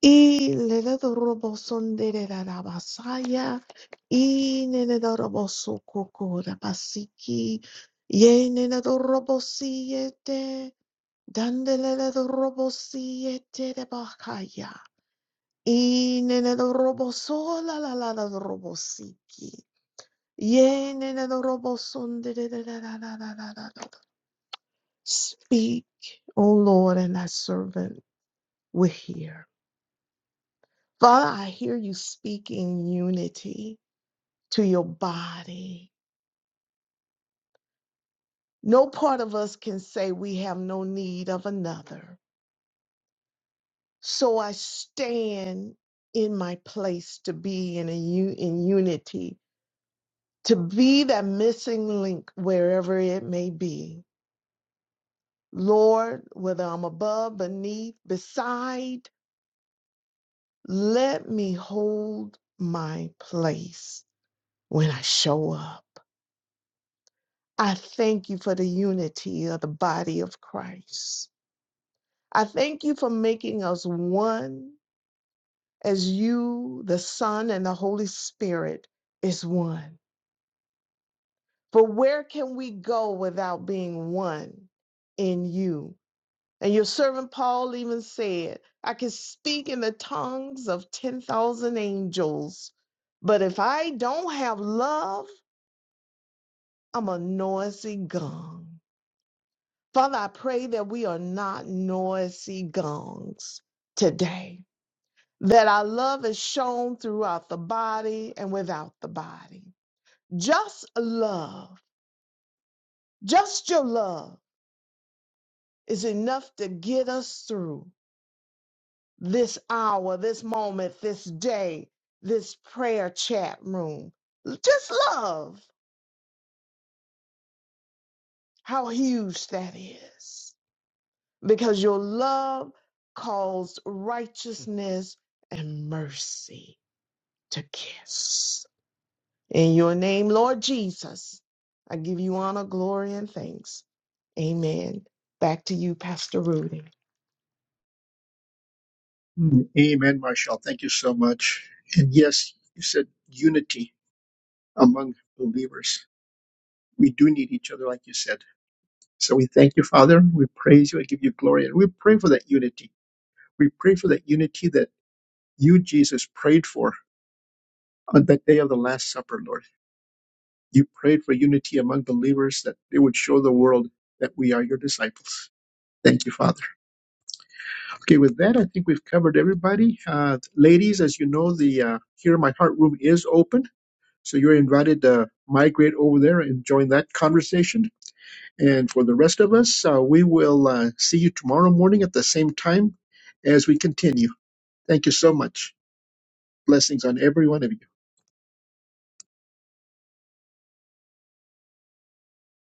[SPEAKER 15] Y lelelorobo sondererabasaya, y nenedorobo sukukurabasiki, ye nenedorobo siete, dandelelorobo siete de bakaya, y nenedorobo sola la la la robo siki, ye nenedorobo sondererabasaya. Speak, O Lord, and thy servant will hear. Father, I hear you speaking unity to your body. No part of us can say we have no need of another. So I stand in my place to be in a u- in unity, to be that missing link wherever it may be. Lord, whether I'm above, beneath, beside, let me hold my place when I show up. I thank you for the unity of the body of Christ. I thank you for making us one as you, the Son, and the Holy Spirit is one. For where can we go without being one in you? And your servant Paul even said, I can speak in the tongues of 10,000 angels, but if I don't have love, I'm a noisy gong. Father, I pray that we are not noisy gongs today, that our love is shown throughout the body and without the body. Just love, just your love is enough to get us through this hour, this moment, this day, this prayer chat room. Just love how huge that is, because your love calls righteousness and mercy. to kiss. In your name, Lord Jesus, I give you honor, glory, and thanks. Amen. Back to you, Pastor Rudy.
[SPEAKER 2] Mm, Amen, Marshall. Thank you so much. And yes, you said unity. among believers. We do need each other, like you said. So we thank you, Father. We praise you and give you glory. And we pray for that unity. We pray for that unity that you, Jesus, prayed for on that day of the Last Supper, Lord. You prayed for unity among believers that they would show the world that we are your disciples. Thank you, Father. Okay, with that, I think we've covered everybody. Uh, ladies, as you know, the uh, Here My Heart room is open. So you're invited to migrate over there and join that conversation And for the rest of us, uh, we will uh, see you tomorrow morning at the same time as we continue. Thank you so much. Blessings on every one of you.